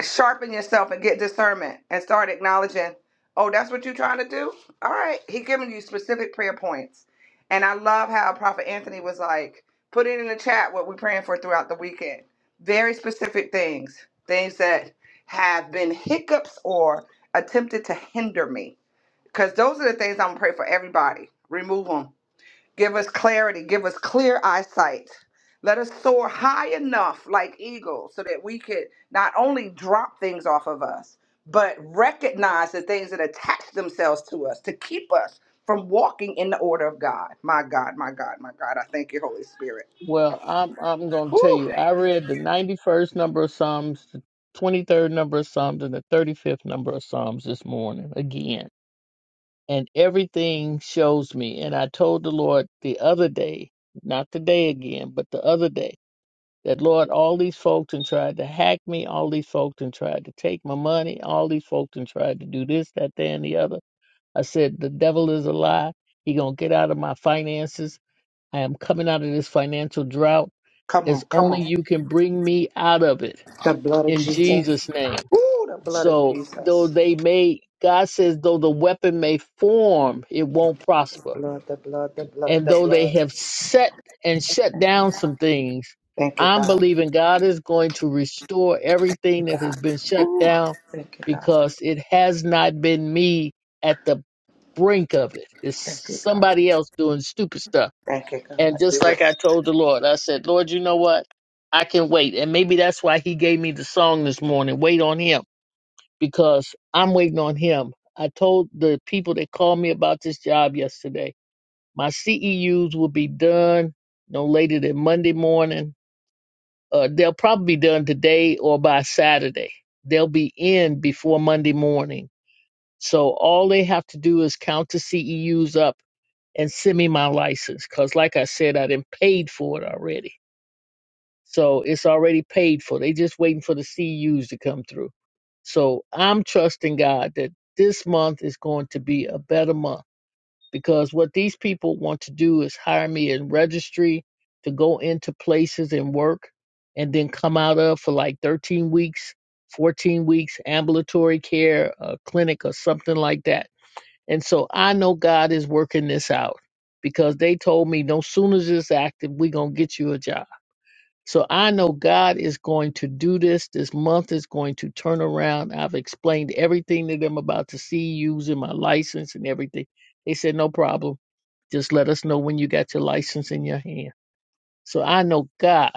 S6: sharpen yourself and get discernment and start acknowledging, oh, that's what you're trying to do? All right. He giving you specific prayer points. And I love how Prophet Anthony was like, put it in the chat what we're praying for throughout the weekend. Very specific things, things that have been hiccups or attempted to hinder me. Because those are the things I'm going to pray for everybody. Remove them Give us clarity. Give us clear eyesight. Let us soar high enough like eagles so that we could not only drop things off of us, but recognize the things that attach themselves to us to keep us from walking in the order of God. My God, my God, my God. I thank you, Holy Spirit.
S7: Well, I'm I'm going to tell
S6: Woo!
S7: you, I read the 91st number of Psalms, the 23rd number of Psalms, and the 35th number of Psalms this morning again. And everything shows me. And I told the Lord the other day, not today again, but the other day. that Lord, all these folks and tried to hack me, all these folks and tried to take my money, all these folks and tried to do this, that, that, and the other. I said, the devil is a lie. He gonna get out of my finances. I am coming out of this financial drought.
S6: Come on,
S7: It's
S6: come
S7: only
S6: on.
S7: you can bring me out of it
S6: The blood of
S7: in
S6: Jesus.
S7: Jesus' name.
S6: Ooh, the blood of
S7: So though
S6: Jesus.
S7: they may, God says, though the weapon may form, it won't
S6: The
S7: prosper.
S6: blood, the blood, the blood,
S7: And
S6: the
S7: though they
S6: blood.
S7: have set and shut down some things,
S6: Thank you,
S7: I'm
S6: God.
S7: believing God is going to restore
S6: Thank
S7: everything
S6: you,
S7: that has
S6: God.
S7: been shut
S6: Ooh,
S7: down
S6: Thank you, God.
S7: because it has not been me at the brink of it. It's
S6: Thank you, God.
S7: somebody else doing stupid stuff.
S6: Thank you,
S7: And
S6: God. Do
S7: just
S6: it,
S7: like I told the Lord, I said, Lord, you know what? I can wait. And maybe that's why he gave me the song this morning, Wait on Him, because I'm waiting on Him. I told the people that called me about this job yesterday. My CEUs will be done no later than Monday morning. Uh, they'll probably be done today or by Saturday. They'll be in before Monday morning. So all they have to do is count the CEUs up and send me my license. Cause like I said, I did paid for it already. So it's already paid for. They just waiting for the CEUs to come through. So I'm trusting God that this month is going to be a better month because what these people want to do is hire me in registry to go into places and work and then come out of for like 13 weeks, 14 weeks, ambulatory care, a clinic, or something like that. And so I know God is working this out because they told me no sooner as it's active, we're going to get you a job. So I know God is going to do this. This month is going to turn around. I've explained everything to them about the C E Us using my license and everything. They said, no problem. Just let us know when you got your license in your hand. So I know God.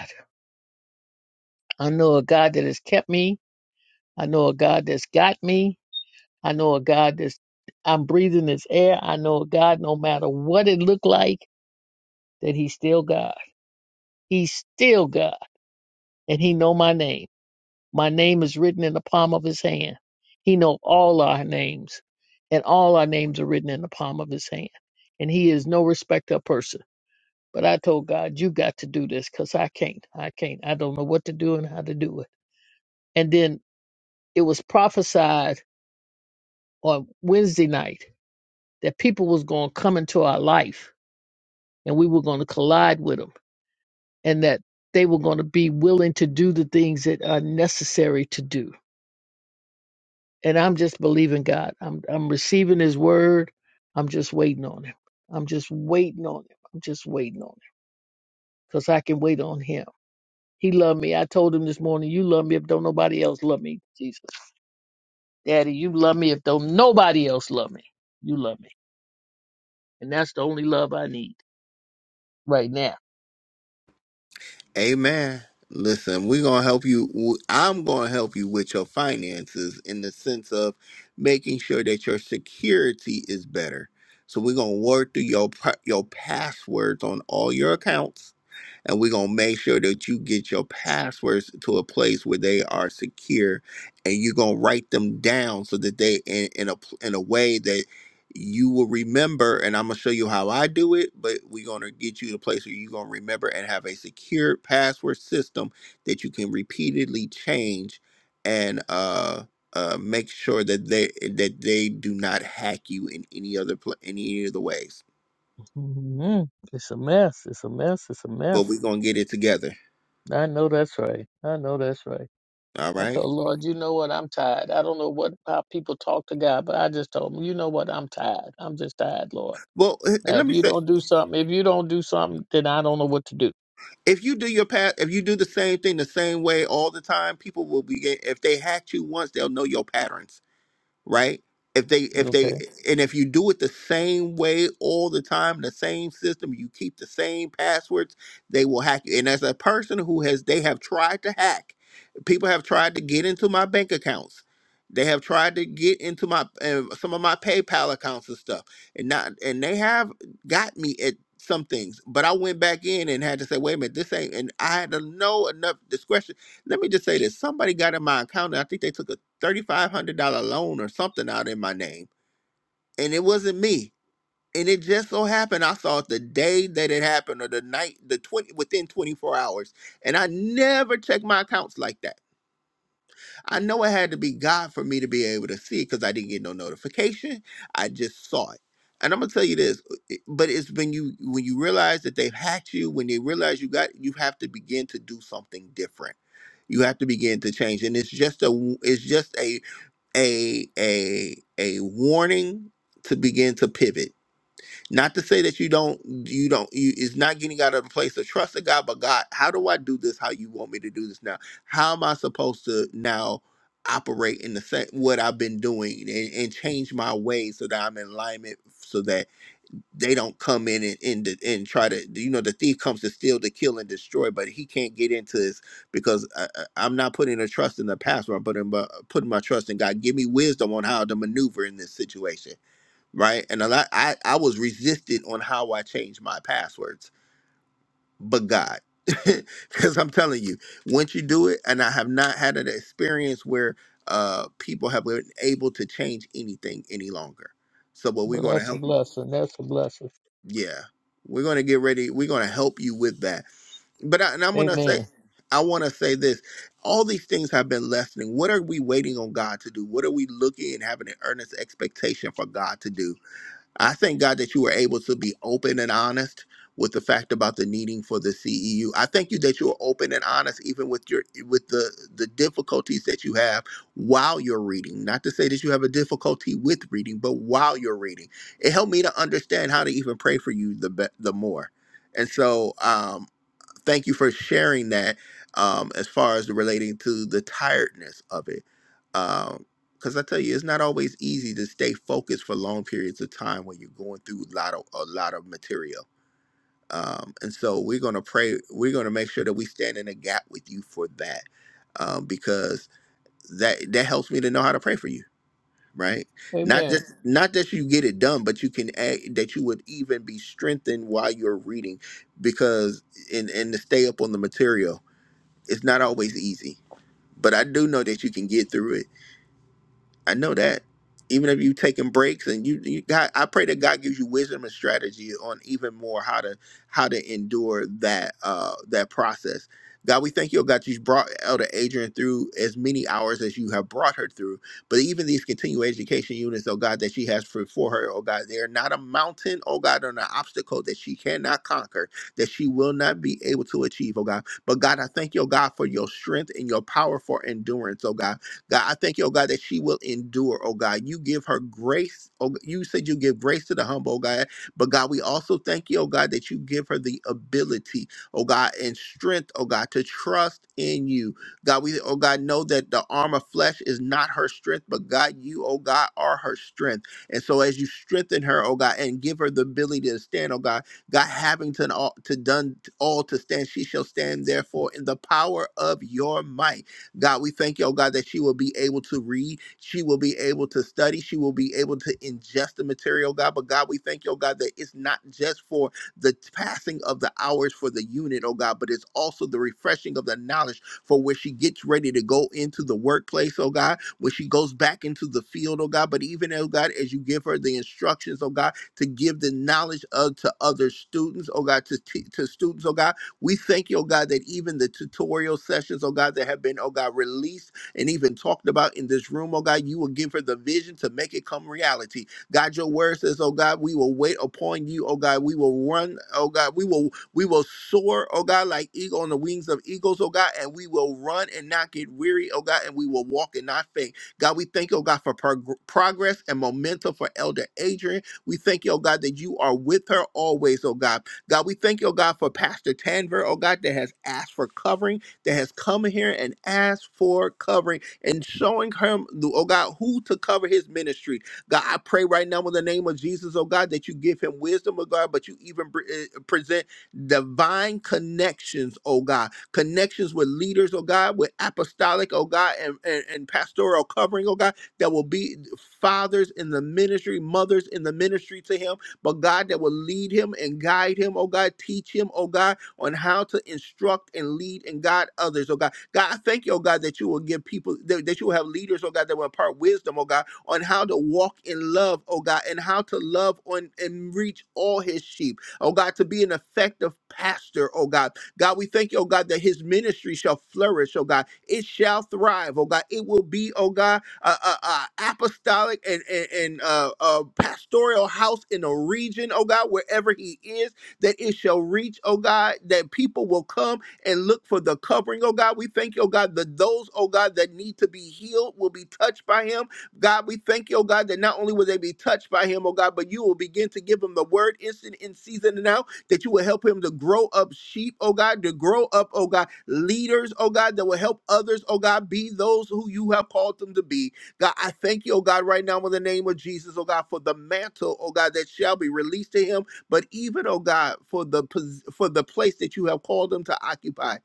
S7: I know a God that has kept me. I know a God that's got me. I know a God that's I'm breathing this air. I know a God no matter what it looked like, that he's still God. He's still God. And he know my name. My name is written in the palm of his hand. He knows all our names, and all our names are written in the palm of his hand. And he is no respecter of person. But I told God, you got to do this because I can't. I can't. I don't know what to do and how to do it. And then it was prophesied on Wednesday night that people was going to come into our life and we were going to collide with them and that they were going to be willing to do the things that are necessary to do and I'm just believing God. I'm I'm receiving His word. I'm just waiting on Him. I'm just waiting on Him. I'm just waiting on Him because I can wait on Him. He loved me. I told him this morning, "You love me if don't nobody else love me, Jesus, Daddy. You love me if don't nobody else love me. You love me, and that's the only love I need right now."
S1: Amen. Listen, we're going to help you. w- I'm going to help you with your finances in the sense of making sure that your security is better. So we're going to work through your pa- your passwords on all your accounts and we're going to make sure that you get your passwords to a place where they are secure and you're going to write them down so that they in, in a pl- in a way that you will remember and I'm going to show you how I do it but we're going to get you to a place where you're going to remember and have a secure password system that you can repeatedly change and uh uh, make sure that they that they do not hack you in any other pla any other ways.
S7: hmm It's a mess. It's a mess. It's a
S1: But
S7: mess.
S1: we're gonna get it together.
S7: I know that's right. I know that's right.
S1: All
S7: I
S1: right.
S7: told Lord, you know what? I'm tired. I don't know what how people talk to God, but I just told him, you know what? I'm tired. I'm just tired, Lord.
S1: Well, eh, eh,
S7: Now,
S1: let
S7: if
S1: me
S7: you
S1: say.
S7: don't do something, if you don't do something, then I don't know what to do.
S1: if you do your path, if you do the same thing the same way all the time, people will be. If they hack you once, they'll know your patterns right? If they if they
S7: Okay.
S1: and if you do it the same way all the time, the same system, you keep the same passwords, they will hack you. And as a person who has they have tried to hack, people have tried to get into my bank accounts. They have tried to get into my uh, some of my PayPal accounts and stuff, and not and they have got me at some things. But I went back in and had to say, wait a minute, this ain't. And I had to know enough discretion. Let me just say this: somebody got in my account, and I think they took a $3,500 loan or something out in my name. And it wasn't me. And it just so happened, I saw it the day that it happened or the night, the 20, within 24 hours. And I never check my accounts like that. I know it had to be God for me to be able to see it because I didn't get no notification. I just saw it. And I'm gonna tell you this, uh, it- but it's when you when you realize that they've hacked you, when they realize you got, you have to begin to do something different you have to begin to change and it's just a it's just a a a a warning to begin to pivot. Not to say that you don't you don't you it's not getting out of the place of trust in God, but God, how do I do this how you want me to do this now? How am I supposed to now operate in the same what I've been doing and, and change my ways so that I'm in alignment so that they don't come in and and, de- and try to you know the thief comes to steal to kill and destroy but he can't get into this because I, I- i'm not putting a trust in the pastor i'm putting my, putting my trust in god give me wisdom on how to maneuver in this situation right and a lot i i was resistant on how i changed my passwords but god because i'm telling you once you do it and i have not had an experience where uh people have been able to change anything any longer so what we're
S7: Well,
S1: going to
S7: that's a
S1: help you.
S7: blessing. That's a blessing.
S1: Yeah, we're going to get ready. We're going to help you with that. But I, and I'm going to say,
S7: Amen.
S1: I want to say this: all these things have been lessening. What are we waiting on God to do? What are we looking and having an earnest expectation for God to do? I thank God that you were able to be open and honest with the fact about the needing for the CEU. I thank you that you were open and honest even with your with the the difficulties that you have while you're reading. Not to say that you have a difficulty with reading, but while you're reading, it helped me to understand how to even pray for you the be- the more. And so, um, thank you for sharing that um, as far as relating to the tiredness of it. Because I tell you, it's not always easy to stay focused for long periods of time when you're going through a lot of, a lot of material. Um, and so we're going to pray, we're going to make sure that we stand in a gap with you for that um, because that, that helps me to know how to pray for you. Right, not
S7: Amen.
S1: just Amen. not that you get it done, but you can add, that you would even be strengthened while you're reading, because and and to stay up on the material it's not always easy, but I do know that you can get through it. I know that. Even if you taking breaks and you, you God, I pray that God gives you wisdom and strategy on even more how to how to endure that uh that process. God, we thank you, oh God, you've brought Elder Adrian through as many hours as you have brought her through. But even these continuing education units, oh God, that she has for, for her, oh God, they are not a mountain, oh God, or an obstacle that she cannot conquer, that she will not be able to achieve, oh God. But God, I thank you, oh God, for your strength and your power for endurance, oh God. God, I thank you, oh God, that she will endure, oh God. You give her grace. Oh, you said you give grace to the humble, oh God. But God, we also thank you, oh God, that you give her the ability, oh God, and strength, oh God, to trust in you. God, we, oh God, know that the arm of flesh is not her strength, but God, you, oh God, are her strength. And so as you strengthen her, oh God, and give her the ability to stand, oh God, God having to, all to done all to stand, she shall stand therefore in the power of your might. God, we thank you, oh God, that she will be able to read, she will be able to study, she will be able to ingest the material, God. But God, we thank you, oh God, that it's not just for the passing of the hours for the unit, oh God, but it's also the refreshing of the knowledge for where she gets ready to go into the workplace, oh God, when she goes back into the field, oh God. But even, oh God, as you give her the instructions, oh God, to give the knowledge of to other students, oh God, to, te- to students, oh God, we thank you, oh God, that even the tutorial sessions, oh God, that have been, oh God, released and even talked about in this room, oh God, you will give her the vision to make it come reality. God, your word says, oh God, we will wait upon you, oh God. We will run, oh God. We will we will soar, oh God, like eagle on the wings of eagles, oh God, and we will run and not get weary, oh God, and we will walk and not faint. God, we thank you, oh God, for prog- progress and momentum for Elder Adrian. We thank you, oh God, that you are with her always, oh God. God, we thank you, oh God, for Pastor Tanver, oh God, that has asked for covering, that has come here and asked for covering and showing him, oh God, who to cover his ministry. God, I pray right now in the name of Jesus, oh God, that you give him wisdom, oh God, but you even pre- eh, present divine connections, oh God, connections with leaders, oh God, with apostolic, oh God, and, and, and pastoral covering, oh God, that will be fathers in the ministry, mothers in the ministry to him but God, that will lead him and guide him, oh God, teach him, oh God, on how to instruct and lead and guide others, oh God. God, I thank you, oh God, that you will give people, that, that you will have leaders, oh God, that will impart wisdom, oh God, on how to walk in love, oh God, and how to love on and reach all his sheep, oh God, to be an effective pastor, oh God, God, we thank you, oh God, that his ministry shall flourish, oh God. It shall thrive, oh God. It will be, oh God, uh, uh, uh, apostolic and, and, and uh, uh, pastoral house in a region, oh God, wherever he is, that it shall reach, oh God, that people will come and look for the covering, oh God. We thank you, oh God, that those, oh God, that need to be healed will be touched by him. God, we thank you, oh God, that not only will they be touched by him, oh God, but you will begin to give them the word instant in season and out that you will help him to grow up sheep, oh God, to grow up, oh God, leaders, oh God, that will help others, oh God, be those who you have called them to be. God, I thank you, oh God, right now in the name of Jesus, oh God, for the mantle, oh God, that shall be released to him, but even, oh God, for the pos- for the place that you have called him to occupy.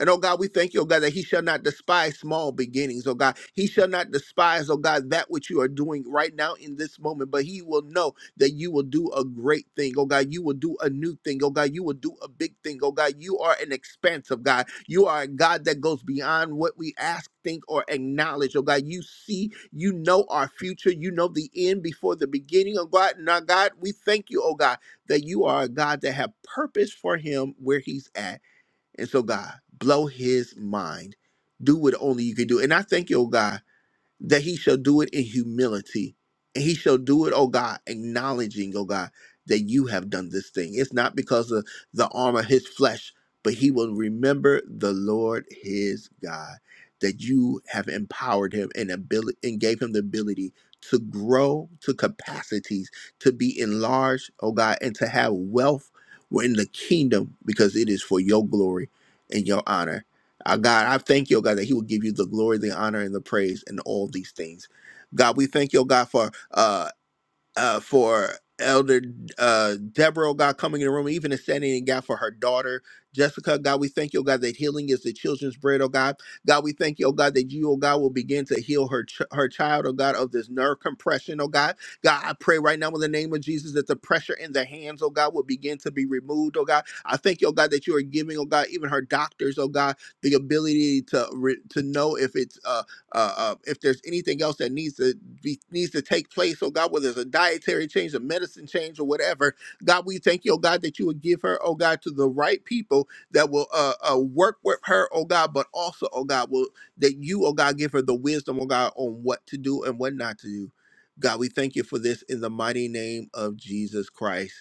S1: And oh God, we thank you, oh God, that he shall not despise small beginnings, oh God. He shall not despise, oh God, that which you are doing right now in this moment, but he will know that you will do a great thing. Oh God, you will do a new thing. Oh God, you will do a big thing. Oh God, you are an expansive God. You are a God that goes beyond what we ask, think, or acknowledge. Oh God, you see, you know our future. You know the end before the beginning. Oh God, now God, we thank you, oh God, that you are a God that have purpose for him where he's at. And so God, blow his mind. Do what only you can do. And I thank you, oh God that he shall do it in humility. And he shall do it, oh God, acknowledging, oh God, that you have done this thing. It's not because of the arm of his flesh, but he will remember the Lord his God, that you have empowered him and ability and gave him the ability to grow to capacities, to be enlarged, oh God, and to have wealth in the kingdom because it is for your glory and your honor. Uh, God, I thank you, oh God, that He will give you the glory, the honor, and the praise in all these things. God, we thank you, oh God, for uh, uh, for Elder uh, Deborah, oh God, coming in the room, even and standing in the gap for her daughter, Jessica. God, we thank you, oh God, that healing is the children's bread, oh God. God, we thank you, oh God, that you, oh God, will begin to heal her ch- her child, oh God, of this nerve compression, oh God. God, I pray right now in the name of Jesus that the pressure in the hands, oh God, will begin to be removed, oh God. I thank you, oh God, that you are giving, oh God, even her doctors, oh God, the ability to re- to know if it's uh uh, uh, if there's anything else that needs to be needs to take place, oh God, whether it's a dietary change, a medicine change, or whatever, God, we thank you, oh God, that you would give her, oh God, to the right people that will uh, uh, work with her, oh God, but also, oh God, will that you, oh God, give her the wisdom, oh God, on what to do and what not to do. God, we thank you for this in the mighty name of Jesus Christ.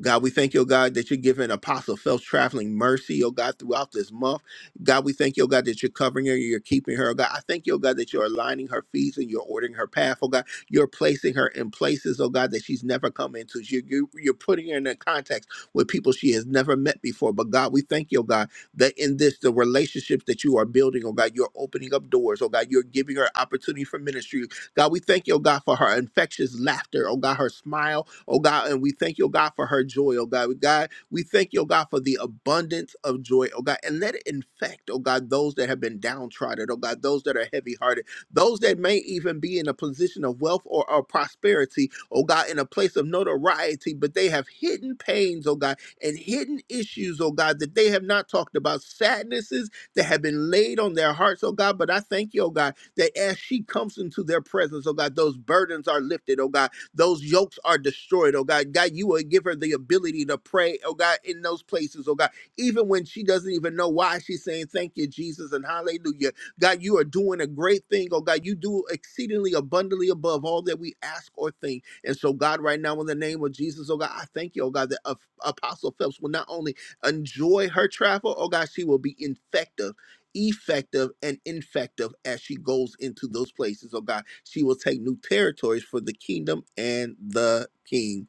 S1: God, we thank you, oh God, that you're giving Apostle Phelps traveling mercy, oh God, throughout this month. God, we thank you, oh God, that you're covering her, you're keeping her, oh God. I thank you, oh God, that you're aligning her feet and you're ordering her path, oh God. You're placing her in places, oh God, that she's never come into. You, you, you're putting her in a context with people she has never met before. But God, we thank you, oh God, that in this, the relationships that you are building, oh God, you're opening up doors, oh God, you're giving her opportunity for ministry. God, we thank you, oh God, for her infectious laughter, oh God, her smile oh God. And we thank you, oh God, for her joy, oh God. God, we thank you, oh God, for the abundance of joy, oh God. And let it infect, oh God, those that have been downtrodden, oh God, those that are heavy hearted, those that may even be in a position of wealth or, or prosperity, oh God, in a place of notoriety, but they have hidden pains, oh God, and hidden issues, oh God, that they have not talked about, sadnesses that have been laid on their hearts, oh God. But I thank you, oh God, that as she comes into their presence, oh God, those burdens are lifted, oh God those yokes are destroyed, oh God. God, you will give her the ability to pray, oh God, in those places, oh God. Even when she doesn't even know why she's saying thank you, Jesus, and hallelujah. God, you are doing a great thing, oh God. You do exceedingly abundantly above all that we ask or think. And so, God, right now, in the name of Jesus, oh God, I thank you, oh God, that Ap- Apostle Phelps will not only enjoy her travel, oh God, she will be infective effective and infective as she goes into those places. Oh God, she will take new territories for the kingdom and the king.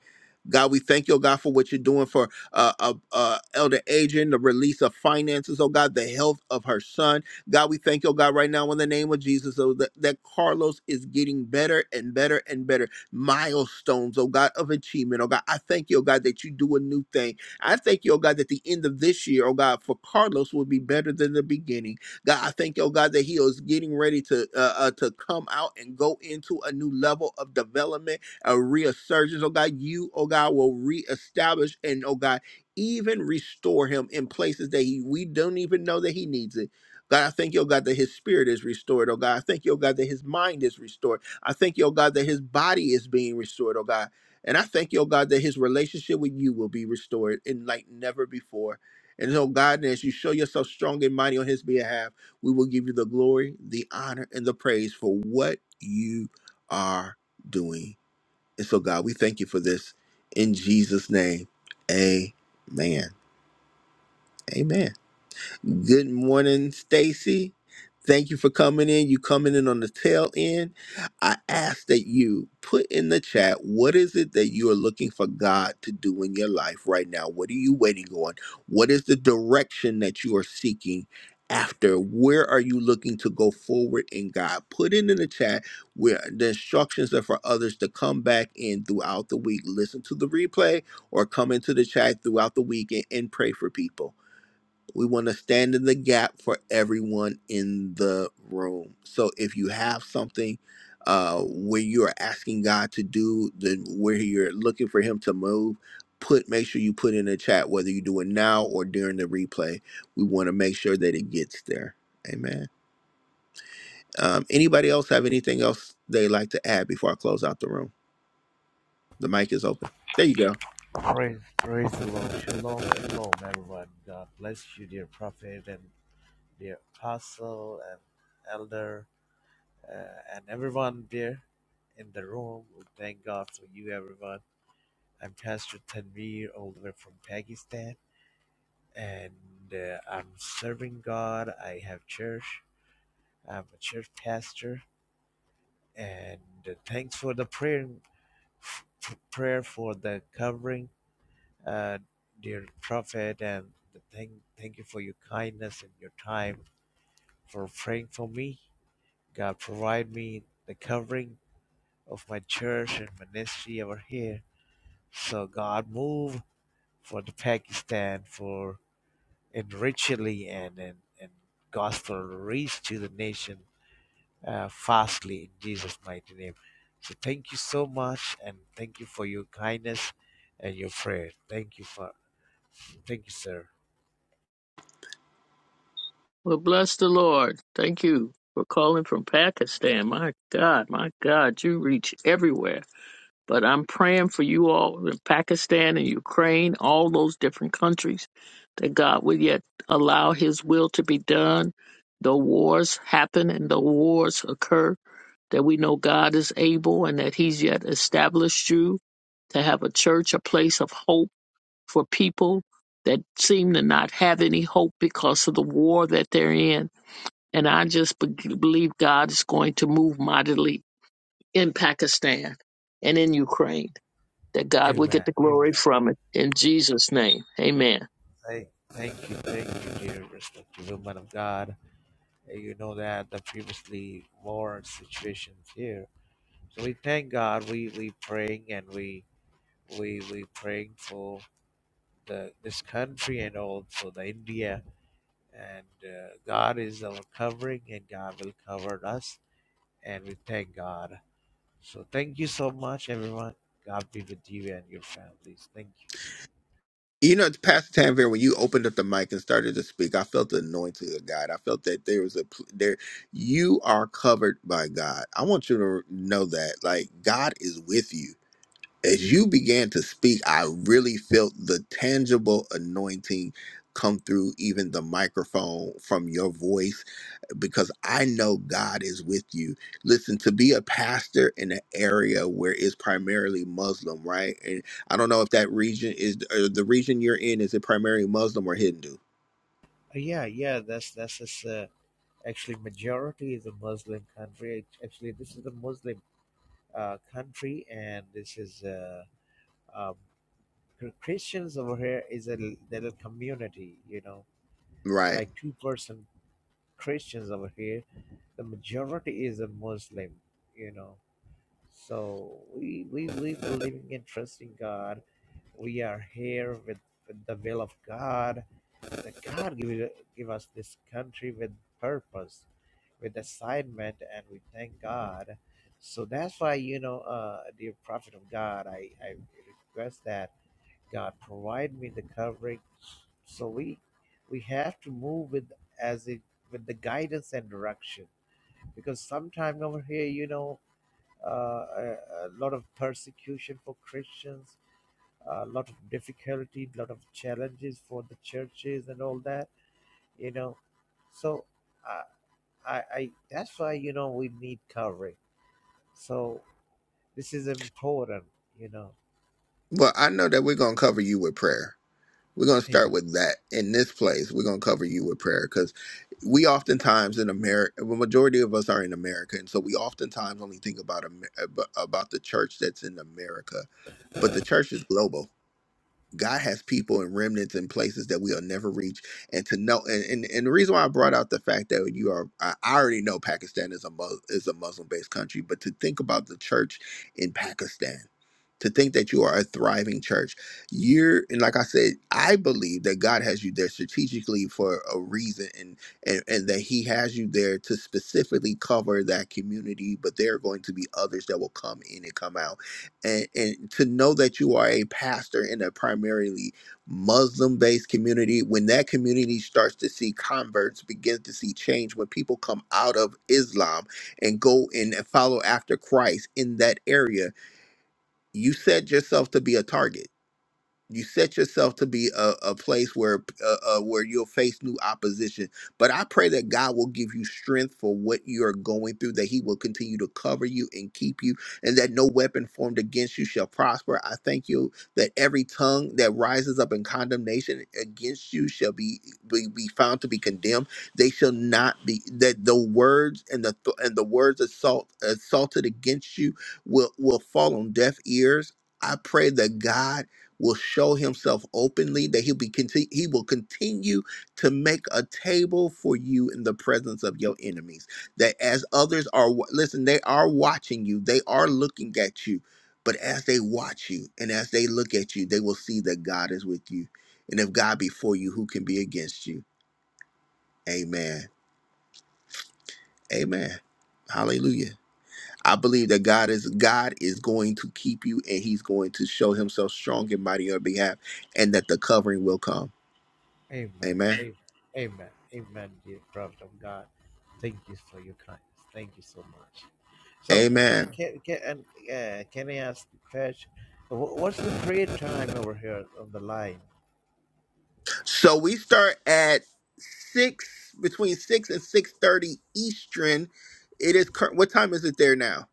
S1: God, we thank you, oh God, for what you're doing for uh, uh, uh, Elder Adrian, the release of finances, oh God, the health of her son. God, we thank you, oh God, right now in the name of Jesus, oh, that, that Carlos is getting better and better and better. Milestones, oh God, of achievement, oh God. I thank you, oh God, that you do a new thing. I thank you, oh God, that the end of this year, oh God, for Carlos will be better than the beginning. God, I thank you, oh God, that he is getting ready to uh, uh, to come out and go into a new level of development, a resurgence. Oh God, you, oh God, will reestablish and oh God, even restore him in places that he we don't even know that he needs it. God, I thank you, oh God, that his spirit is restored. Oh God, I thank you, oh God, that his mind is restored. I thank you, oh God, that his body is being restored, oh God. And I thank you, oh God, that his relationship with you will be restored and like never before. And so, God, as you show yourself strong and mighty on his behalf, we will give you the glory, the honor, and the praise for what you are doing. And so, God, we thank you for this in Jesus' name. Amen. Amen. Good morning, Stacy. Thank you for coming in. You coming in on the tail end. I ask that you put in the chat what is it that you are looking for God to do in your life right now? What are you waiting on? What is the direction that you are seeking after? Where are you looking to go forward in God? Put it in the chat where the instructions are for others to come back in throughout the week, listen to the replay, or come into the chat throughout the week and, and pray for people we want to stand in the gap for everyone in the room. So if you have something uh, where you are asking God to do, then where you're looking for Him to move, put make sure you put in the chat whether you do it now or during the replay. We want to make sure that it gets there. Amen. Um, anybody else have anything else they like to add before I close out the room? The mic is open. There you go.
S8: Praise, praise the Lord. Shalom, shalom, everyone. God bless you, dear prophet and dear apostle and elder uh, and everyone there in the room. We thank God for you, everyone. I'm Pastor Tanvir, all the way from Pakistan, and uh, I'm serving God. I have church. I'm a church pastor, and uh, thanks for the prayer, f- prayer for the covering uh, dear Prophet, and thank thank you for your kindness and your time for praying for me. God provide me the covering of my church and ministry over here. So God move for the Pakistan for and richly and and, and gospel reach to the nation uh, fastly in Jesus' mighty name. So thank you so much and thank you for your kindness and your prayer. Thank you for thank you, sir.
S7: Well, bless the Lord. Thank you for calling from Pakistan. My God, my God, you reach everywhere. But I'm praying for you all in Pakistan and Ukraine, all those different countries, that God would yet allow His will to be done. The wars happen and the wars occur, that we know God is able and that He's yet established you to have a church, a place of hope for people that seem to not have any hope because of the war that they're in. And I just be- believe God is going to move mightily in Pakistan and in Ukraine that God would get
S8: Amen.
S7: the glory
S8: Amen.
S7: from it. In Jesus' name, amen.
S8: Thank, thank you, thank you, dear respected woman of God. And you know that the previously war situations here. So we thank God. We we praying and we we we praying for the this country and also the India. And uh, God is our covering, and God will cover us. And we thank God. So thank you so much, everyone. God be with you and your families. Thank you.
S1: You know, Pastor Tanvir, when you opened up the mic and started to speak, I felt the anointing of God. I felt that there was a pl- there. You are covered by God. I want you to know that, like God is with you. as you began to speak, I really felt the tangible anointing come through even the microphone from your voice because I know God is with you. Listen, to be a pastor in an area where it's primarily Muslim, right? And I don't know if that region is or the region you're in, is it primarily Muslim or Hindu,
S8: Uh, yeah, yeah. That's that's us. actually majority is a Muslim country. Actually, this is a Muslim uh, country, and this is uh, um, Christians over here is a little community. You know,
S1: right?
S8: like two percent Christians over here. The majority is a Muslim. You know, so we we we believe in trusting God. We are here with, with the will of God That God give, it- give us this country with purpose, with assignment, and we thank God. So that's why, you know, uh, dear prophet of God, I, I request that God provide me the covering. So we we have to move with as it with the guidance and direction because sometime over here, you know, uh, a, a lot of persecution for Christians, a lot of difficulty, a lot of challenges for the churches and all that you know so I, I i that's why you know we need covering so this is important you know
S1: Well, I know that we're going to cover you with prayer We're going to start
S8: amen
S1: with that in this place. We're going to cover you with prayer because we oftentimes in America, the majority of us are in America, and so we oftentimes only think about Amer- ab- about the church that's in America, but the church is global God has people and remnants in places that we'll never reach. And to know, and, and, and the reason why I brought out the fact that you are, I I already know Pakistan is a, Mus- is a Muslim based country, but to think about the church in Pakistan, to think that you are a thriving church, you're, and like I said, I believe that God has you there strategically for a reason and, and, and that He has you there to specifically cover that community, but there are going to be others that will come in and come out and, and to know that you are a pastor in a primarily Muslim based community, when that community starts to see converts, begin to see change, when people come out of Islam and go and follow after Christ in that area, you set yourself to be a target you set yourself to be a, a place where uh, uh, where you'll face new opposition but i pray that god will give you strength for what you're going through that he will continue to cover you and keep you and that no weapon formed against you shall prosper i thank you that every tongue that rises up in condemnation against you shall be be, be found to be condemned they shall not be that the words and the th- and the words assault assaulted against you will will fall on deaf ears I pray that God will show himself openly that he'll be conti- he will continue to make a table for you in the presence of your enemies that as others are wa- listen they are watching you they are looking at you but as they watch you and as they look at you they will see that God is with you and if God be for you who can be against you amen amen hallelujah I believe that God is God is going to keep you and he's going to show himself strong and mighty on your behalf and that the covering will come
S8: amen
S1: Amen.
S8: amen amen amen dear prophet of god thank you for your kindness thank you so much so uh, ca-
S1: Amen.
S8: can can and, uh, can i ask Fesh, wh- what's the prayer time over here on the line
S1: So we start at six between six and six thirty Eastern. It is current. What time is it there now?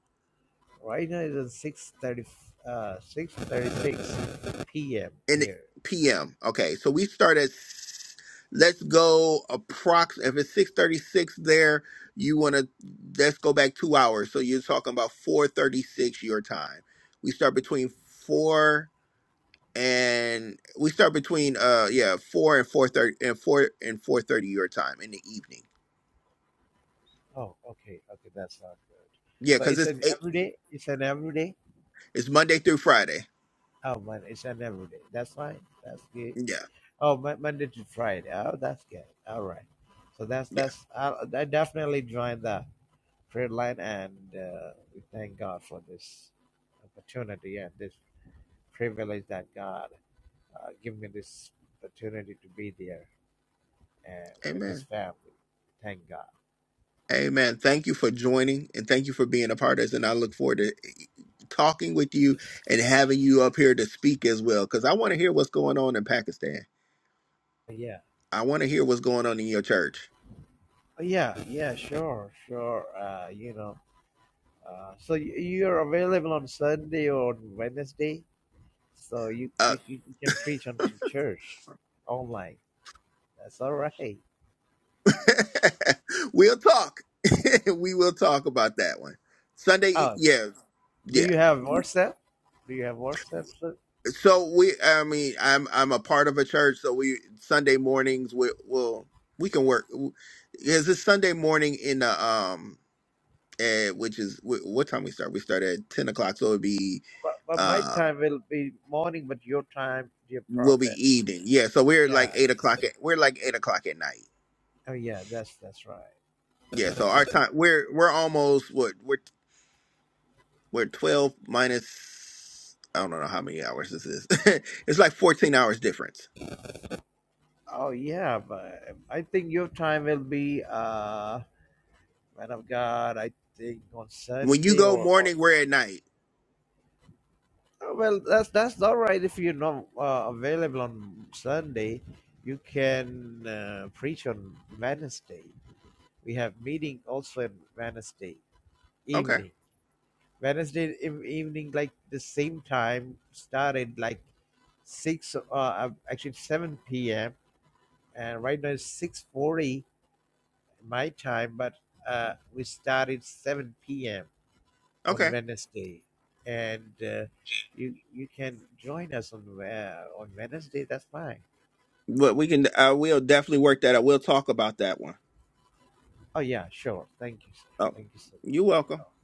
S8: right now it's 6 30 uh 6 p.m
S1: In the
S8: here
S1: PM. Okay, so we start at let's go approx. If it's six thirty six there, you want to let's go back two hours. So you're talking about four thirty six your time. We start between four and we start between uh yeah four and four thirty and four and four thirty your time in the evening.
S8: Oh, okay, okay, that's not good.
S1: Yeah,
S8: So
S1: because
S8: it's
S1: it's
S8: an
S1: eight.
S8: everyday. It's an everyday.
S1: It's Monday through Friday.
S8: Oh man, it's an everyday. That's fine. That's good.
S1: Yeah.
S8: Oh, Mon- Monday to Friday. Oh, that's good. All right. So that's
S1: Yeah.
S8: that's. I, I definitely join the prayer line, and uh, we thank God for this opportunity and this privilege that God uh, give me this opportunity to be there and with this
S1: Amen.
S8: family. Thank God.
S1: Amen. Thank you for joining and thank you for being a part of this. And I look forward to eh, talking with you and having you up here to speak as well. Because I want to hear what's going on in Pakistan.
S8: Yeah.
S1: I want to hear what's going on in your church.
S8: Oh, Yeah. Yeah. Sure. Sure. Uh, you know. Uh, so y- you're available on Sunday or on Wednesday, so you,
S1: Uh,
S8: you c- you can preach on the church online. That's all right.
S1: we'll talk. we will talk about that one. Sunday,
S8: Oh,
S1: yeah,
S8: do
S1: yeah.
S8: you have WhatsApp? Do you have WhatsApp? sir?
S1: so we i mean i'm i'm a part of a church so we sunday mornings we will we can work is this sunday morning in the um eh, which is wh- what time we start we start at 10 o'clock so it'd be
S8: But, but my
S1: uh
S8: time will be morning, but your time, dear
S1: will be
S8: prophet.
S1: evening yeah so we're
S8: Yeah.
S1: like eight o'clock at, we're like eight o'clock at night
S8: Oh yeah, that's that's right.
S1: yeah so our time we're we're almost what we're we're 12 minus i don't know how many hours this is it's like 14 hours difference
S8: Oh yeah, but I think your time will be uh man of God. I think on
S1: when you
S8: Sunday
S1: go
S8: or on
S1: morning we're at night
S8: Oh, Well, that's that's all right if you're not uh, available on Sunday. You can uh, preach on Wednesday. We have meeting also on Wednesday
S1: okay
S8: evening. Wednesday ev- evening, like the same time, started like six, uh, uh, actually seven p.m. And right now it's six forty my time, but uh, we started seven p.m.
S1: okay
S8: on Wednesday, and uh, you you can join us on uh, on Wednesday. That's fine.
S1: But we can. I will definitely work that out. We'll talk about that one.
S8: Oh yeah, sure. Thank you, sir.
S1: Oh,
S8: Thank you so
S1: you're
S8: much.
S1: welcome.
S8: Oh,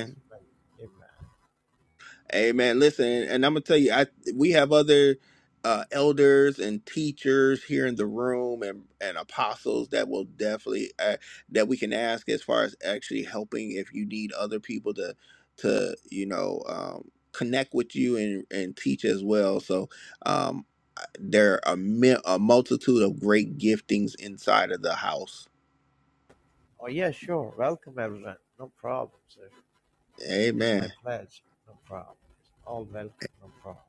S8: it's my amen.
S1: Amen. Listen, and I'm gonna tell you, I we have other uh, elders and teachers here in the room, and and apostles that will definitely uh, that we can ask as far as actually helping if you need other people to to you know um, connect with you and and teach as well. So um, there are mi- a multitude of great giftings inside of the house
S8: Oh yeah, sure. Welcome everyone. No problem, sir. It's my
S1: Amen.
S8: pleasure. No problem. All welcome. No problem.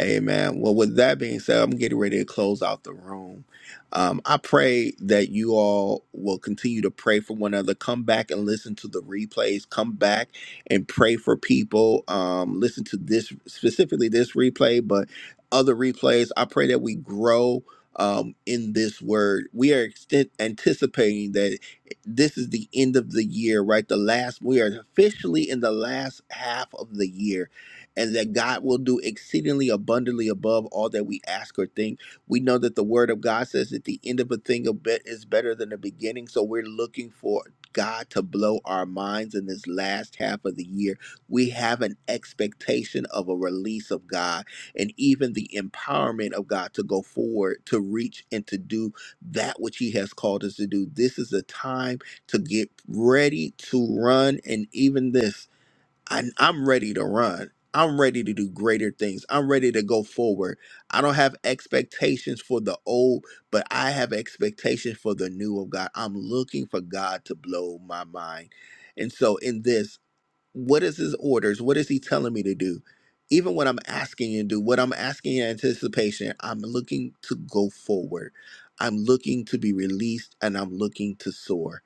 S1: Amen. Well, with that being said, I'm getting ready to close out the room. Um, I pray that you all will continue to pray for one another. Come back and listen to the replays. Come back and pray for people. Um, listen to this specifically this replay, but other replays. I pray that we grow um, in this word. We are extent- anticipating that this is the end of the year, right? The last we are officially in the last half of the year and that God will do exceedingly abundantly above all that we ask or think. We know that the word of God says that the end of a thing a bit is better than the beginning. So we're looking for God to blow our minds in this last half of the year. We have an expectation of a release of God and even the empowerment of God to go forward, to reach and to do that which He has called us to do. This is a time to get ready to run. And even this, and I'm ready to run. I'm ready to do greater things. I'm ready to go forward. I don't have expectations for the old, but I have expectations for the new of God. I'm looking for God to blow my mind. And so in this, what is his orders? What is he telling me to do? Even what I'm asking you to do, what I'm asking in anticipation, I'm looking to go forward. I'm looking to be released and I'm looking to soar.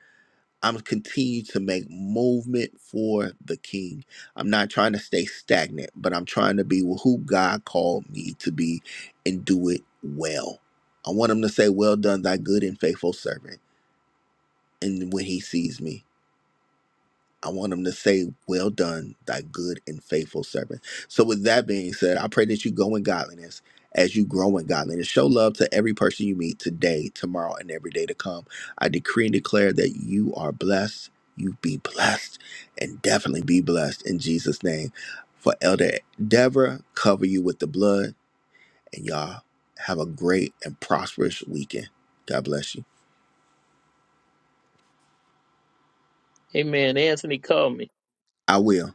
S1: I'm gonna continue to make movement for the king. I'm not trying to stay stagnant, but I'm trying to be who God called me to be and do it well. I want him to say, Well done, thy good and faithful servant. And when he sees me. I want him to say, Well done, thy good and faithful servant. So, with that being said, I pray that you go in godliness as you grow in godliness. Show love to every person you meet today, tomorrow, and every day to come. I decree and declare that you are blessed. You be blessed and definitely be blessed in Jesus' name. For Elder Deborah, cover you with the blood. And y'all have a great and prosperous weekend. God bless you.
S7: Amen. Anthony, call me.
S1: I will.